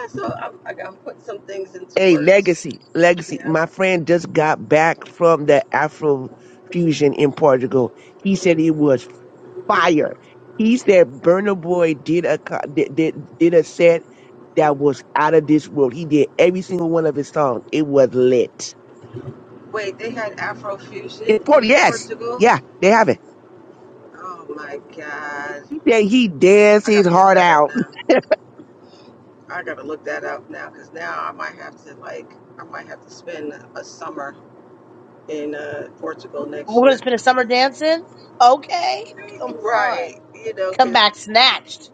S5: so I'm, I got- I'm putting some things into
S14: Hey,
S5: works.
S14: Legacy, Legacy.
S5: Yeah.
S14: My friend just got back from the Afro Fusion in Portugal. He said it was fire. He said Burna Boy did a co- did, did did a set that was out of this world. He did every single one of his songs. It was lit.
S5: Wait, they had
S14: In
S5: Afrofusion
S14: Portugal,
S5: in
S14: yes,
S5: Portugal?
S14: yeah, they have it.
S5: Oh my God.
S14: He said he danced
S5: I got
S14: his
S5: to look
S14: heart
S5: that up
S14: out.
S5: now. I got to look that up now because now I might have to like, I might have to spend a summer in uh, Portugal next
S13: we're gonna
S5: year.
S13: spend a summer dancing. Okay, come on.
S5: Right. You know, cause.
S13: Come back snatched.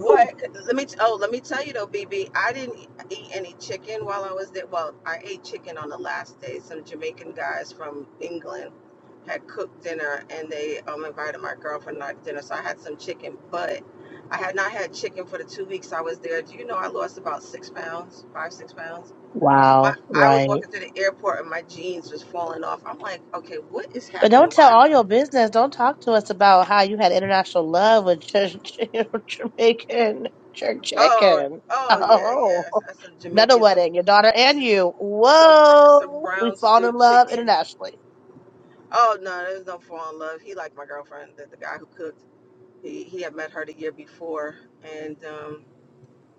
S13: Whew.
S5: 'Cause Let me. Oh, let me tell you though, BB. I didn't eat any chicken while I was there. Well, I ate chicken on the last day. Some Jamaican guys from England had cooked dinner, and they um invited my girlfriend and I to dinner. So I had some chicken, but I had not had chicken for the two weeks I was there. Do you know I lost about six pounds, five six pounds?
S13: Wow,
S5: My I was
S13: right.
S5: walking through the airport and my jeans was falling off. I'm like, okay, what is
S13: But don't
S5: happening?
S13: tell
S5: Why?
S13: all your business. Don't talk to us about how you had international love with J- J- Jamaican jerk
S5: Oh,
S13: chicken.
S5: oh yeah,
S13: Oh,
S5: yeah. That's some
S13: another
S5: Jamaican, some.
S13: wedding, your daughter and you.
S5: some some
S13: Whoa, we've
S5: brown
S13: fallen in
S5: stewed
S13: love
S5: chicken.
S13: internationally.
S5: Oh no, there's no fall in love. He liked my girlfriend, the, the guy who cooked. He he had met her the year before, and um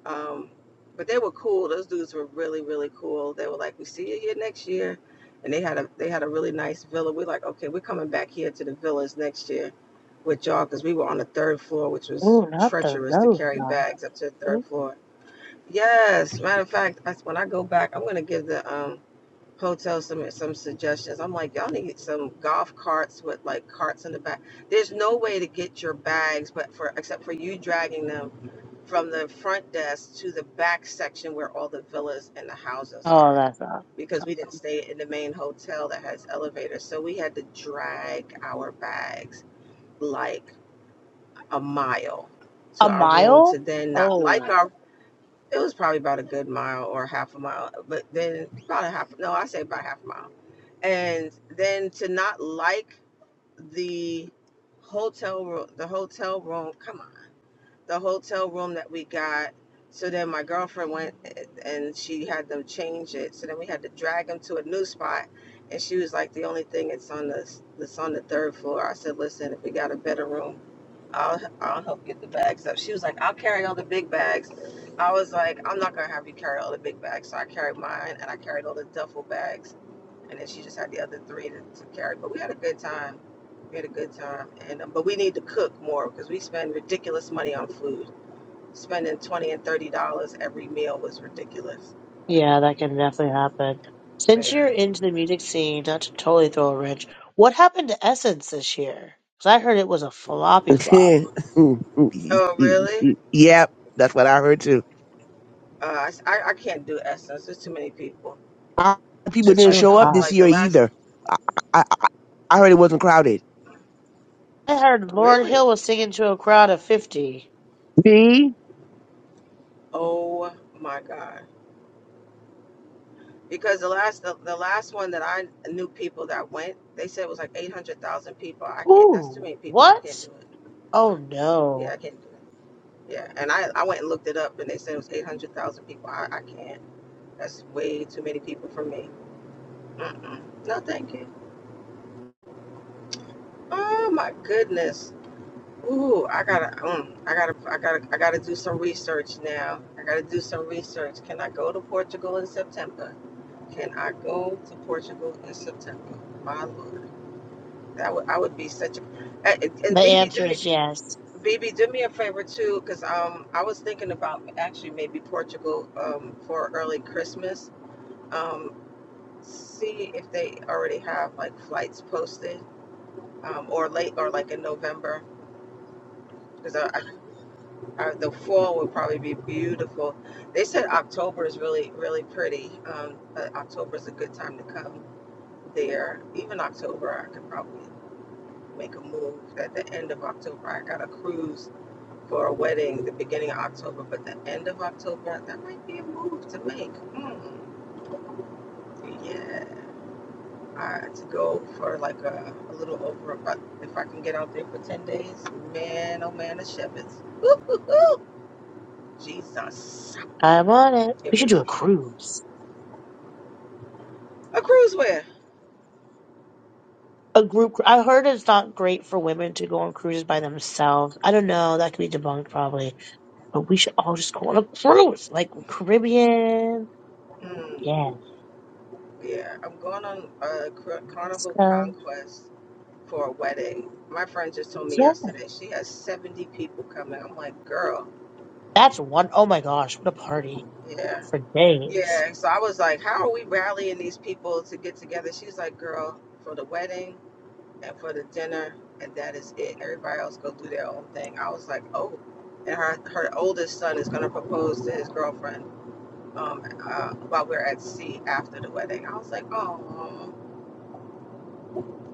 S5: um, but they were cool. Those dudes were really really cool. They were like, we see you here next year, and they had a they had a really nice villa. We're like, okay, we're coming back here to the villas next year with y'all because we were on the third floor, which was
S13: Ooh, not the
S5: treacherous to carry
S13: Zelda.
S5: bags up to the third floor. Yes, matter of fact, that's when I go back, I'm gonna give the um Hotel some some suggestions. I'm like, y'all need some golf carts with like carts in the back. There's no way to get your bags, but for except for you dragging them from the front desk to the back section where all the villas and the houses
S13: Oh,
S5: are,
S13: that's not.
S5: because we didn't stay in the main hotel that has elevators, so we had to drag our bags like a mile
S13: A
S5: to our room
S13: mile?
S5: to then not like
S13: Oh.
S5: our. It was probably about a good mile or half a mile, but then about a half. No, I say about half a mile and then to not like the hotel room the hotel room come on the hotel room that we got so then my girlfriend went and she had them change it so then we had to drag them to a new spot and she was like the only thing that's on the that's on the third floor i said listen if we got a better room i'll i'll help get the bags up she was like i'll carry all the big bags i was like i'm not gonna have you carry all the big bags so i carried mine and i carried all the duffel bags and then she just had the other three to, to carry. But we had a good time. We had a good time, and um, but we need to cook more because we spend ridiculous money on food. Spending twenty and thirty dollars every meal was ridiculous.
S13: Yeah, that can definitely happen. Since you're
S5: Yeah.
S13: into the music scene, not to totally throw a wrench, what happened to Essence this year? Because I heard it was a floppy flop.
S5: Oh really?
S14: yep, that's what I heard too.
S5: Uh, I, s- I I can't do Essence. There's too many people.
S14: A lot of people
S5: It's
S13: She
S14: didn't
S5: like
S13: was
S14: show up
S5: um,
S13: hot.
S14: this
S5: like
S14: year
S5: the last
S14: either. I, I, I I heard it wasn't crowded.
S13: I heard Lauren
S5: really.
S13: Hill was singing to a crowd of 50.
S14: Me?
S5: Oh my god. Because the last the, the last one that I knew people that went, they said it was like eight hundred thousand people. I can't. That's too
S13: Ooh,
S5: many people. I can't
S13: what?
S5: do it.
S13: Oh
S5: Yeah,
S13: no.
S5: I can't do it. Yeah, and I, I went and looked it up, and they said it was 800,000 people. I, I can't. That's way too many people for me. Mm-mm. No, thank you. Oh my goodness. Ooh, I gotta, mm, I gotta, I gotta, I gotta do some research now. I gotta do some research. Can I go to Portugal in September? Can I go to Portugal in September? My lord, that would, I would be such a. And,
S13: The
S5: and BB, do
S13: answer
S5: me,
S13: is yes.
S5: BB, do me a favor too, because um, I was thinking about actually maybe Portugal um for early Christmas um, see if they already have like flights posted um, or late or like in November because I, I, the fall would probably be beautiful. They said October is really really pretty. Um, October is a good time to come there. Even October, I could probably make a move. At the end of October, I got a cruise for a wedding. The beginning of October, but the end of October, that might be a move to make. Mm, yeah. uh, to go for like a, a little over about if I can get out there for 10 days. Man, oh man, the shepherds. Woo, woo, woo. Jesus.
S13: I'm on it.
S5: It
S13: We should do
S5: was
S13: a cruise.
S5: a cruise where?
S13: A group. cru- I heard it's not great for women to go on cruises by themselves. I don't know. That could be debunked probably. But we should all just go on a cruise, like Caribbean.
S5: Mm,
S13: Yeah.
S5: yeah, I'm going on a carnival
S13: So,
S5: conquest for a wedding. My friend just told me
S13: yeah.
S5: yesterday she has 70 people coming. I'm like, girl,
S13: That's one, oh my gosh, what a party
S5: yeah.
S13: for days.
S5: Yeah, so I was like, how are we rallying these people to get together? She's like, girl, for the wedding, And for the dinner, and that is it. Everybody else go do their own thing. I was like, oh. And her, her oldest son is going to propose to his girlfriend um, uh, while we're at sea after the wedding. I was like, oh,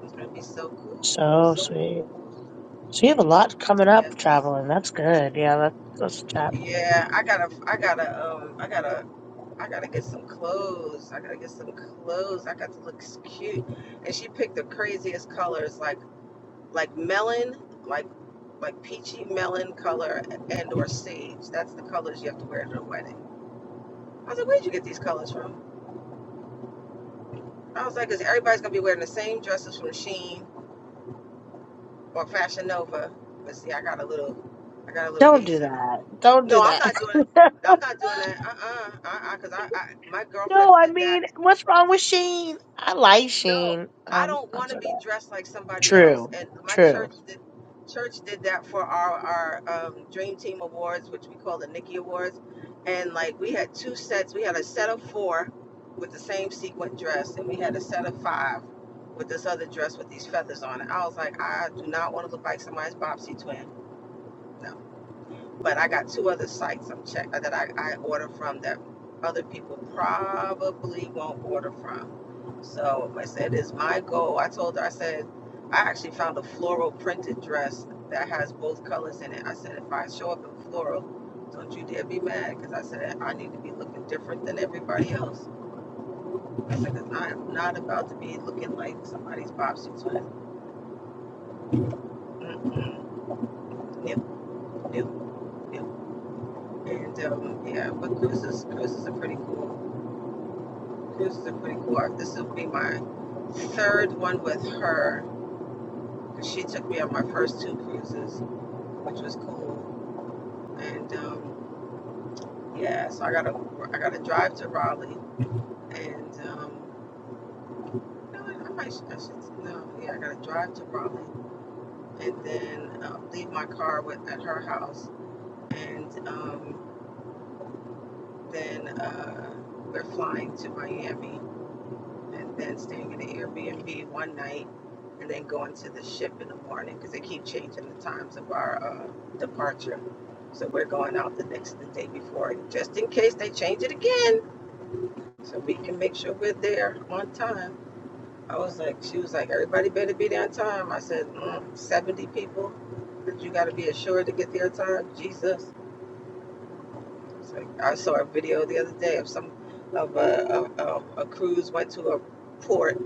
S5: it's going to be so cool,
S13: So
S5: so
S13: sweet.
S5: cool.
S13: So you have a lot coming
S5: Yep.
S13: up traveling. That's good. Yeah, let's, let's chat.
S5: Yeah, I gotta, I gotta, um, I gotta, I gotta get some clothes. I gotta get some clothes. I got to look cute. And she picked the craziest colors, like like melon, like like peachy melon color and or sage. That's the colors you have to wear to the wedding. I was like, where'd you get these colors from? I was like, because everybody's gonna be wearing the same dresses from Shein or Fashion Nova. But see, I got a little, I got a little
S13: Don't
S5: ace
S13: do
S5: in the hole.
S13: that. Don't do
S5: No, I'm
S13: that.
S5: not doing. it. I'm not doing that. Uh uh-uh, uh. Because I, I, my
S13: no,
S5: girlfriends
S13: I
S5: did that
S13: mean, what's wrong with Sheen? I like
S5: no,
S13: Sheen.
S5: I
S13: Um,
S5: don't
S13: I'm
S5: want to
S13: sorry.
S5: be dressed like somebody else.
S13: True.
S5: And my
S13: True.
S5: church did church did that for our our um, Dream Team Awards, which we call the Nikki Awards. And like we had two sets. We had a set of four with the same sequin dress, and we had a set of five with this other dress with these feathers on it. I was like, I do not want to look like somebody's Bobsy twin. No but I got two other sites I'm check that I, I order from that other people probably won't order from. So I said, "Is my goal." I told her, I said, I actually found a floral printed dress that has both colors in it. I said, if I show up in floral, don't you dare be mad, because I said I need to be looking different than everybody else. I said, because I am not about to be looking like somebody's Bobsy twin. Mm-mm. yep. nope, nope. And um, yeah, but Chris is cruises, is a pretty cool. This are pretty cool arc. This will be my third one with her. She took me on my first two cruises, which was cool. And um, yeah, so I gotta I gotta drive to Raleigh, and um, no, I might I should no, yeah, I gotta drive to Raleigh, and then uh, leave my car with at her house, and um, then uh, we're flying to Miami and then staying in the Airbnb one night, and then going to the ship in the morning because they keep changing the times of our uh, departure. So we're going out the next the day before, just in case they change it again, so we can make sure we're there on time. I was like, she was like, everybody better be there on time. I said, mm, 70 people that you got to be assured to get there on time. Jesus. It's like, I saw a video the other day of some of a, a, a, cruise went to a port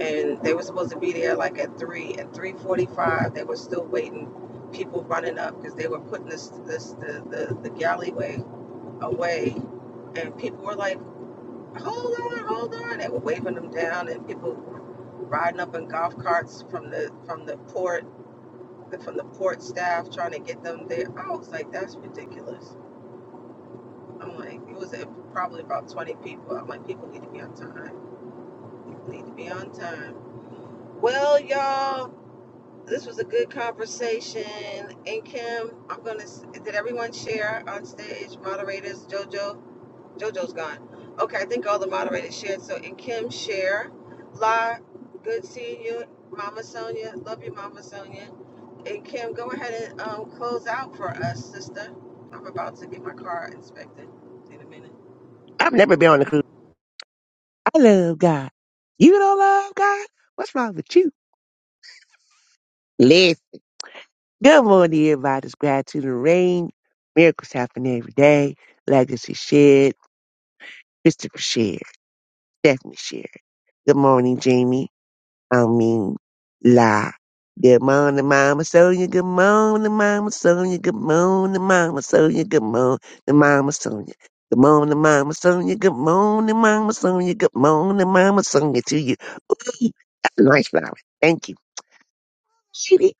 S5: and they were supposed to be there like at three at three forty five. They were still waiting. People running up because they were putting this this the, the the galleyway away, and people were like, "Hold on, hold on!" They were waving them down, and people riding up in golf carts from the from the port from the port staff trying to get them there. I was like, "That's ridiculous." I'm like, it was probably about 20 people. I'm like, people need to be on time. People need to be on time. Well, y'all, this was a good conversation. And Kim, I'm gonna. Did everyone share on stage? Moderators, JoJo, JoJo's gone. Okay, I think all the moderators shared. So, and Kim share. La, good seeing you, Mama Sonia. Love you, Mama Sonia. And Kim, go ahead and um, close out for us, sister. I'm about to get my car inspected in a minute.
S14: I've never been on a cruise. I love God. You don't love God? What's wrong with you? Listen. Good morning, everybody. It's Gratitude and Rain. Miracles happen every day. Legacy shared. Christopher shared. Stephanie shared. Good morning, Jamie. I mean, lie. Good morning, Mama Sonia. Good morning, Mama Sonia. Good morning, Mama Sonia. Good morning, Mama Sonia. Good morning, Mama Sonia. Good morning, Mama Sonia. Good morning, Mama Sonia to you. Ooh, that's a nice flower. Thank you. Sweetie,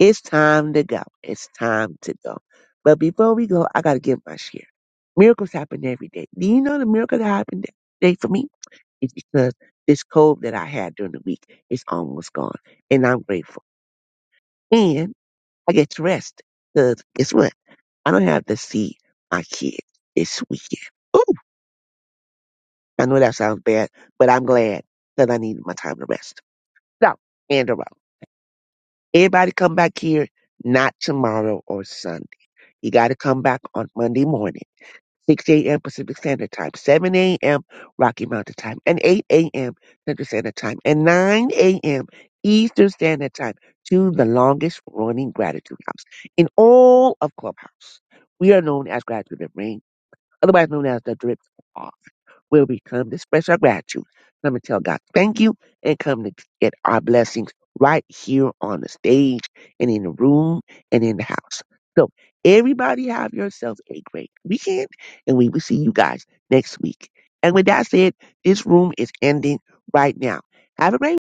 S14: It's time to go. It's time to go. But before we go, I got to give my share. Miracles happen every day. Do you know the miracle that happened today for me? It's because this cold that I had during the week is almost gone. And I'm grateful. And I get to rest. Because guess what? I don't have to see my kids this weekend. Ooh, I know that sounds bad, but I'm glad because I needed my time to rest. So, and around. Everybody come back here, not tomorrow or Sunday. You got to come back on Monday morning 6 a.m. Pacific Standard Time, 7 a.m. Rocky Mountain Time, and 8 a.m. Central Standard Time, and 9 a.m. Eastern Standard Time to the longest running Gratitude House in all of Clubhouse. We are known as Gratitude and Rain, otherwise known as the Drip. Pod where we come to express our gratitude, come to tell God thank you, and come to get our blessings right here on the stage and in the room and in the house. So everybody have yourselves a great weekend, and we will see you guys next week. And with that said, this room is ending right now. Have a great